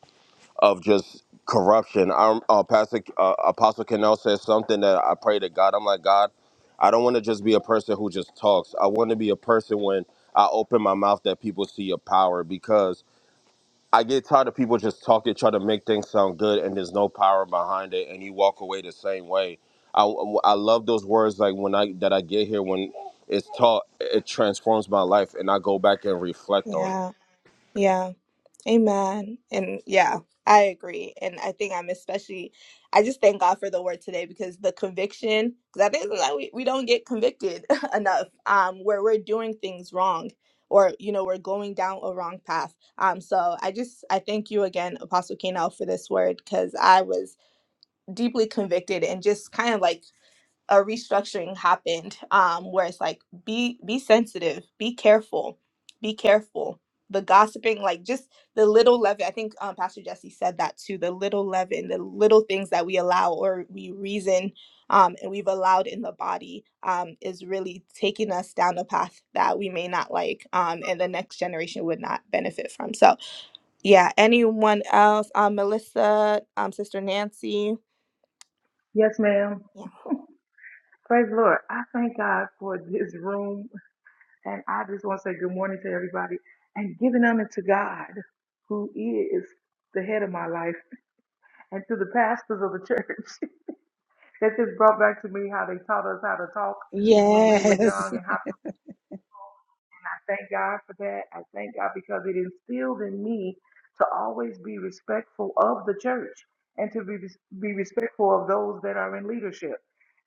[SPEAKER 5] of just corruption. I'm, uh, Pastor uh, Apostle Cannell says something that I pray to God. I'm like God, I don't want to just be a person who just talks. I want to be a person when I open my mouth that people see your power I get tired of people just talking, try to make things sound good, and there's no power behind it, and you walk away the same way. I, I love those words like when I that I get here when it's taught, it transforms my life, and I go back and reflect on it.
[SPEAKER 3] Yeah, yeah. Amen. And yeah, I agree. And I think I'm especially, I just thank God for the word today because the conviction, because I think like we, we don't get convicted *laughs* enough um, where we're doing things wrong or, you know, we're going down a wrong path. Um, so I just, I thank you again, Apostle Kanel, for this word because I was deeply convicted and just kind of like a restructuring happened um, where it's like be be sensitive be careful be careful the gossiping like just the little leaven i think um, pastor jesse said that too the little leaven the little things that we allow or we reason um, and we've allowed in the body um, is really taking us down a path that we may not like um, and the next generation would not benefit from so yeah anyone else um, melissa um, sister nancy
[SPEAKER 9] Yes, ma'am. Praise the Lord. I thank God for this room. And I just want to say good morning to everybody and giving honor to God, who is the head of my life, and to the pastors of the church. *laughs* that just brought back to me how they taught us how to talk when we were young and how And I thank God for that. I thank God because it instilled in me to always be respectful of the church and to be, be respectful of those that are in leadership.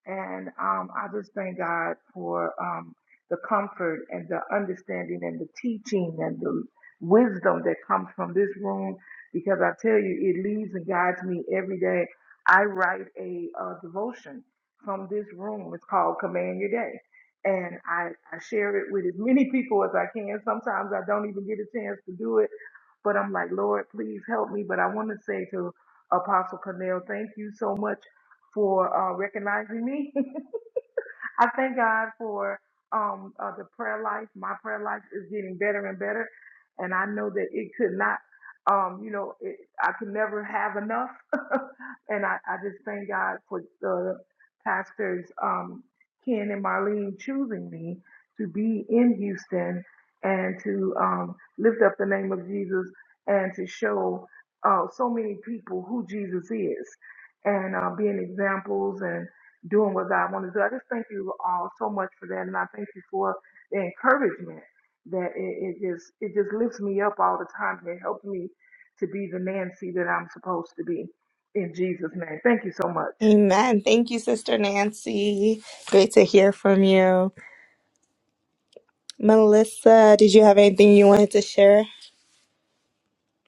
[SPEAKER 9] And um, I just thank God for um, the comfort and the understanding and the teaching and the wisdom that comes from this room because I tell you, it leads and guides me every day. I write a, uh devotion from this room. It's called Command Your Day and I, I share it with as many people as I can. Sometimes I don't even get a chance to do it, but I'm like, Lord, please help me. But I want to say to Apostle Cornell, thank you so much for uh, recognizing me *laughs* I thank God for um uh, the prayer life. My prayer life is getting better and better, and I know that it could not, um, you know, it, I could never have enough. *laughs* and I, I just thank God for the pastors um, Ken and Marlene choosing me to be in Houston and to um, lift up the name of Jesus and to show uh, so many people who Jesus is and uh, being examples. and doing what God wanted to do. I just thank you all so much for that, and I thank you for the encouragement that it, it just it just lifts me up all the time, and it helps me to be the Nancy that I'm supposed to be. In Jesus' name, thank you so much.
[SPEAKER 3] Amen. Thank you, Sister Nancy. Great to hear from you. Melissa, did you have anything you wanted to share?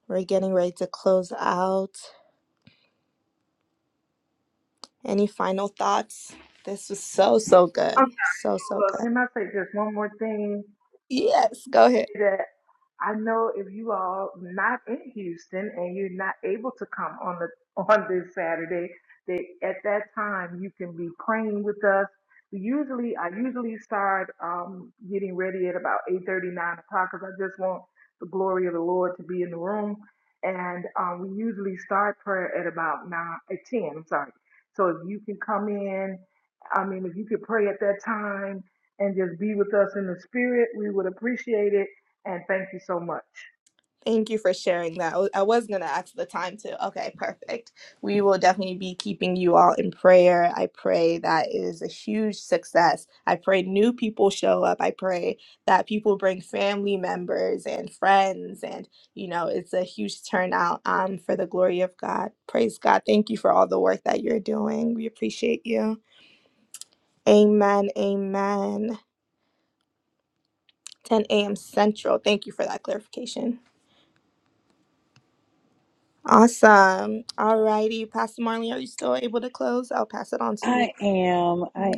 [SPEAKER 3] We're getting ready to close out. Any final thoughts? This was so, so
[SPEAKER 9] Um,
[SPEAKER 3] good. So, so good.
[SPEAKER 9] can I say just one more thing?
[SPEAKER 3] Yes, go ahead.
[SPEAKER 9] that I know if you all not in Houston and you're not able to come on the *laughs* on this Saturday, that at that time you can be praying with us. We usually I usually start um, getting ready at about eight thirty nine o'clock because I just want the glory of the Lord to be in the room, and um, we usually start prayer at about nine at ten. I'm sorry. So if you can come in, I mean if you could pray at that time and just be with us in the spirit, we would appreciate it and thank you so much.
[SPEAKER 3] Thank you for sharing that. I wa- I was going to ask the time too. Okay, perfect. We will definitely be keeping you all in prayer. I pray that is a huge success. I pray new people show up. I pray that people bring family members and friends, and you know, it's a huge turnout um, for the glory of God. Praise God. Thank you for all the work that you're doing. We appreciate you. Amen. Amen. 10 a.m. Central. Thank you for that clarification. Awesome. All righty. Pastor Marley, are you still able to close? I'll pass it on to you.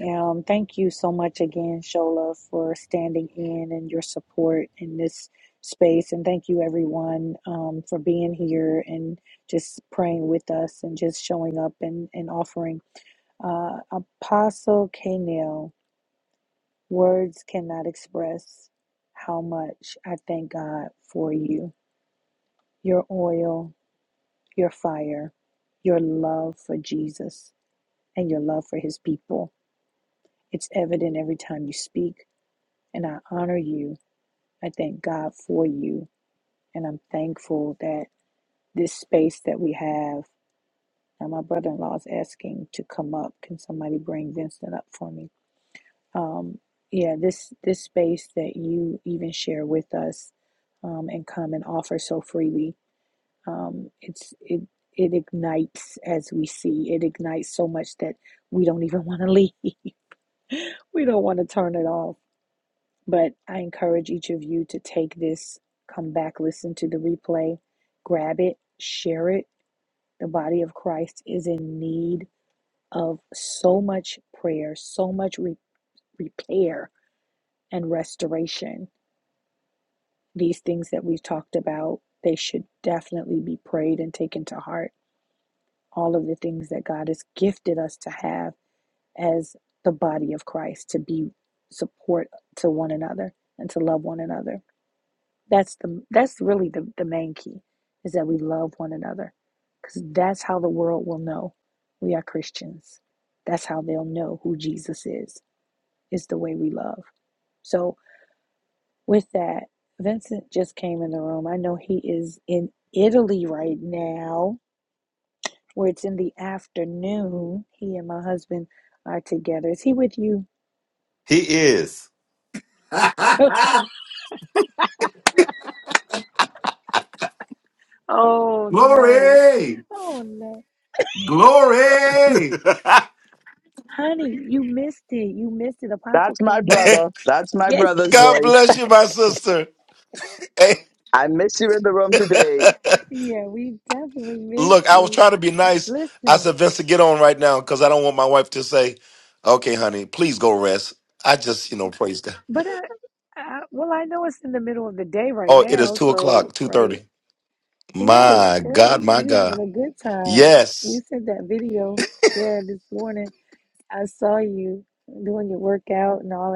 [SPEAKER 10] Glory! Glory!
[SPEAKER 2] That's my brother.
[SPEAKER 10] *laughs*
[SPEAKER 2] That's my brother's
[SPEAKER 10] God
[SPEAKER 2] voice.
[SPEAKER 10] bless you, my sister. Hey,
[SPEAKER 2] I
[SPEAKER 10] *laughs*
[SPEAKER 2] mean,
[SPEAKER 10] look, I was trying to be nice. I said, Vincent, get on right now because I don't want my wife to say, okay, honey, please go rest. I just, you know, praise God. Oh, it is two o'clock, 2.30. My God, my God. Yes.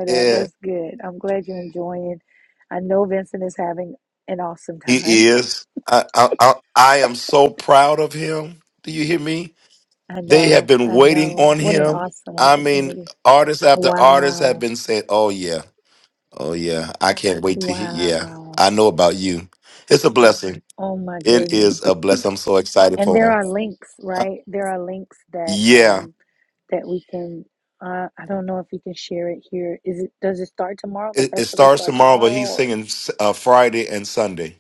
[SPEAKER 10] Yeah, he is. I, I, I, I am so proud of him. Do you hear me? They have been waiting on him. I mean, artists after artists have been saying, "Oh yeah, oh yeah, I can't wait to hear." Yeah, I know about you. It's a blessing. It is a blessing. I'm so excited for him. Uh, Yeah, it, it starts tomorrow, but he's singing s- uh, Friday and Sunday.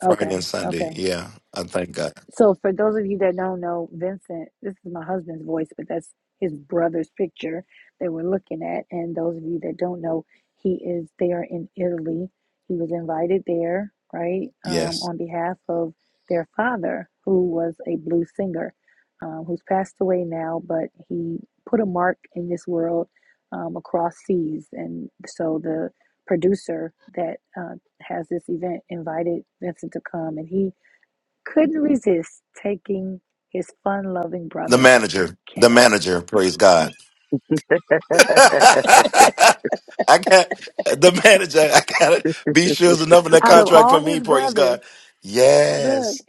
[SPEAKER 10] Friday and Sunday. Yeah, I thank God. Yes, the manager, the manager. Praise God. *laughs* I got the manager. I gotta be sure there's enough in that contract for me. Praise God. Yes,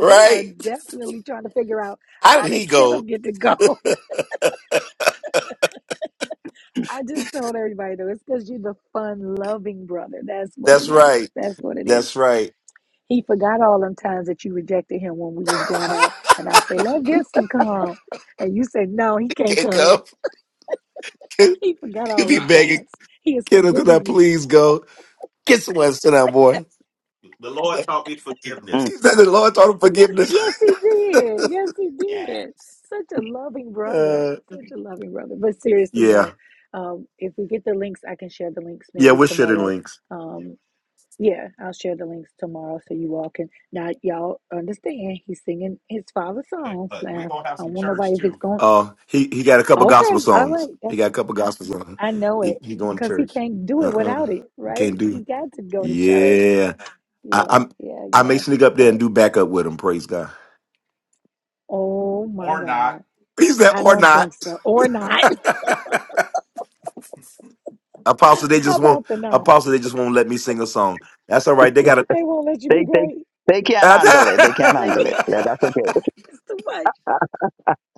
[SPEAKER 10] right. How did he go? That's right. That's right. *laughs* Can't go. Can You be begging, kiddo. Could I please go? Get someone to sit down, boy.
[SPEAKER 2] mm,
[SPEAKER 10] He said the Lord taught him forgiveness. *laughs* Uh, yeah, yeah. We're shitting links. Uh, he he got a couple gospel songs. He got a couple gospel songs. He he going to church. Uh-uh. You can't do. Yeah, I, I'm. I may sneak up there and do backup with him. Praise God. *laughs* He said, or not. *laughs* Apostle, they just won't. Apostle, they just won't let me sing a song. That's all right. They got a.
[SPEAKER 2] they they they can't handle it. They can't handle it. Yeah, that's okay.
[SPEAKER 10] *laughs*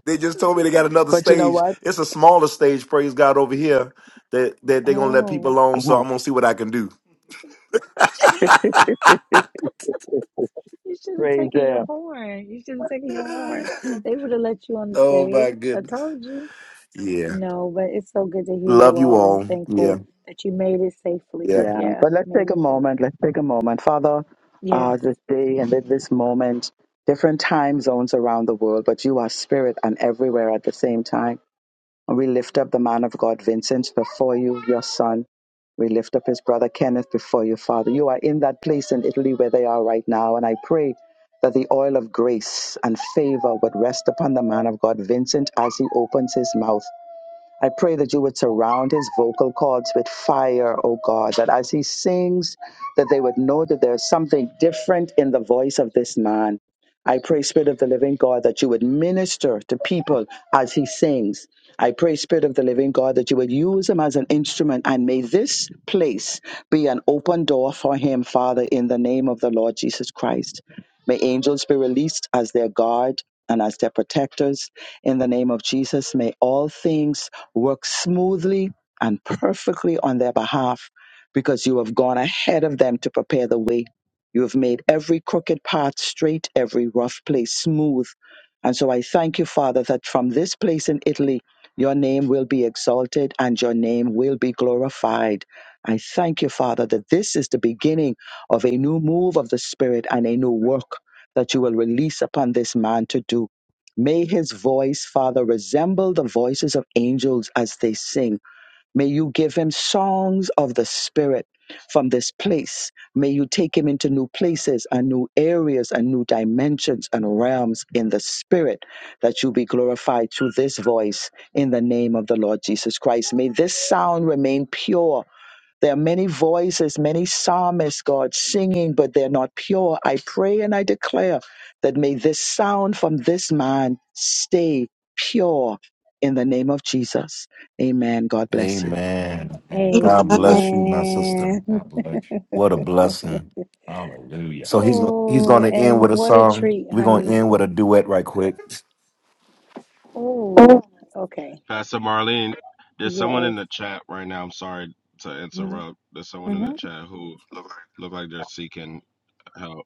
[SPEAKER 10] they just told me they got another
[SPEAKER 2] But you know
[SPEAKER 10] stage.
[SPEAKER 2] what?
[SPEAKER 10] It's a smaller stage. Praise God over here. That that they're gonna let people alone. So
[SPEAKER 2] Uh-huh.
[SPEAKER 10] I'm gonna see what I can do.
[SPEAKER 2] Praise Him.
[SPEAKER 10] *laughs* oh my goodness. Yeah. Love you all. Yeah. Yeah.
[SPEAKER 2] Yeah, but let's take a moment. Let's take a moment. Father, uh, this day and at this moment, different time zones around the world, but you are spirit and everywhere at the same time. And we lift up the man of God, Vincent, before you, your son. We lift up his brother Kenneth before you, Father. You are in that place in Italy where they are right now. And I pray that the oil of grace and favor would rest upon the man of God, Vincent, as he opens his mouth. I pray that you would surround his vocal cords with fire, O God, that as he sings, that they would know that there's something different in the voice of this man. I pray, Spirit of the Living God, that you would minister to people as he sings. I pray, Spirit of the Living God, that you would use him as an instrument and may this place be an open door for him, Father, in the name of the Lord Jesus Christ. May angels be released as their guard and as their protectors. In the name of Jesus, may all things work smoothly and perfectly on their behalf because you have gone ahead of them to prepare the way. You have made every crooked path straight, every rough place smooth. And so I thank you, Father, that from this place in Italy, your name will be exalted and your name will be glorified. I thank you, Father, that this is the beginning of a new move of the Spirit and a new work that you will release upon this man to do. May his voice, Father, resemble the voices of angels as they sing. May you give him songs of the Spirit from this place. May you take him into new places and new areas and new dimensions and realms in the Spirit that you be glorified through this voice in the name of the Lord Jesus Christ. May this sound remain pure there are many voices, many psalmists, God, singing, but they're not pure. I pray and I declare that may this sound from this man stay pure in the name of Jesus. Amen. God bless you.
[SPEAKER 10] Amen. God
[SPEAKER 3] Amen.
[SPEAKER 10] bless you, my sister. God bless you. What a blessing. Hallelujah. So he's go- he's going to end with a song. We're going to end with a duet right quick.
[SPEAKER 5] Pastor Marlene, there's someone in the chat right now. I'm sorry to interrupt. There's someone in the chat who look like they're seeking help.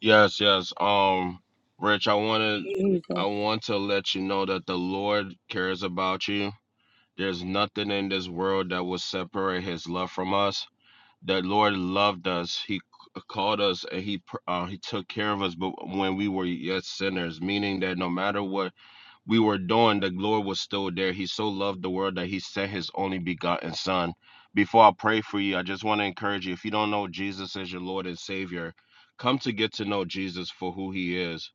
[SPEAKER 5] Yes, yes. Um, Rich, I wanted I want to let you know that the Lord cares about you. There's nothing in this world that will separate his love from us. The Lord loved us. He c- called us and he pr- uh, he took care of us but when we were yet sinners meaning that no matter what we were doing, the Lord was still there. He so loved the world that he sent his only begotten son. Before I pray for you, I just want to encourage you if you don't know Jesus as your Lord and Savior, come to get to know Jesus for who he is.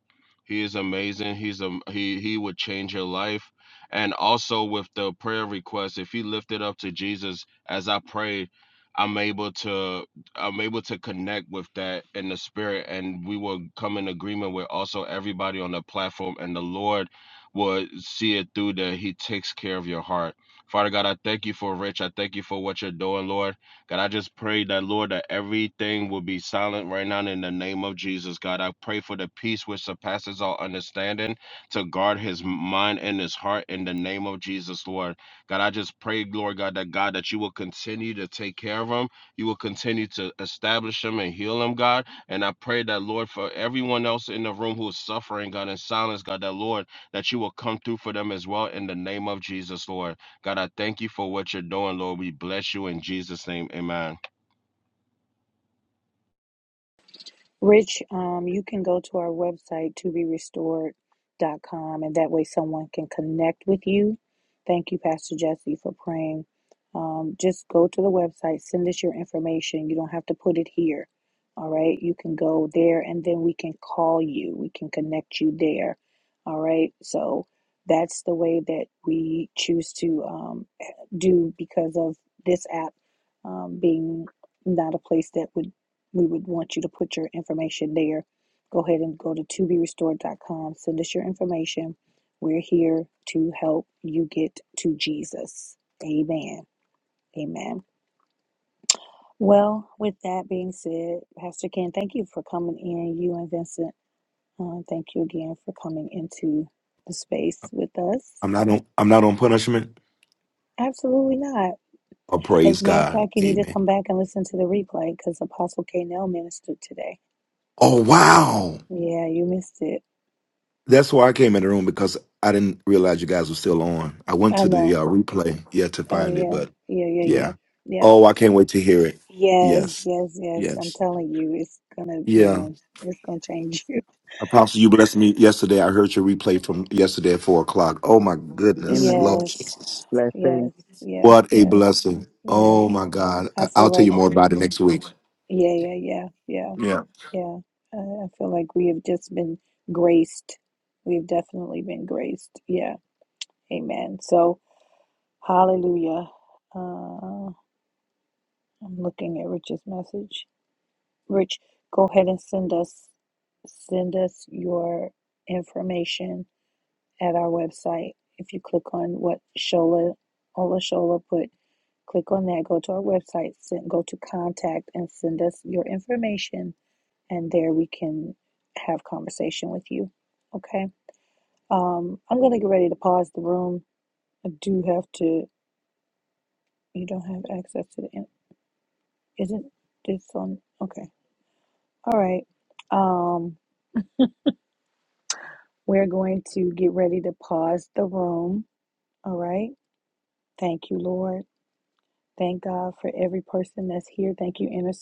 [SPEAKER 5] He is amazing. He's a he he would change your life. And also with the prayer request, if you lift it up to Jesus as I prayed, I'm able to I'm able to connect with that in the spirit and we will come in agreement with also everybody on the platform and the Lord will see it through that He takes care of your heart. Father God, I thank you for Rich. I thank you for what you're doing, Lord. God, I just pray that, Lord, that everything will be silent right now in the name of Jesus. God, I pray for the peace which surpasses all understanding to guard his mind and his heart in the name of Jesus, Lord. God, I just pray, Lord God, that God, that you will continue to take care of him. You will continue to establish him and heal him, God. And I pray that, Lord, for everyone else in the room who is suffering, God, in silence, God, that, Lord, that you will come through for them as well in the name of Jesus, Lord. God, I thank you for what you're doing, Lord. We bless you in Jesus' name. Amen.
[SPEAKER 10] I'm not on I'm not on punishment. Oh praise God. Amen. Oh wow. That's why I came in the room because I didn't realize you guys were still on. I went to the uh, replay yeah to find it, but yeah. Oh, I can't wait to hear it. Yes. Yes. Yeah. Apostle, you blessed me yesterday. I heard your replay from yesterday at four o'clock. Oh my goodness,
[SPEAKER 2] Amen.
[SPEAKER 10] Lord Jesus.
[SPEAKER 2] Blessings.
[SPEAKER 10] What a blessing. Oh my God. I- I'll tell you more about it next week.